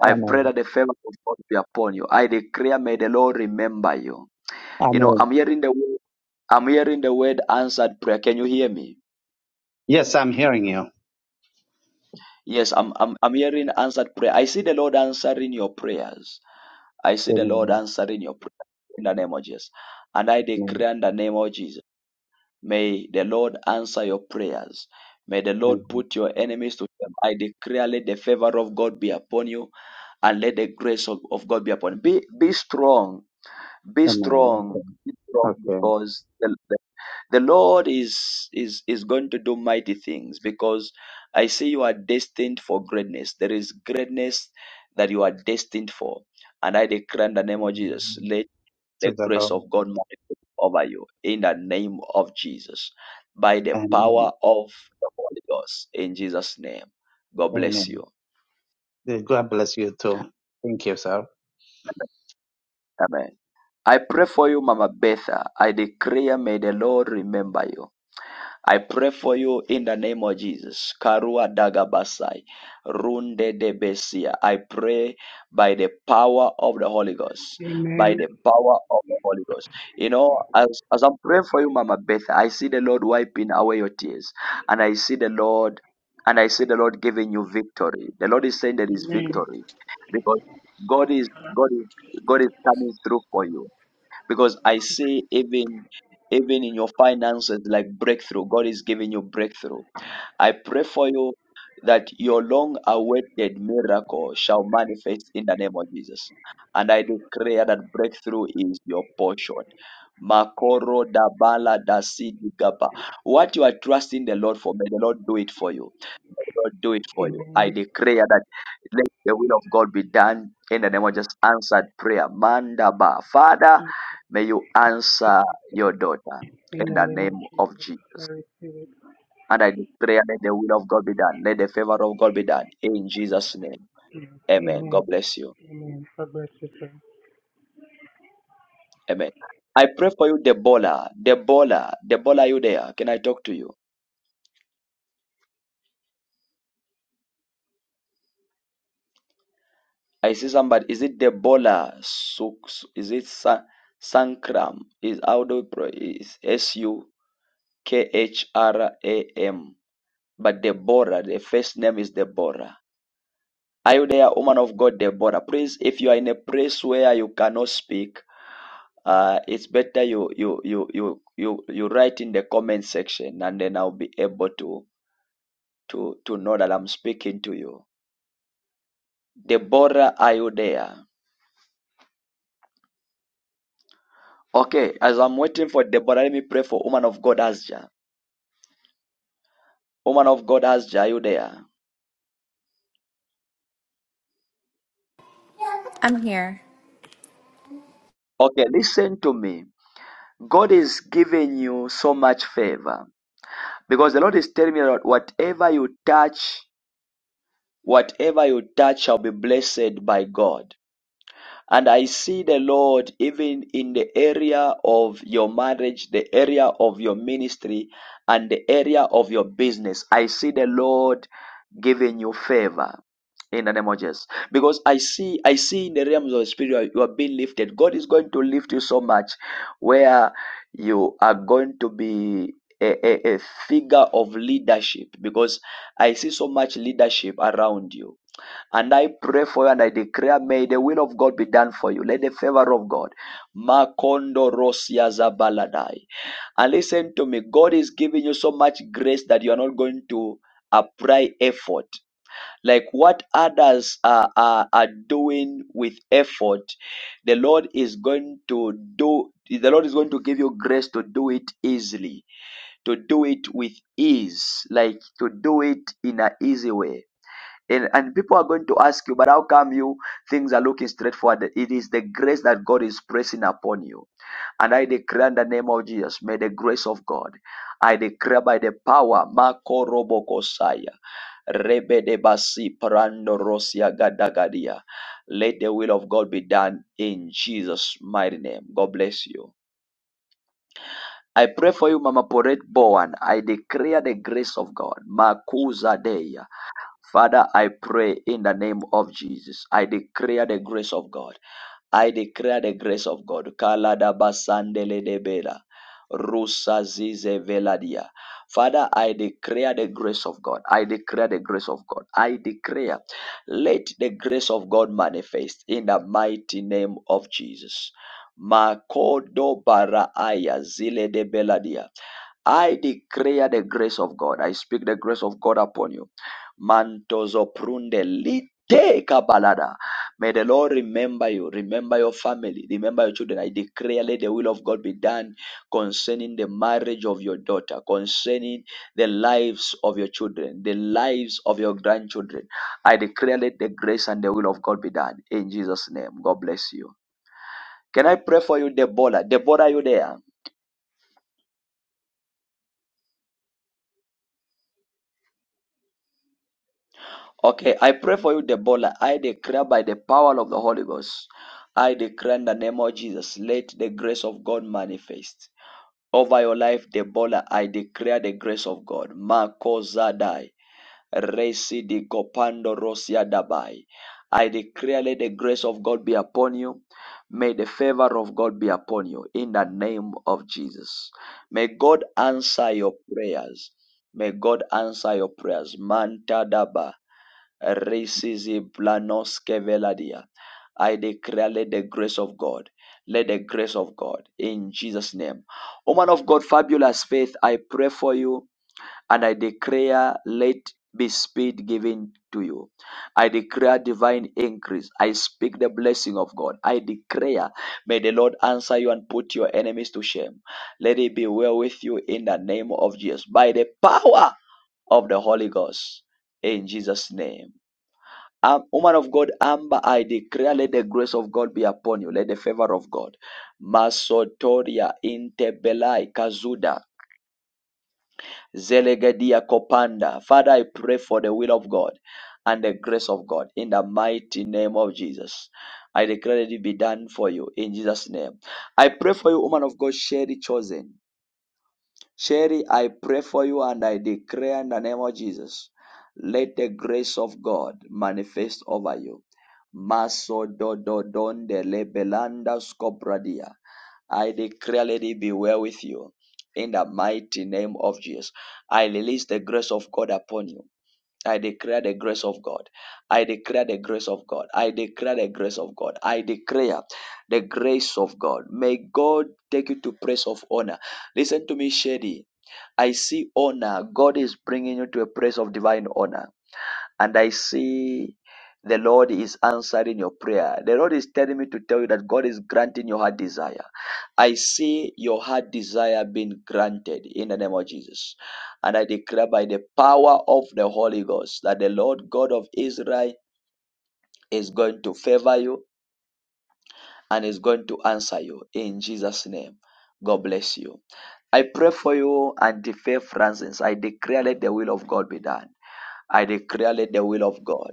I pray Amen. that the favor of God will be upon you. I declare, may the Lord remember you. You know, Amen. I'm hearing the word, I'm hearing the word answered prayer. Can you hear me? Yes, I'm hearing you. Yes, I'm, I'm, I'm hearing answered prayer. I see the Lord answering your prayers. I see the Lord Amen. answering your prayers in the name of Jesus. And I Amen. declare in the name of Jesus. May the Lord answer your prayers. May the Lord Amen. put your enemies to shame. I declare, let the favor of God be upon you and let the grace of, of God be upon you. Be, be strong. Be Amen. strong. Okay. Be strong Okay. because the, the, the Lord is, is, is going to do mighty things because I see you are destined for greatness. There is greatness that you are destined for. And I declare in the name of Jesus, Let To the the grace Lord. of God multiply over you in the name of Jesus by the Amen. power of the Holy Ghost in Jesus' name. God bless you. Amen. God bless you too. Thank you, sir. Amen. I pray for you, Mama Betha. I declare, may the Lord remember you. I pray for you in the name of Jesus. Karua dagabasai, runde de besia. I pray by the power of the Holy Ghost, by Amen. the power of the Holy Ghost. You know, as as I'm praying for you, Mama Beth, I see the Lord wiping away your tears, and I see the Lord, and I see the Lord giving you victory. The Lord is saying there is Amen. victory because God is God is God is coming through for you because I say even even in your finances like breakthrough God is giving you breakthrough I pray for you that your long awaited miracle shall manifest in the name of Jesus and I declare that breakthrough is your portion Makoro dabala dasidi gaba. What you are trusting the Lord for, may the Lord do it for you. God do it for you. I Amen. declare that let the will of God be done in the name of just answered prayer. Mandaba. Father, may you answer your daughter In in the the name of name Jesus. of Jesus. Very spirit. And I declare let the will of God be done. Let the favor of God be done in Jesus' name. Amen. God Amen. bless you. Amen. God bless you, sir. Amen. I pray for you, Debola. Debola. Debola, are you there? Can I talk to you? I see somebody. Is it Debola? Suk- Is it Sa- Sankram? Is how do we pray? Is S U? K H R A M. But Deborah, the first name is Deborah. Are you there, woman of God, Deborah? Please, if you are in a place where you cannot speak, uh, it's better you you you you you you write in the comment section, and then I'll be able to to to know that I'm speaking to you. Deborah, are you there? Okay, as I'm waiting for Deborah, let me pray for woman of God, Asja. Woman of God, Asja, are you there? I'm here. Okay, listen to me. God is giving you so much favor. Because the Lord is telling me that whatever you touch, whatever you touch shall be blessed by God. And I see the Lord even in the area of your marriage, the area of your ministry, and the area of your business. I see the Lord giving you favor in the name of Jesus. Because I see, I see in the realms of the spirit, you are, you are being lifted. God is going to lift you so much where you are going to be a, a a figure of leadership because I see so much leadership around you and I pray for you and I declare, may the will of God be done for you. Let the favor of God. Makondo Rosia Zabaladai. And listen to me, God is giving you so much grace that you are not going to apply effort. Like what others are, are, are doing with effort, the Lord is going to do, the Lord is going to give you grace to do it easily, to do it with ease, like to do it in an easy way and, and people are going to ask you, but how come you things are looking straightforward? It is the grace that God is pressing upon you. And I declare in the name of Jesus, may the grace of God, I declare by the power, Marco Robocosaya, Rebe de Basi, Parando Rosia Gadagadia. Let the will of God be done in Jesus' mighty name. God bless you. I pray for you, Mama Poret Bowen. I declare the grace of God. Makuza Dea. Father, I pray in the name of Jesus. I declare the grace of God. I declare the grace of God. Kalada basandele debela. Rusa zize veladia. Father, I declare the grace of God. I declare the grace of God. I declare, let the grace of God manifest in the mighty name of Jesus. Makodo bara aya zile de beladia. I declare the grace of God. I speak the grace of God upon you. Mantozo prunde lite kabalada. May the Lord remember you, remember your family, remember your children. I declare, let the will of God be done concerning the marriage of your daughter, concerning the lives of your children, the lives of your grandchildren. I declare, let the grace and the will of God be done in Jesus' name. God bless you. Can I pray for you, Deborah? Deborah, are you there? Okay, I pray for you, Debola. I declare by the power of the Holy Ghost. I declare in the name of Jesus, let the grace of God manifest. Over your life, Debola, I declare the grace of God. Marco Resi di Copando Rosia Dabai. I declare let the grace of God be upon you. May the favor of God be upon you in the name of Jesus. May God answer your prayers. May God answer your prayers. Manta Daba. Risizi blanoske veladia. I declare, let the grace of God, let the grace of God in Jesus' name. Woman of God, fabulous faith, I pray for you and I declare, let be speed given to you. I declare divine increase. I speak the blessing of God. I declare, may the Lord answer you and put your enemies to shame. Let it be well with you in the name of Jesus by the power of the Holy Ghost in Jesus' name. Um, woman of God, Amber, I declare, let the grace of God be upon you. Let the favor of God. Masotoria intebelai kazuda zelegedia kopanda. Father, I pray for the will of God and the grace of God in the mighty name of Jesus. I declare that it be done for you in Jesus' name. I pray for you, woman of God, Sherry Chosen. Sherry, I pray for you and I declare in the name of Jesus, let the grace of God manifest over you. Maso do do don de le belanda scopradia. I declare, let it be well with you. In the mighty name of Jesus, I release the grace of God upon you. I declare the grace of God. I declare the grace of God. I declare the grace of God. I declare the grace of God. May God take you to place of honor. Listen to me, Shady. I see honor. God is bringing you to a place of divine honor. And I see the Lord is answering your prayer. The Lord is telling me to tell you that God is granting your heart desire. I see your heart desire being granted in the name of Jesus. And I declare by the power of the Holy Ghost that the Lord God of Israel is going to favor you and is going to answer you in Jesus' name. God bless you. I pray for you, Auntie Faith Francis. I declare let the will of God be done. I declare let the will of God.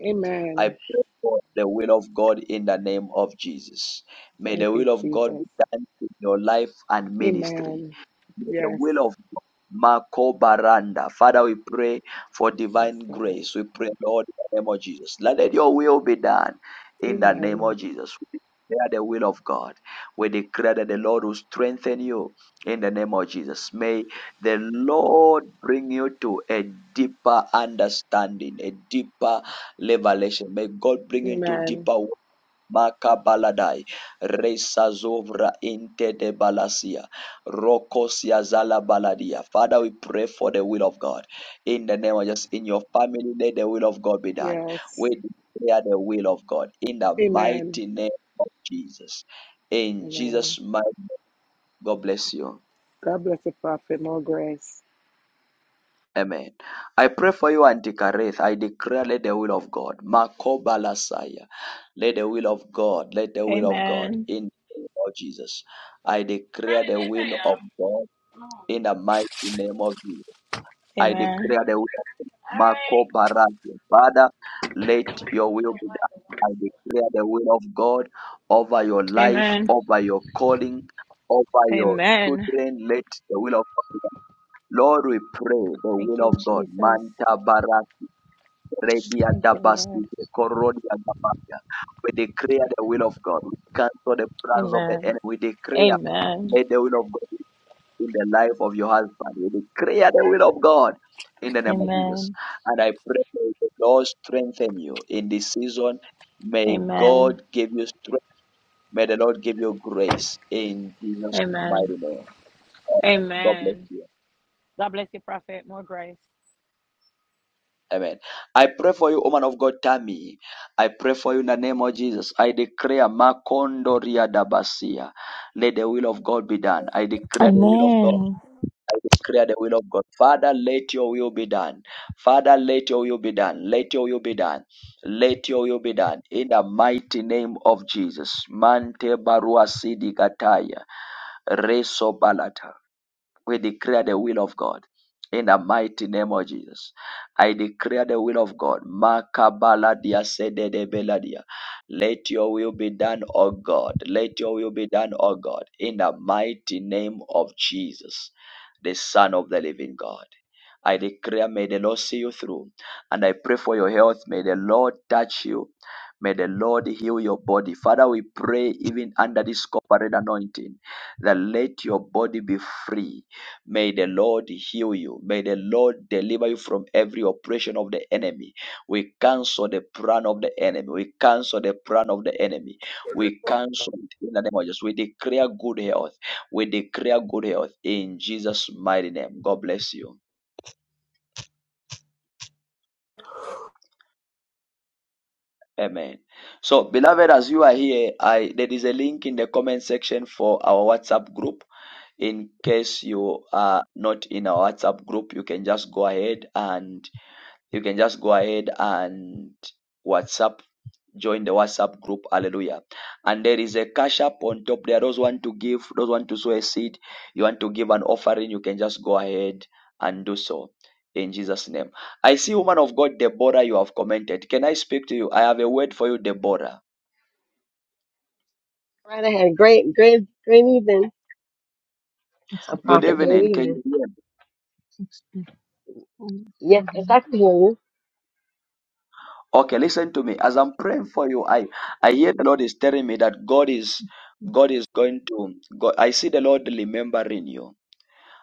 I Amen. pray for the will of God in the name of Jesus. May Thank the you, will of God be Jesus. done in your life and ministry Amen. the Yes. will of God. Marco Baranda. Father, we pray for Yes, divine God. grace. We pray, Lord, in the name of Jesus. Let your will be done in the name Amen. of Jesus. We declare the will of God. We declare that the Lord will strengthen you in the name of Jesus. May the Lord bring you to a deeper understanding, a deeper revelation. May God bring you into Amen. deeper. Makabaladai Resazovra inte de Balasia Rokosia Zala Baladia. Father, we pray for the will of God. In the name of Jesus, in your family, let the will of God be done. We Yes. declare the will of God in the Amen. mighty name of Jesus. In Amen. Jesus' mighty name, God bless you. God bless you, Prophet. More grace. Amen. I pray for you, Antikareth. I declare let the will of God. Makobalasaya. Let the will of God, let the will of God Amen. in the name of Jesus. I declare the will of God in the mighty name of Jesus. I Amen. declare the will of God. Marco Barati. Father, let your will be done. I declare the will of God over your life, Amen. over your calling, over your Amen. children. Let the will of God be done. Lord, we pray the Thank will you, of God. Jesus. Manta bara Redia Thank you, Dabasi, Lord. Korodia Dabasia. We declare the will of God. We cancel the plans of the Amen. enemy. We declare Amen. let the will of God be in the life of your husband. We declare the will of God in the name of Jesus. Amen. And I pray that the Lord strengthen you in this season. May Amen. God give you strength. May the Lord give you grace in Jesus' Amen. mighty name. God bless Amen. you. God bless you, Prophet. More grace. Amen. I pray for you, woman of God, Tammy. I pray for you in the name of Jesus. I declare Makondo Riadabasia. Let the will of God be done. I declare the will of God. Amen. I declare the will of God. Father, let your will be done. Father, let your will be done. Let your will be done. Let your will be done. In the mighty name of Jesus. Mante Barua Sidi Kataya. Reso Balata. We declare the will of God. In the mighty name of Jesus, I declare the will of God. Makabaladia sededebeladia. Let your will be done, O God. Let your will be done, O God. In the mighty name of Jesus, the Son of the living God. I declare, may the Lord see you through. And I pray for your health. May the Lord touch you. May the Lord heal your body. Father, we pray even under this corporate anointing that let your body be free May the Lord heal you. May the Lord deliver you from every oppression of the enemy. We cancel the plan of the enemy. We cancel the plan of the enemy. We cancel it in the name of Jesus. We declare good health. We declare good health in Jesus' mighty name. God bless you. Amen. So, beloved, as you are here, I there is a link in the comment section for our WhatsApp group. In case you are not in our WhatsApp group, you can just go ahead and you can just go ahead and WhatsApp, join the WhatsApp group. Hallelujah. And there is a cash up on top there. Those want to give, those want to sow a seed, you want to give an offering, you can just go ahead and do so. In Jesus' name. I see, woman of God, Deborah, you have commented. Can I speak to you? I have a word for you, Deborah. Right ahead. Great, great, great evening. 65 million, 64 million, 55 million, 55 million, 55 A Good prophet, evening. great Can evening. you hear me? Yes, yes, I can hear you. Okay, listen to me. As I'm praying for you, I, I hear the Lord is telling me that God is God is going to God. I see the Lord remembering you.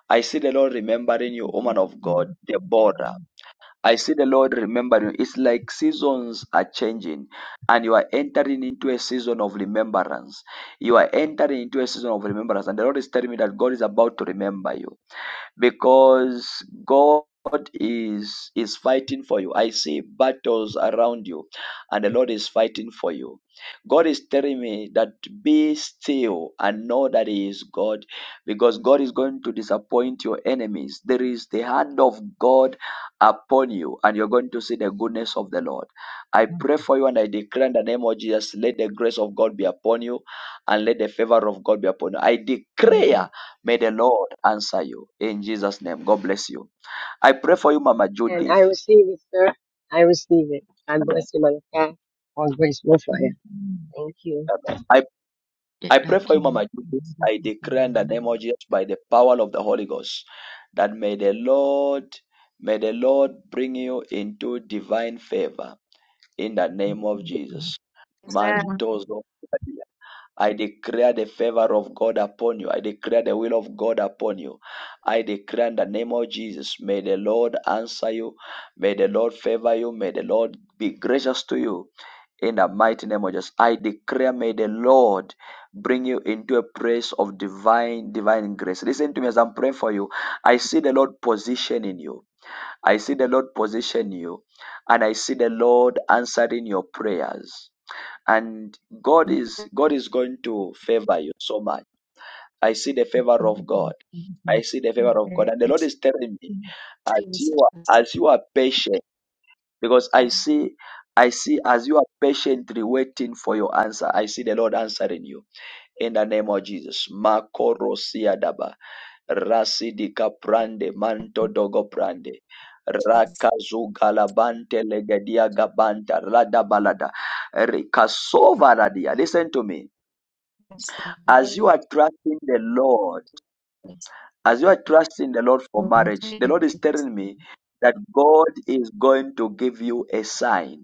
I see the Lord remembering you, woman of God, Deborah. I see the Lord remembering you. It's like seasons are changing and you are entering into a season of remembrance. You are entering into a season of remembrance, and the Lord is telling me that God is about to remember you because God is is fighting for you. I see battles around you and the Lord is fighting for you. God is telling me that be still and know that He is God because God is going to disappoint your enemies. There is the hand of God upon you and you're going to see the goodness of the Lord. I pray for you and I declare in the name of Jesus, let the grace of God be upon you and let the favor of God be upon you. I declare. May the Lord answer you in Jesus' name. God bless you. I pray for you, Mama And I Judith. receive it, sir. I receive it. God Amen. bless you, man of God. All grace will fire. million. Thank you. Amen. I, That I pray dark for you, king, Mama the one Judith. I declare in the name of Jesus by the power of the Holy Ghost that may the Lord, may the Lord bring you into divine favor in the name of Jesus. Amen. Mantos I declare the favor of God upon you. I declare the will of God upon you. I declare in the name of Jesus, may the Lord answer you. May the Lord favor you. May the Lord be gracious to you. In the mighty name of Jesus, I declare, may the Lord bring you into a place of divine, divine grace. Listen to me as I'm praying for you. I see the Lord positioning you. I see the Lord position you. And I see the Lord answering your prayers and God is God is going to favor you so much. I see the favor of God. I see the favor of God, and the Lord is telling me as Jesus. you are as you are patient, because I see I see as you are patiently waiting for your answer. I see the Lord answering you in the name of Jesus. Makorosia daba rasidika prande manto dogo prande. Rakazugalabante legedia gabanta radabalada rikasova radia. Listen to me. As you are trusting the Lord, as you are trusting the Lord for marriage, the Lord is telling me that God is going to give you a sign.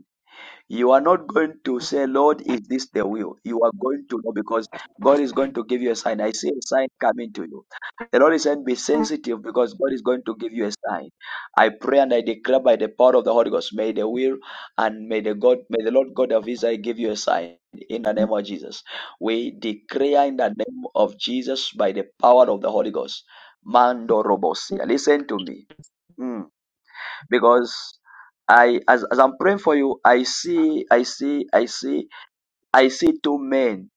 You are not going to say, Lord, is this the will? You are going to know because God is going to give you a sign. I see a sign coming to you. The Lord is saying, be sensitive because God is going to give you a sign. I pray and I declare by the power of the Holy Ghost, may the will and may the God, may the Lord God of Israel give you a sign in the name of Jesus. We declare in the name of Jesus by the power of the Holy Ghost. Mando Robosia. Listen to me. Mm because I as, as I'm praying for you, I see, I see, I see, I see two men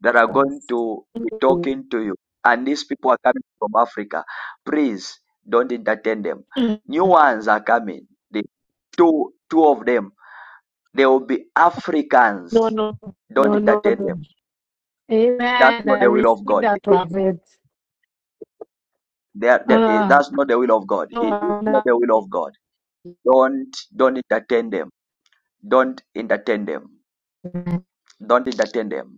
that are going to be talking to you. And these people are coming from Africa. Please don't entertain them. New ones are coming. The two two of them. They will be Africans. No, no, Don't no, no, entertain no. them. That's Amen. not I the will of received God. that prophet. They are, that- eh, Uh, that's not the will of God. It is no, not no. the will of God. Don't don't entertain them. Don't entertain them. Don't entertain them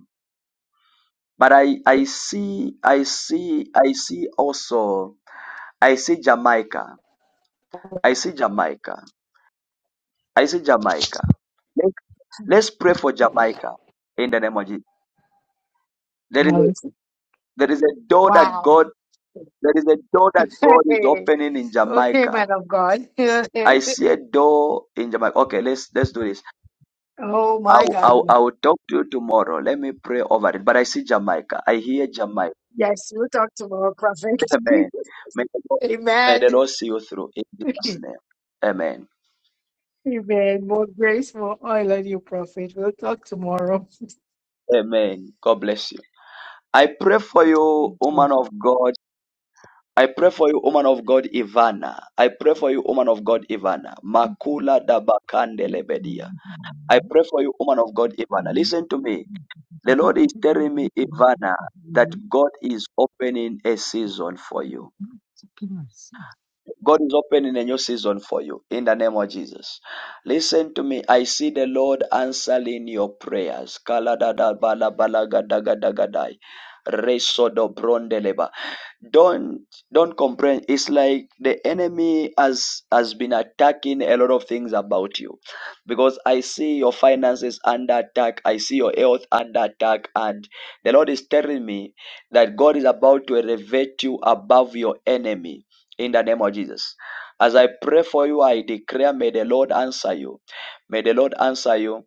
But I, I see, I see, I see also, I see Jamaica. I see Jamaica. I see Jamaica. Let- Let's pray for Jamaica in the name of Jesus. There is a, there is a door that Wow. God, there is a door that God is opening in okay, Jamaica. man of God. I see a door in Jamaica. Okay, let's let's do this. oh my I'll God. I'll, I'll talk to you tomorrow. Let me pray over it. But I see Jamaica. I hear Jamaica. Yes, we'll talk tomorrow, prophet. Amen. May the Lord, may the Amen. Lord see you through in Jesus' name. Amen. Amen. More grace, more oil on you, prophet. We'll talk tomorrow. Amen. God bless you. I pray for you, Thank you. woman of God. I pray for you, woman of God, Ivana. I pray for you, woman of God, Ivana. Makula so dabakandelebedia. I pray for you, woman of God, Ivana. Listen to me. The Lord this is is telling me, Ivana, that God is opening a season for you. a God is opening a new season for you in the name of Jesus. Listen to me. I see the Lord answering your prayers. Kaladada bala bala gada gada gadai. Reso don't don't complain it's like the enemy has has been attacking a lot of things about you because i see your finances under attack i see your health under attack and the lord is telling me that god is about to elevate you above your enemy in the name of jesus as i pray for you i declare may the lord answer you may the lord answer you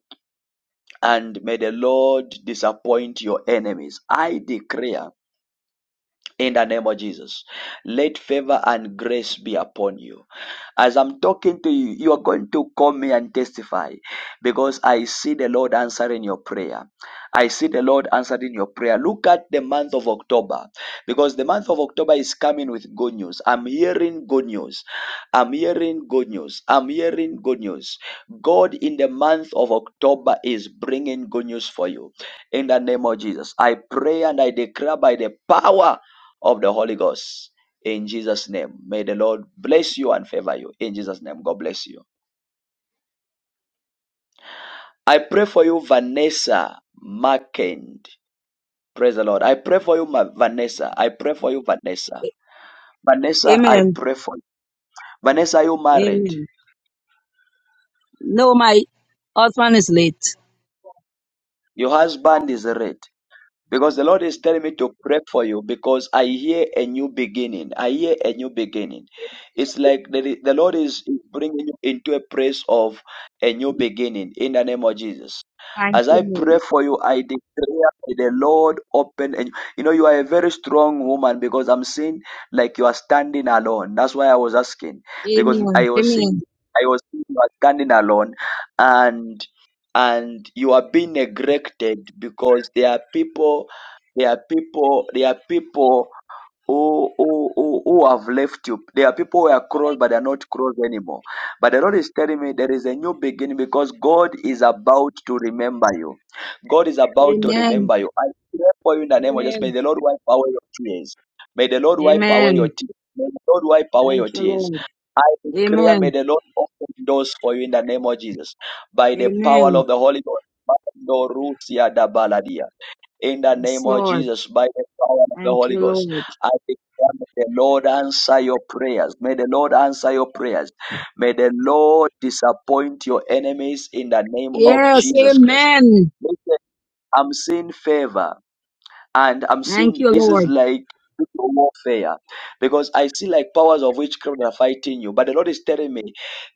and may the lord disappoint your enemies i declare in the name of Jesus, let favor and grace be upon you. As I'm talking to you, you are going to call me and testify because I see the Lord answering your prayer. I see the Lord answering your prayer. Look at the month of October because the month of October is coming with good news. I'm hearing good news. I'm hearing good news. I'm hearing good news. God in the month of October is bringing good news for you. In the name of Jesus, I pray and I declare by the power of the Holy Ghost in Jesus' name. May the Lord bless you and favor you. In Jesus' name, God bless you. I pray for you, Vanessa Markend. Praise the Lord. I pray for you, Ma- Vanessa. I pray for you, Vanessa. Vanessa, I Amen. pray for you. Vanessa, are you married? Amen. No, my husband is late. Your husband is red. Because the Lord is telling me to pray for you because I hear a new beginning. I hear a new beginning. It's like the, the Lord is bringing you into a place of a new beginning in the name of Jesus. Thank As you, I pray Lord. for you, I declare that the Lord open and you know you are a very strong woman because I'm seeing like you are standing alone. That's why I was asking Amen. because I was Amen. seeing I was seeing you are standing alone and and you are being neglected because there are people, there are people, there are people who, who, who, who have left you. There are people who are crossed, but they are not crossed anymore. But the Lord is telling me there is a new beginning because God is about to remember you. God is about to Amen. remember you. I pray for you in the name of Jesus. Amen. May the Lord wipe away your tears. May the Lord wipe away your Amen. tears. May the Lord wipe away your Thank you, tears. Lord. I declare, may Amen. the Lord open doors for you in the name of Jesus. By the power Amen. of the Holy Ghost in the Yes, name of Lord. Jesus by the power of the Thank Holy you, Ghost. Lord. I declare may the Lord answer your prayers. May the Lord answer your prayers. May the Lord disappoint your enemies in the name of Yes, Jesus Christ. amen. Listen, I'm seeing favor and I'm Thank seeing you, this is Lord. like spiritual warfare because I see like powers of witchcraft are fighting you. But the Lord is telling me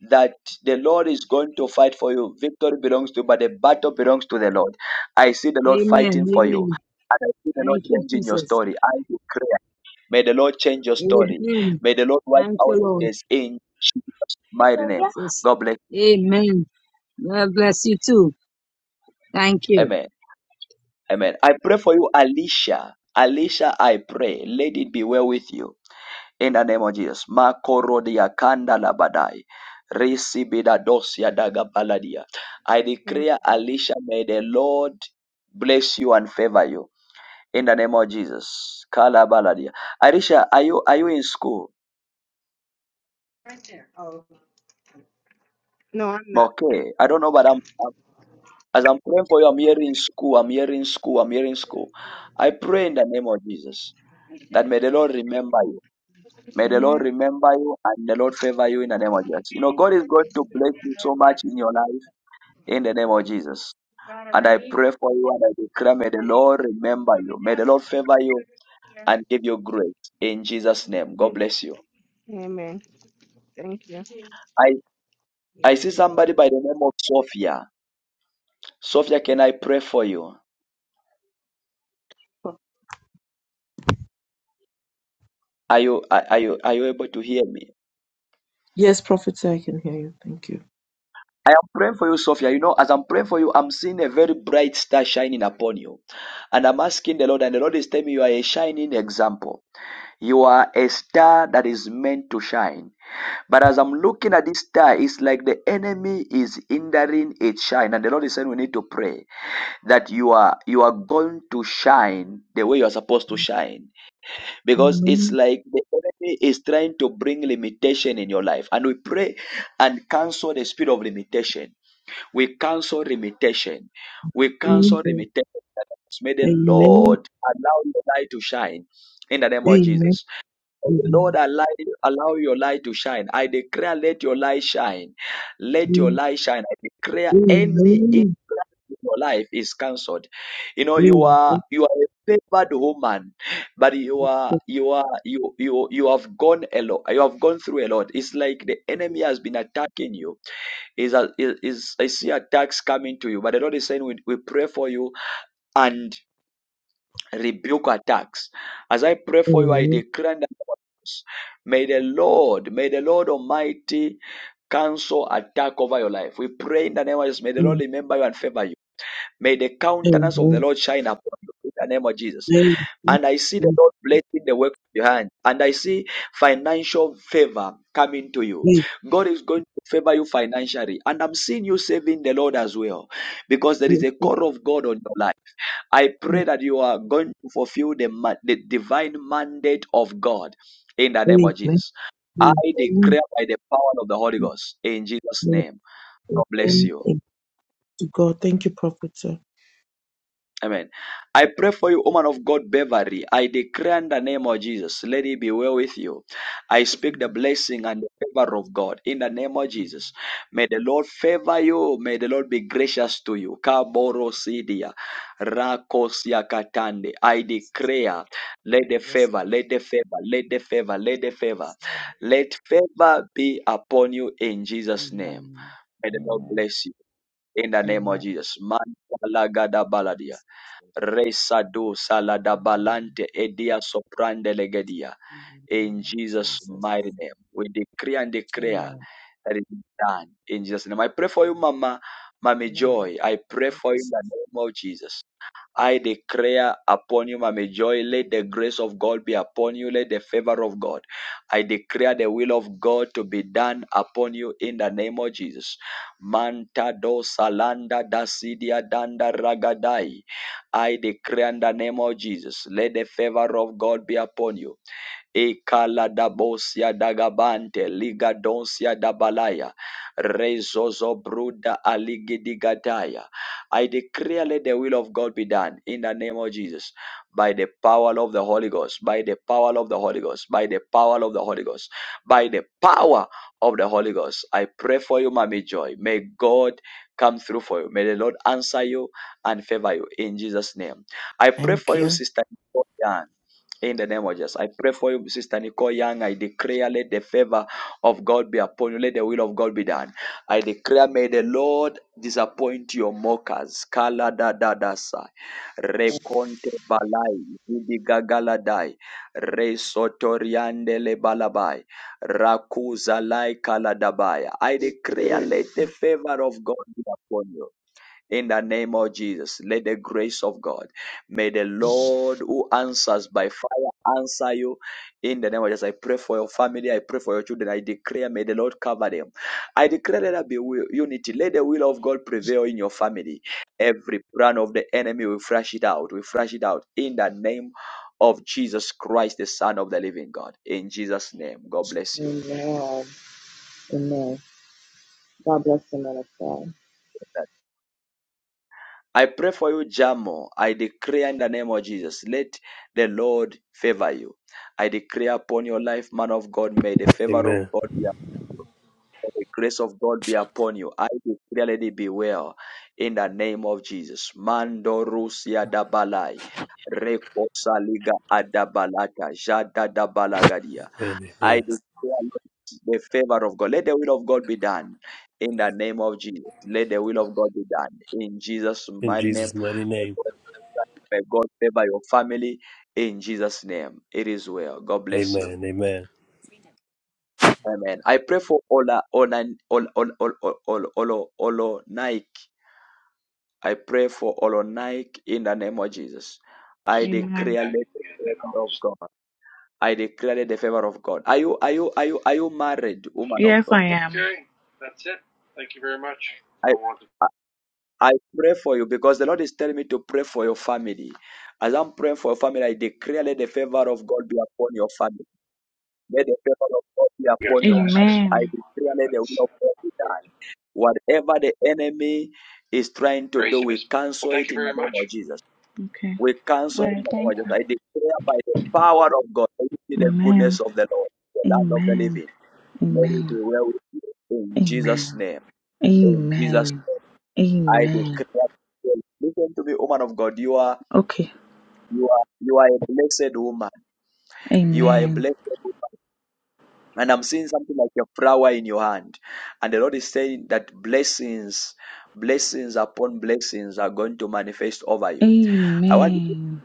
that the Lord is going to fight for you. Victory belongs to you, but the battle belongs to the Lord. I see the Lord Amen. fighting for you. Amen. And I see the Lord Thank you, changing your Jesus. story. I declare. May the Lord change your story. Amen. May the Lord wipe Thank away you, Lord. this in Jesus' mighty name. Jesus. God bless you. Amen. God bless you too. Thank you. Amen. Amen. I pray for you, Alicia. Alicia, I pray. Let it be well with you. in the name of Jesus. Makorodia kanda labadai. Risibida dosia daga baladia. I Amen. declare, Alicia, may the Lord bless you and favor you in the name of Jesus. Kala baladia. Alicia, are you are you in school? Oh, no, I'm not. Okay, I don't know, but I'm, I'm as I'm praying for you. I'm hearing school. I'm hearing school. I'm hearing school. I pray in the name of Jesus that may the Lord remember you. May the Amen. Lord remember you and the Lord favor you in the name of Jesus. You know, God is going to bless you so much in your life in the name of Jesus. And I pray for you and I declare, may the Lord remember you. May the Lord favor you and give you grace in Jesus' name. God bless you. Amen. Thank you. I, I see somebody by the name of Sophia. Sophia, can I pray for you? Are you, are, are you, are you able to hear me? Yes, Prophet, I can hear you. Thank you. I am praying for you, Sophia. You know, as I'm praying for you, I'm seeing a very bright star shining upon you. And I'm asking the Lord, and the Lord is telling me you are a shining example. You are a star that is meant to shine. But as I'm looking at this star, it's like the enemy is hindering its shine. And the Lord is saying we need to pray that you are you are going to shine the way you are supposed to shine. Because it's Amen. like the enemy is trying to bring limitation in your life. And we pray and cancel the spirit of limitation. We cancel limitation. We cancel Amen. limitation. May the Amen. Lord allow your light to shine in the name of Jesus. The Lord, Amen. allow, allow your light to shine. I declare, let your light shine. Let your Amen. light shine. I declare any Amen. hindrance in your life is cancelled. You Amen. know, you Amen. are Amen. you are a favored woman, but you are you are you you you have gone a lot. You have gone through a lot. It's like the enemy has been attacking you. Is is is I see attacks coming to you, but the Lord is saying we, we pray for you and rebuke attacks. As I pray for you, I Amen. declare in the name of Jesus, May the Lord, may the Lord Almighty cancel attack over your life. We pray in the name of Jesus. May the Lord remember you and favor you. May the countenance of the Amen. Lord shine upon you in the name of Jesus Amen. and I see the Lord blessing the work of your hand, and I see financial favor coming to you. God is going to favor you financially, and I'm seeing you saving the Lord as well, because there is a call of God on your life. I pray that you are going to fulfill the, ma- the divine mandate of God in the name of Amen. Jesus. I Amen. declare by the power of the Holy Ghost in Jesus' name. God bless you. Amen. To God, thank you, Prophet. Amen. I pray for you, woman of God, Beverly. I declare in the name of Jesus, let it be well with you. I speak the Amen. blessing and the favor of God in the name of Amen. Jesus. May the Lord favor you. May the Lord be gracious to you. Kaboro rakosia katande. I declare, let the Yes, favor, let the favor, let the favor, let the favor, yes, Lord. let favor be upon you in Jesus' name. Amen. May the Lord Amen. bless you in the name of Amen. Jesus. Like Man, this, this, Lord. Resado Amen. saladabalante edia soprande legedia. In the name In of Jesus' Jesus. mighty name, we decree and declare Amen. that it is done. In Jesus' name, I pray for you, Mama, Mommy Amen. Joy. I pray Like for you in this, the name of Jesus. I declare upon you, Mama Joy, let the grace of God be upon you, let the favor of God. I declare the will of God to be done upon you in the name of Jesus. Manta do salanda dasidia danda ragadai. I declare in the name of Jesus, let the favor of God be upon you. Ikala dabosia dagabante liga donsia dabalaya rezozo bruda aligidigataya. I declare let the will of God be done in the name of Jesus by the power of the Holy Ghost, by the power of the Holy Ghost, by the power of the Holy Ghost, by the power of the Holy Ghost. I pray for you, Mommy Joy. May God come through for you. May the Lord answer you and favor you in Jesus' name. I pray for you, Sister Nicole Young. In the name of Jesus, I pray for you, Sister Nicole Young. I declare, let the favor of God be upon you. Let the will of God be done. I declare, may the Lord disappoint your mockers. Kala da da da sa. Rekonte balai. Ibigagalai. Resotoriandele balabai. Rakuza lai kaladabaya. I declare, let the favor of God be upon you. In the name of Jesus, let the grace of God, may the Lord who answers by fire answer you. In the name of Jesus, I pray for your family, I pray for your children, I declare, may the Lord cover them. I declare, let there be unity, let the will of God prevail in your family. Every plan of the enemy, we flash it out, we flash it out. In the name of Jesus Christ, the Son of the living God. In Jesus' name, God bless you. Amen. Amen. God bless you, man of God. I pray for you, Jamo. I decree in the name of Jesus, let the Lord favor you. I decree upon your life, man of God, may the favor of Amen. God be upon you. May the grace of God be upon you. I decree, let it be well in the name of Jesus. Mando Rusia Dabalai. Rekosa Liga Adabalata. Jada dabalagadia. Amen. I Amen. declare the favor of God. Let the will of God be done in the name of Jesus. Let the will of God be done in Jesus' In mighty name. Jesus' mighty May name. God may God favor your family in Jesus' name. It is well. God bless you. Amen. Amen. Amen. I pray for Ola Ola Ola Ola Ola Ola Ola Ola- Nike. I pray for Ola Nike in the name of Jesus. Just I go get Amen. declare that let the and then I'll favor of just- God. I declare let the favor of God. Are you are you are you are you married, woman of Yes, God? I am. Okay. I I I pray for you because the Lord is telling me to pray for your family. As I'm praying for your family, I declare let the favor of God be upon your family. Let the favor of God be Yes, upon your marriage. I Amen. declare let the will of God be done. Whatever the enemy is trying to do, we cancel it in the name of Jesus. Okay. We cancel All it in right, the name thank of Jesus. you. I declare by the power of God, let it be the goodness Amen. of the Lord, the land of the Amen. living. Let it be Amen. well with you. In Jesus' Amen. name. In Jesus' Amen. name. I Amen. declare. Listen to me, woman of God. You are Okay. you are you are a blessed woman. You are a Amen. blessed woman. And I'm seeing something like a flower in your hand. And the Lord is saying that blessings, blessings upon blessings are going to manifest over you. I want Amen.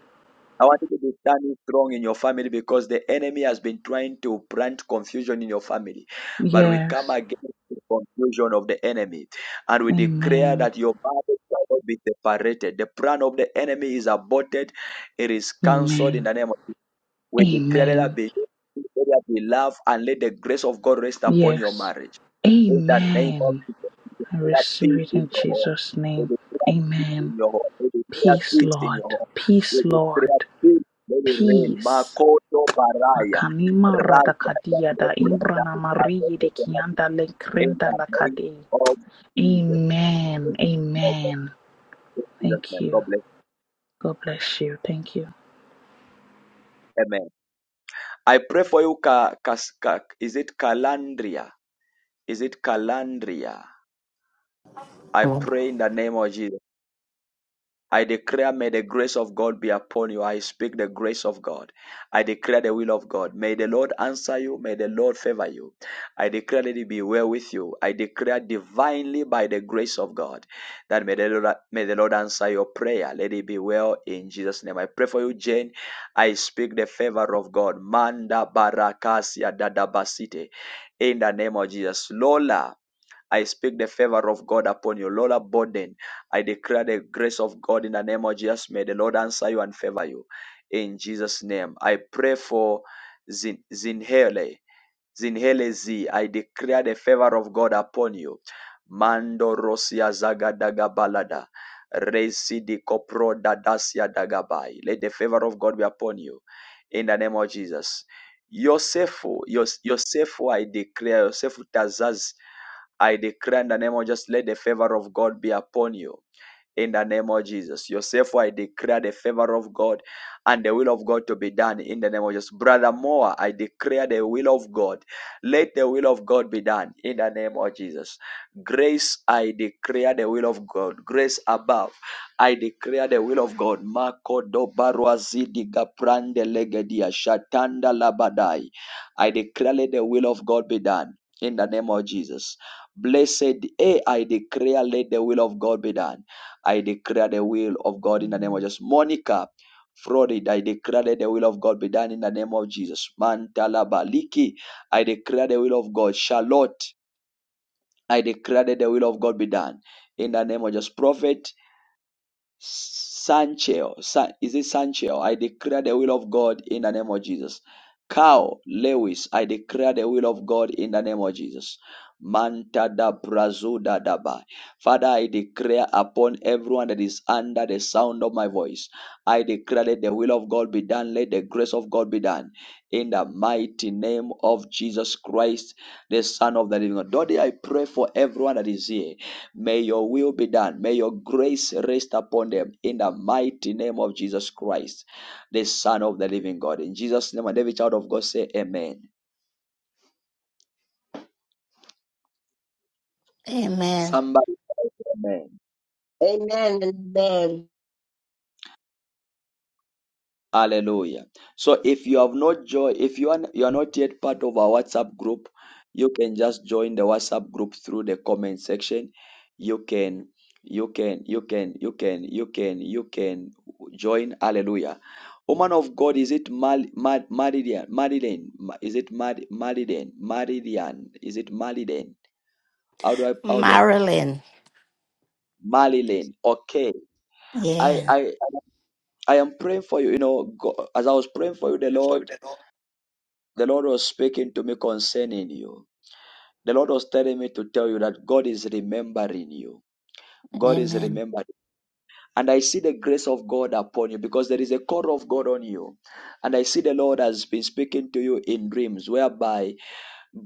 I want you to be standing strong in your family because the enemy has been trying to plant confusion in your family. But we come Yes. against the confusion of the enemy and we declare Amen. that your body shall not be separated. The plan of the enemy is aborted, it is cancelled in Amen. the name of we declare let there Amen. be, let there be love and let the grace of God rest upon your Yes. marriage. In the name of Amen. Jesus, we I declare receive peace it in in your home. Jesus' We name. declare peace Amen. in your home. We declare Peace, peace in your Lord. home. We Peace, declare Lord. peace. Let it rain. Peace. Makoto baraya. Makanima Raja radakadia da Jacob, imbrana marie de kianda le In krenda the la name kade. of Jesus. In Amen. Amen. Jesus' Thank name. you. God bless. God bless you. Thank you. Amen. I pray for you, Ka, Kas- Ka- is it Calandria? Is it Calandria? I Hello. pray in the name of Jesus. I declare, may the grace of God be upon you. I speak the grace of God. I declare the will of God. May the Lord answer you. May the Lord favor you. I declare, that it be well with you. I declare divinely by the grace of God that may the Lord, may the Lord answer your prayer. Let it be well in Jesus' name. I pray for you, Jane. I speak the favor of God. Manda barakasia dadabasite. In the name of Jesus. Lola. I speak the favor of God upon you. Lola Borden, I declare the grace of God in the name of Jesus. May the Lord answer you and favor you. In Jesus' name. I pray for Zin- Zinhele. Zinhele Z. I declare the favor of God upon you. Mando Rosia Zagadaga Balada. Resi di Kopro Dadasia Dagabai. Let the favor of God be upon you. In the name of Jesus. Yosefu, Yos- Yosefu, I declare, Yosefu Tazaz I declare in the name of just let the favor of God be upon you in the name of Jesus. Yourself, I declare the favor of God and the will of God to be done in the name of Jesus. Brother Moa, I declare the will of God. Let the will of God be done in the name of Jesus. Grace, I declare the will of God. Grace above, I declare the will of God. Marco Dobaruazidi Gaprande Legedia Shatanda Labadai. I declare let the will of God be done in the name of Jesus. Blessed, eh, I declare let the will of God be done I declare the will of God in the name Mm. of Jesus. Monica, Florid, I declare that the will of God be done in the name of Jesus. Mantala Baliki, I declare the will of God. Charlotte, I declare that the will of God be done in the name of Jesus. Prophet, Sancheo, San, is it Sancheo? I declare the will of God in the name of Jesus. Cow, Lewis, I declare the will of God in the name of Jesus. Manta da brazuda daba. Father, I declare upon everyone that is under the sound of my voice, I declare that the will of God be done, let the grace of God be done. In the mighty name of Jesus Christ, the Son of the Living God. Daddy, I pray for everyone that is here. May your will be done. May your grace rest upon them in the mighty name of Jesus Christ, the Son of the living God. In Jesus' name, and every child of God say, Amen. Amen. Somebody say, Amen. Amen and amen. Hallelujah. So if you have not joined, if you are, you are not yet part of our WhatsApp group, you can just join the WhatsApp group through the comment section. You can, you can, you can, you can, you can, you can join. Hallelujah. Woman of God, is it Mal, Mar, Maridian? Maridian? Ma- Is it Mar, Maridian? Maridian? Is it Maridian? How do I, how do I, Marilyn. Marilyn? Okay. I, Yeah. I, I am praying for you. You know, God, as I was praying for you, the Lord The Lord was speaking to me concerning you. The Lord was telling me to tell you that God is remembering you. God is Amen. remembering. And I see the grace of God upon you because there is a call of God on you. And I see the Lord has been speaking to you in dreams, whereby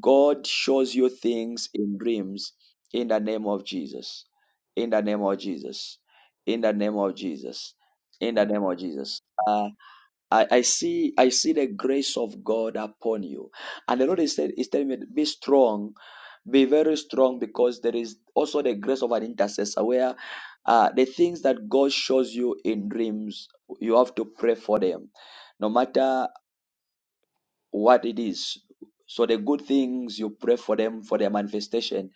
God shows you things in dreams in the name of Jesus. In the name of Jesus. In the name of Jesus. In the Amen. name of Jesus. Ah. I, I see I see the grace of God upon you. And the Lord is, tell- is telling me, be strong, be very strong, because there is also the grace of an intercessor where uh, the things that God shows you in dreams, you have to pray for them, no matter what it is. So the good things you pray for them for their manifestation,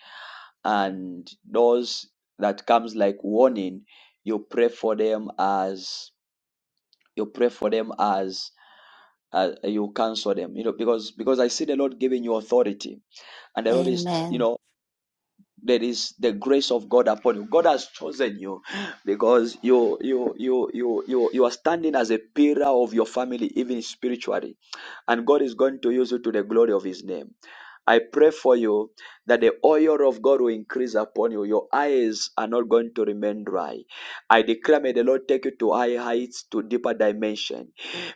and those that comes like warning, you pray for them as you pray for them as uh, you cancel them. You know, because because I see the Lord giving you authority, and the Lord is you know Amen. there is the grace of God upon you. God has chosen you because you you you you you you are standing as a pillar of your family, even spiritually, and God is going to use you to the glory of His name. I pray for you that the oil of God will increase upon you. Your eyes are not going to remain dry. I declare, may the Lord take you to high heights, to deeper dimension.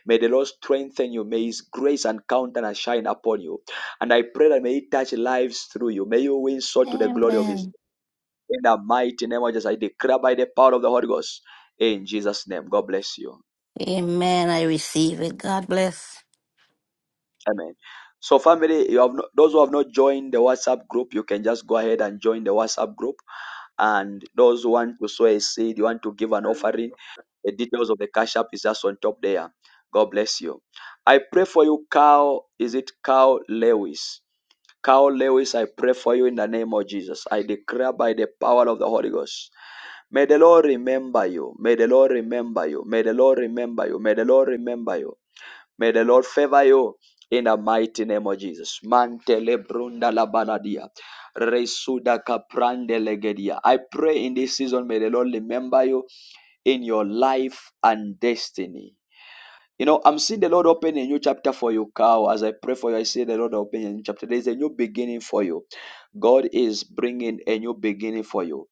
May the Lord strengthen you. May His grace and countenance shine upon you. And I pray that may it touch lives through you. May you win soul to the glory of his name. In the mighty name of Jesus, I declare by the power of the Holy Ghost. In Jesus' name, God bless you. Amen. I receive it. God bless. Amen. So, family, you have not, those who have not joined the WhatsApp group, you can just go ahead and join the WhatsApp group. And those who want to sow a seed, you want to give an offering, the details of the cash app is just on top there. God bless you. I pray for you, Carl. Is it Carl Lewis? Carl Lewis, I pray for you in the name of Jesus. I declare by the power of the Holy Ghost. May the Lord remember you. May the Lord remember you. May the Lord remember you. May the Lord remember you. May the Lord favor you in the mighty name of Jesus. Mantele brunda la banadia. Resuda kaprande legedia. I pray in this season, may the Lord remember you in your life and destiny. You know, I'm seeing the Lord open a new chapter for you, Cow. As I pray for you, I see the Lord open a new chapter. There is a new beginning for you. God is bringing a new beginning for you.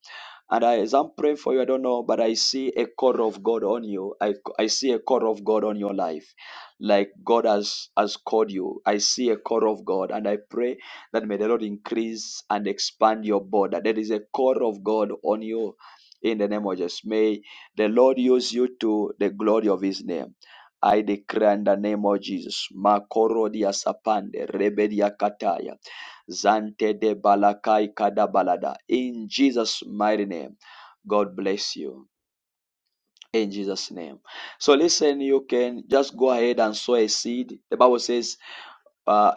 And I, as I'm praying for you, I don't know, but I see a call of God on you. I, I see a call of God on your life. Like God has, has called you. I see a call of God. And I pray that may the Lord increase and expand your border. There is a call of God on you in the name of Jesus. May the Lord use you to the glory of his name. I declare in the name of Jesus. Makoro dia sapande, rebedia kataya. Zante de balakai kada balada. In Jesus' mighty name. God bless you. In Jesus' name. So listen, you can just go ahead and sow a seed. The Bible says, uh,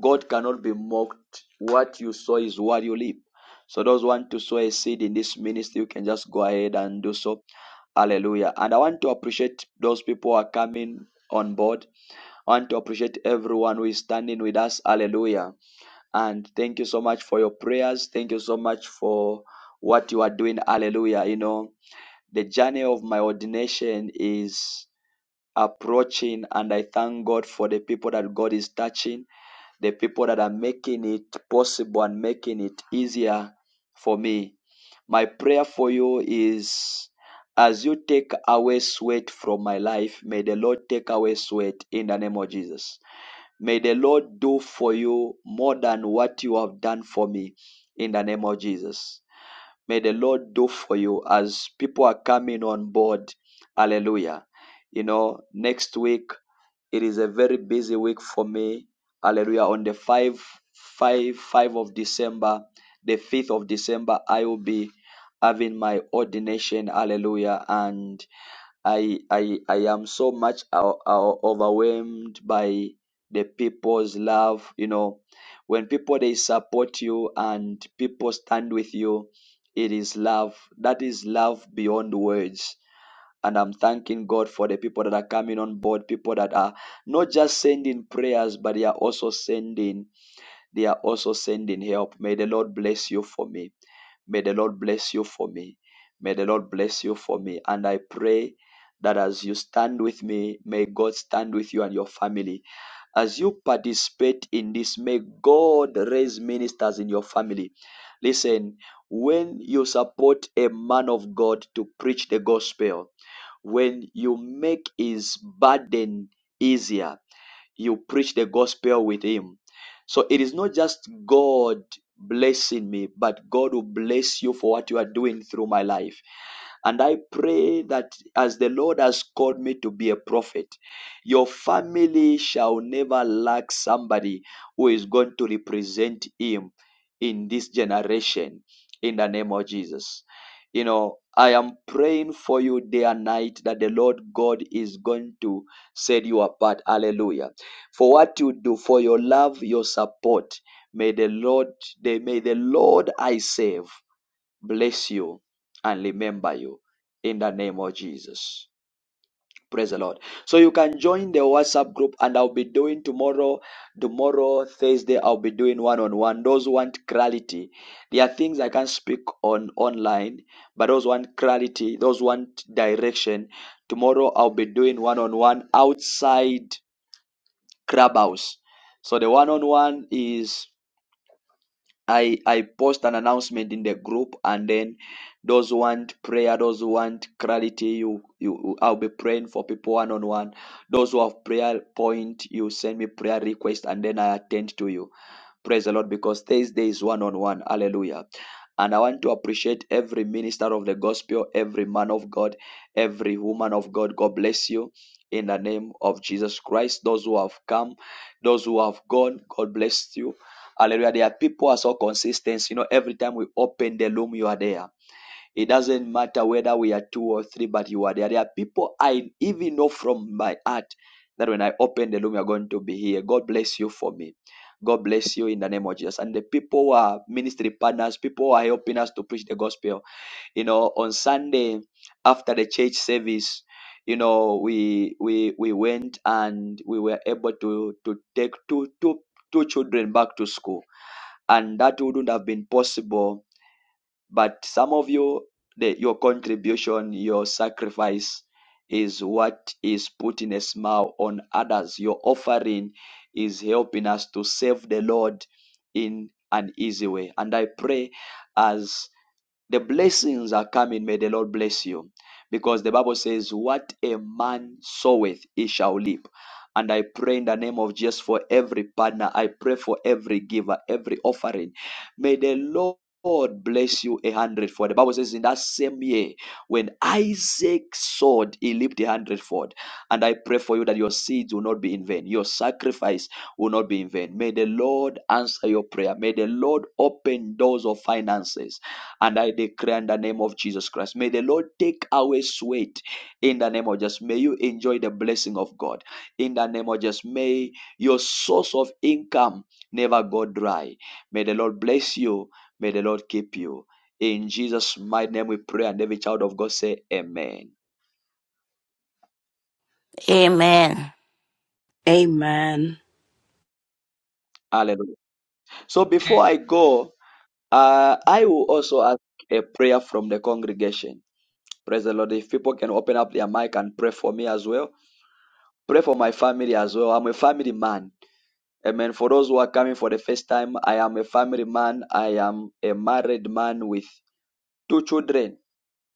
God cannot be mocked. What you sow is what you reap. So those who want to sow a seed in this ministry, you can just go ahead and do so. Hallelujah. And I want to appreciate those people who are coming on board. I want to appreciate everyone who is standing with us. Hallelujah. And thank you so much for your prayers. Thank you so much for what you are doing. Hallelujah. You know, the journey of my ordination is approaching, and I thank God for the people that God is touching, the people that are making it possible and making it easier for me. My prayer for you is as you take away sweat from my life, may the Lord take away sweat in the name of Jesus May the Lord do for you more than what you have done for me in the name of Jesus. May the Lord do for you as people are coming on board. Hallelujah. You know, next week, it is a very busy week for me. Hallelujah. On the 5, 5, 5 of December, the 5th of December, I will be having my ordination. Hallelujah. And I I I am so much o- o- overwhelmed by the people's love. You know, when people they support you and people stand with you, it is love. That is love beyond words. And I'm thanking God for the people that are coming on board, people that are not just sending prayers, but they are also sending, they are also sending help. May the Lord bless you for me. May the Lord bless you for me. May the Lord bless you for me. And I pray that as you stand with me, may God stand with you and your family. As you participate in this, may God raise ministers in your family. Listen, when you support a man of God to preach the gospel, when you make his burden easier, you preach the gospel with him. So it is not just God blessing me, but God will bless you for what you are doing through my life. And I pray that as the Lord has called me to be a prophet, your family shall never lack somebody who is going to represent him in this generation in the name of Jesus. You know, I am praying for you day and night that the Lord God is going to set you apart. Hallelujah. For what you do, for your love, your support. May the Lord, they may the Lord I save bless you, and remember you in the name of Jesus. Praise the Lord. So you can join the WhatsApp group, and I'll be doing tomorrow, tomorrow, Thursday, I'll be doing one on one. Those who want clarity. There are things I can speak on online, but those who want clarity, those who want direction. Tomorrow I'll be doing one on one outside Crab House. So the one on one is I I post an announcement in the group, and then those who want prayer, those who want clarity, you you I'll be praying for people one on one. Those who have prayer point, you send me prayer request, and then I attend to you. Praise the Lord, because Thursday is one on one. Hallelujah. And I want to appreciate every minister of the gospel, every man of God, every woman of God. God bless you in the name of Jesus Christ. Those who have come, those who have gone, God bless you Hallelujah. There are people who are so consistent. You know, every time we open the loom, you are there. It doesn't matter whether we are two or three, but you are there. There are people I even know from my heart that when I open the loom, you're going to be here. God bless you for me. God bless you in the name of Jesus. And the people who are ministry partners, people who are helping us to preach the gospel. You know, on Sunday after the church service, you know, we we we went and we were able to to take two two two children back to school and that wouldn't have been possible. But some of you, the, your contribution, your sacrifice is what is putting a smile on others. Your offering is helping us to serve the Lord in an easy way. And I pray as the blessings are coming. May the Lord bless you. Because the Bible says, What a man soweth, he shall reap. And I pray in the name of Jesus for every partner. I pray for every giver, every offering. May the Lord God bless you a hundredfold. The Bible says, In that same year, when Isaac sowed, he reaped a hundredfold. And I pray for you that your seeds will not be in vain, your sacrifice will not be in vain. May the Lord answer your prayer. May the Lord open doors of finances. And I declare in the name of Jesus Christ, may the Lord take away sweat in the name of Jesus. May you enjoy the blessing of God in the name of Jesus. May your source of income never go dry. May the Lord bless you. May the Lord keep you. In Jesus' mighty name we pray, and every child of God say, Amen. Amen. Amen. Hallelujah. So before I go, uh, I will also ask a prayer from the congregation. Praise the Lord. If people can open up their mic and pray for me as well. Pray for my family as well. I'm a family man. Amen. For those who are coming for the first time, I am a family man. I am a married man with two children.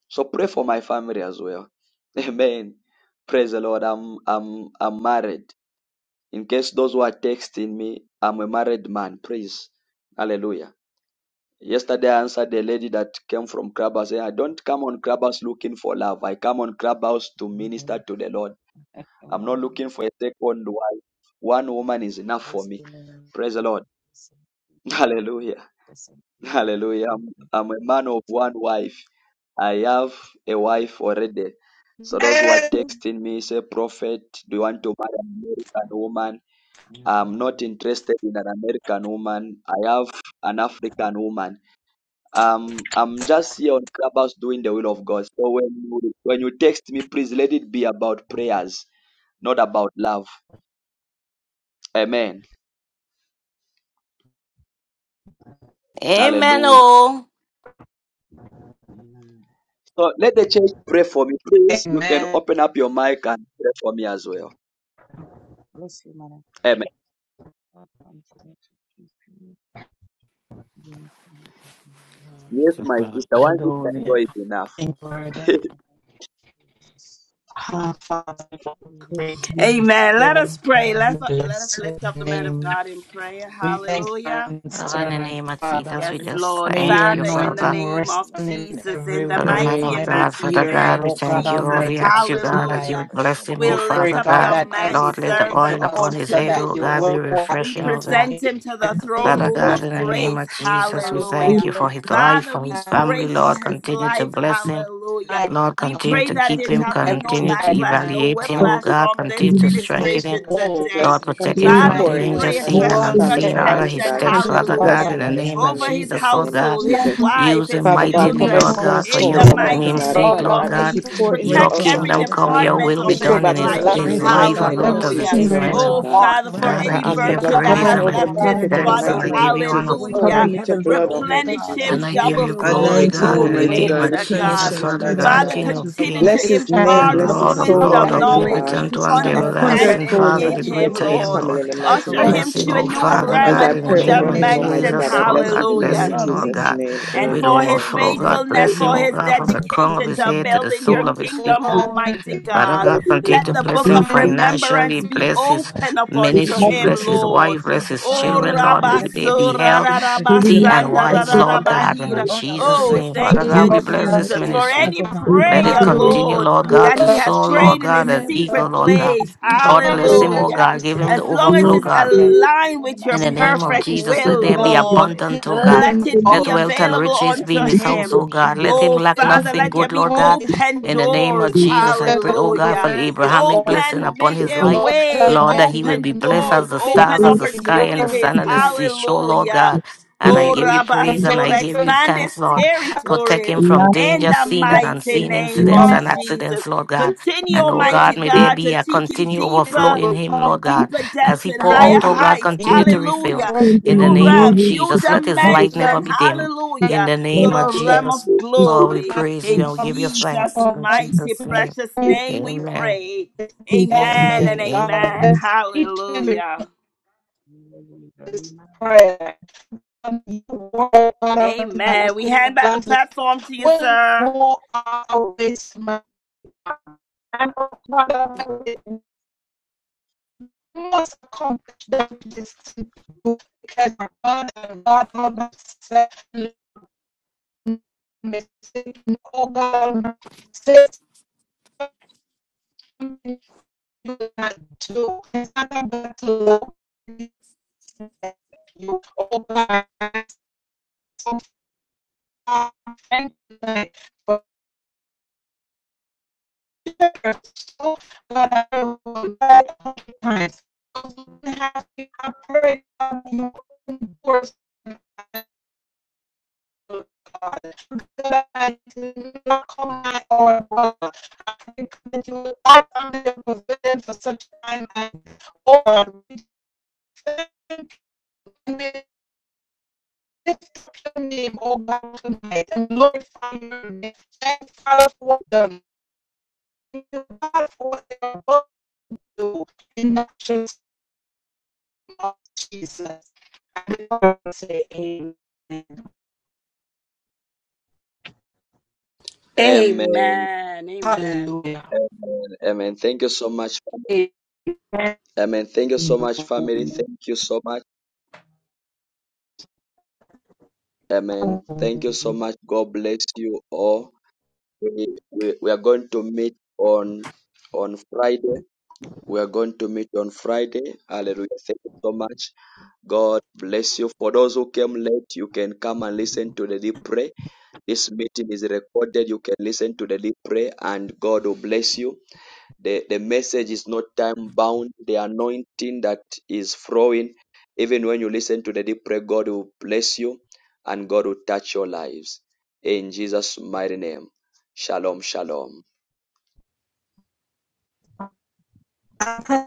So pray for my family as well. Amen. Praise the Lord. I'm I'm I'm married. In case those who are texting me, I'm a married man. Praise. Hallelujah. Yesterday I answered a lady that came from Clubhouse. saying, I don't this, come on Clubhouse looking for love. I come on Clubhouse to minister Amen. to the Lord. I'm not Amen. looking for a second wife. One woman is enough for Bless me. the Lord. Praise the Lord. Bless him. Hallelujah. Bless him. Bless him. Hallelujah. Family. I'm, I'm a man of one wife. I have a wife already. So those who are texting me say, Prophet, do you want to marry an American woman? I'm not Amen. interested in an American woman. I have an African woman. Um, I'm just here on Clubhouse doing the will of God. So when you when you text me, please let it be about prayers, not about love. Amen. Amen. Hallelujah. Oh. Amen. So let the church pray for me. Please, you can Amen. open up your mic and pray for me as well. Bless you, man. Amen. God continue to keep you uniform in the mighty Yes, my name sister, one sister Hallelujah. joy is enough. Thank you, Lord. of Jesus. Ah, Father, we Spirit of praise the Lord, Amen. Let Spirit us pray. We Let, let us bless your lift up the man of name. God in in prayer. the We name of thank you, Hallelujah. and Father, Jesus, in the servant, name of and we Jesus, Father. we Yes, just Lord. May thank your you, Father, in the Father. anointing name rest of commit on him in Jesus, every in the Father, man way, mighty in of and every God, matchless Father ear, name God, we of oh God thank you, Lord. Jesus, We Almighty, the ask of you, Lord, Jesus. I'm praying his God, that you life. hallelujah. would for bless him, someone We oh We pray, lift Father up God, your God. that as man he Lord, let pour the into oil servant us, upon unto his Father, head, that you, oh you God, be Lord. will pour in We refreshing, oh into God. present a, waiting. him to a the throne double Father room God, of portion in the of God, name grace, of Jesus, we Father, that thank hallelujah. you you for will his not life, Father, for we his family, pray for Lord. see his Continue In to life, bless him. everything, hallelujah. my even Lord, We God, continue pray to that keep there him, shall protecting pride, be every no continue to side, backlash, my no evaluate him, God, oh whiplash God, for from continue this to even strengthen his ministration him. Continue name, to own, today. Lord, bless him. protect Continue him to from Father, pour we mighty in when danger, his pray you a man seen and go and his special out family, there, unseen, order man, Almighty his protection, God. you steps, can Continue to Father bless hallelujah God, in him the and his name of over family in the his Jesus, mighty Lord name of God. household, In his Jesus. the wife, Use him his Father God, mightily, name cover children, his Lord of whole God, for Cover in soul, the them, your Lord God, Almighty mighty name's God. God. sake, Lord, name Father let Lord God, of as God. he me Cover Jesus. them with pour the into grace, Your Protect us, Lord God, every that kingdom Almighty come, doesn't God, run your out, department will you be of Lord pour God. his done in back Pull experience them his, life. into with him lack, his in strength, the Lord life mighty me God, on name that of earth as doesn't it Hallelujah. Jesus, is shake, in Lord experience heaven. Almighty Oh, God. God. want, Father, Surround for them God, I I with any peace give ask the that you Jesus. but virtue blood passes, that that praise I covering has and passes I over the all don't left give you his prophet understanding, in the oh thanks want and body, God. mighty I Let name give of you to his honor. Jesus. voice Cover carry hallelujah. him words. with your heaven's blood, authority, oh Almighty Replenish God. Let And his him Jesus. I hands give double you build what glory, fold. Anoint legacy him, God, in the Glory demands, Almighty oh be name God. God. of Let to his heart God. Replenish Jesus, him, remain Father tender Almighty in God, the Father, God. King of trenches, oh continue keep God. kings Bless this to his Bless channel his name, impart and bless spouse with his Lord open, of Lord, soul, wisdom, Lord, wisdom, that you patience, Almighty and will knowledge, God. keep partnership, omnipotent oh this one, the God. A channel Bless his clear, everlasting children with understanding hundredfold Father, make the in he protection, him, joy, gets great in I and his am, Lord. spiritual family Lord. in the you inheritance, mighty oh Usher name of God. Bless him him, to a oh Jesus. Let their new Father home be realm, As a a God, I in the new pray name over of sanctuary, oh him, God, Almighty where dimension. God, Jesus, prayer I Lord bless flows God. his freely name Bless and Hallelujah. in him, love Lord leads Jesus' God, boldly, name. oh And God. with for Amen. his Thank overflow, you, Lord God. God. faithfulness, Bless him, for Thank oh his God, you, from the Jesus. crown of dedication his Thank to you, head to Lord the building Such your sole of his feet, kingdom, God. Equip ancient him Almighty to preach Father with God. God, continue Let to power. God. the bless book him of financially, remembrance Thank be you, bless his God. open up Lead unto with ministry, him, bless humility, his Lord God, Lord. wife, and bless serve with his Oh, fire, oh children, Lord. God. May Let him they walk rabaso, be in clarity, healthy not confusion, oh Sir. and God. rararabasanda, Let him wise, move in Lord God. boldness, And in not rararabahira. burnout, oh Jesus' God. Oh, name, Let thank Father him God, you, we stand firm bless and no this Jesus, storms for ministry. rise, any oh God. Knowing Let you it are prayer, the continue, anchor, Lord, oh Lord God. God, that to he has soar, Lord prayed in his God, May and every eagle, secret Lord sacrifice God. be place. seen, oh Lord, God. bless May him, every oh Hallelujah. God. Give birth him As the character, long as oh overflow, God. it's May God. every step be aligned ordered with by your In the you, oh name of God. perfect Jesus, We let will, there declare be this um, Lord, family is abundant, oh covered, is God. called, let is it Let be confirmed, this wealth and ministry available will riches bear be unto in fruit his in the house, name him. oh of God. Let Jesus. him Oh, lack Amen. Father, nothing let Thank you, there good, Lord be Lord Jesus. order God. is open In Thank the you, name God. of doors. Last the Jesus, I steps pray, of oh a God, good for Hallelujah. the man is Abrahamic ordered. blessing Open, upon make his their week, life. Lord way. God Lord, that he Almighty, will you be Open blessed continue to as doors, the clean open stars, as the in sky, your and the opportunities. sun, and way the and seashore, Lord Hallelujah. God. And I Oh, give you praise and Protect I Rabasora, his give you expand his thanks, Lord. Protect territories him from school in danger, the seen and mighty unseen name incidents of Why and Jesus. accidents, Lord God. Continue, And oh Almighty God, is may there God, to be a take him continued this overflow deeper in so him, to Lord God. calm? deeper As depths he and pour I out, higher oh God, heights. continue to am refill. Hallelujah. sending an In the New name of realms, amazing new Jesus, let his public light never dimension. be dim. In Hallelujah. the To name of the realm Jesus, of Lord, we glory. praise you In and we give you Option. Jesus' thanks. In mighty, Jesus' name, precious name we amen. pray. Amen breakfast. Amen. and Amen. amen. each and every Hallelujah. Amen. prayer. And word that Amen. was We in the hand back the lives of platform to you, when sir. go out this man. must accomplish that this people because my God and God all by himself mistake oh God say something you not do it's not about to love you oh God I'm so far and like but so God I will die all the times have to operate on your own force God, do not call my or brother. I can come into all under your provision for such time as or we thank and we lift up your name, O God, tonight and glorify your name. Thank Father for them. Thank you, God, for what they are about to do in the name of Jesus. And I want to say amen. Amen. Amen. Amen. Hallelujah. Amen. Amen. Thank you so much. family. Amen. Thank you so much, family. Thank you so much. Amen. Thank you so Amen. much. God bless you all. We, we, we are going to meet on on Friday. We are going to meet on Friday. Hallelujah. Thank you so much. God bless you. For those who came late, you can come and listen to the deep prayer. This meeting is recorded. You can listen to the deep prayer and God will bless you. The, the message is not time bound. The anointing that is flowing, even when you listen to the deep prayer, God will bless you and God will touch your lives. In Jesus' mighty name. Shalom, shalom. I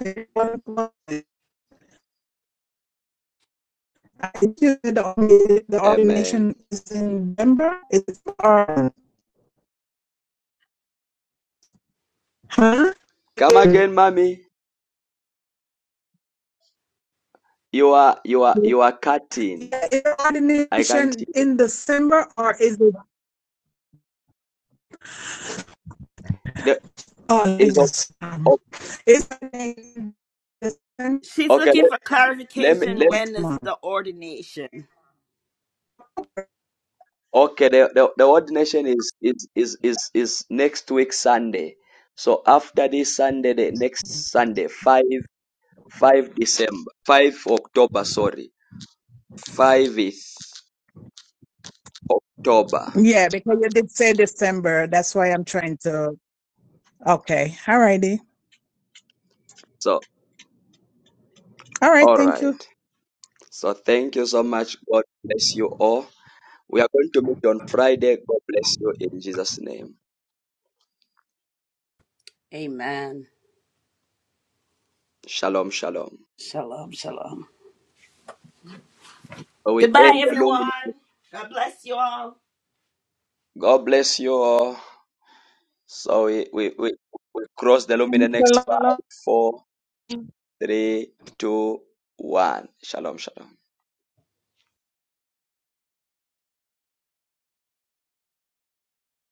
think the, the Amen. ordination is in Denver. It's or huh? Come again, mommy. You are you are you are cutting. Yeah, is the I can't ordination hear. in December or is it? There Oh, let me is a- just. Um, it's in December She's Okay, looking for Let me clarification let me- when next is month. the ordination. okay, the, the, the ordination is is is is is next week Sunday. So after this Sunday, the next Sunday, five five December, five October, sorry. Five is October. Yeah, because you did say December. That's why I'm trying to. Okay, all righty. So all right. So thank you so much. God bless you all. We are going to meet on Friday. God bless you in Jesus' name. Amen. Shalom, shalom. Shalom, shalom. So we Goodbye, end the luminary. everyone. God bless you all. God bless you all. So we, we, we, we cross the loom in the next five, four, three, two, one. Shalom, shalom.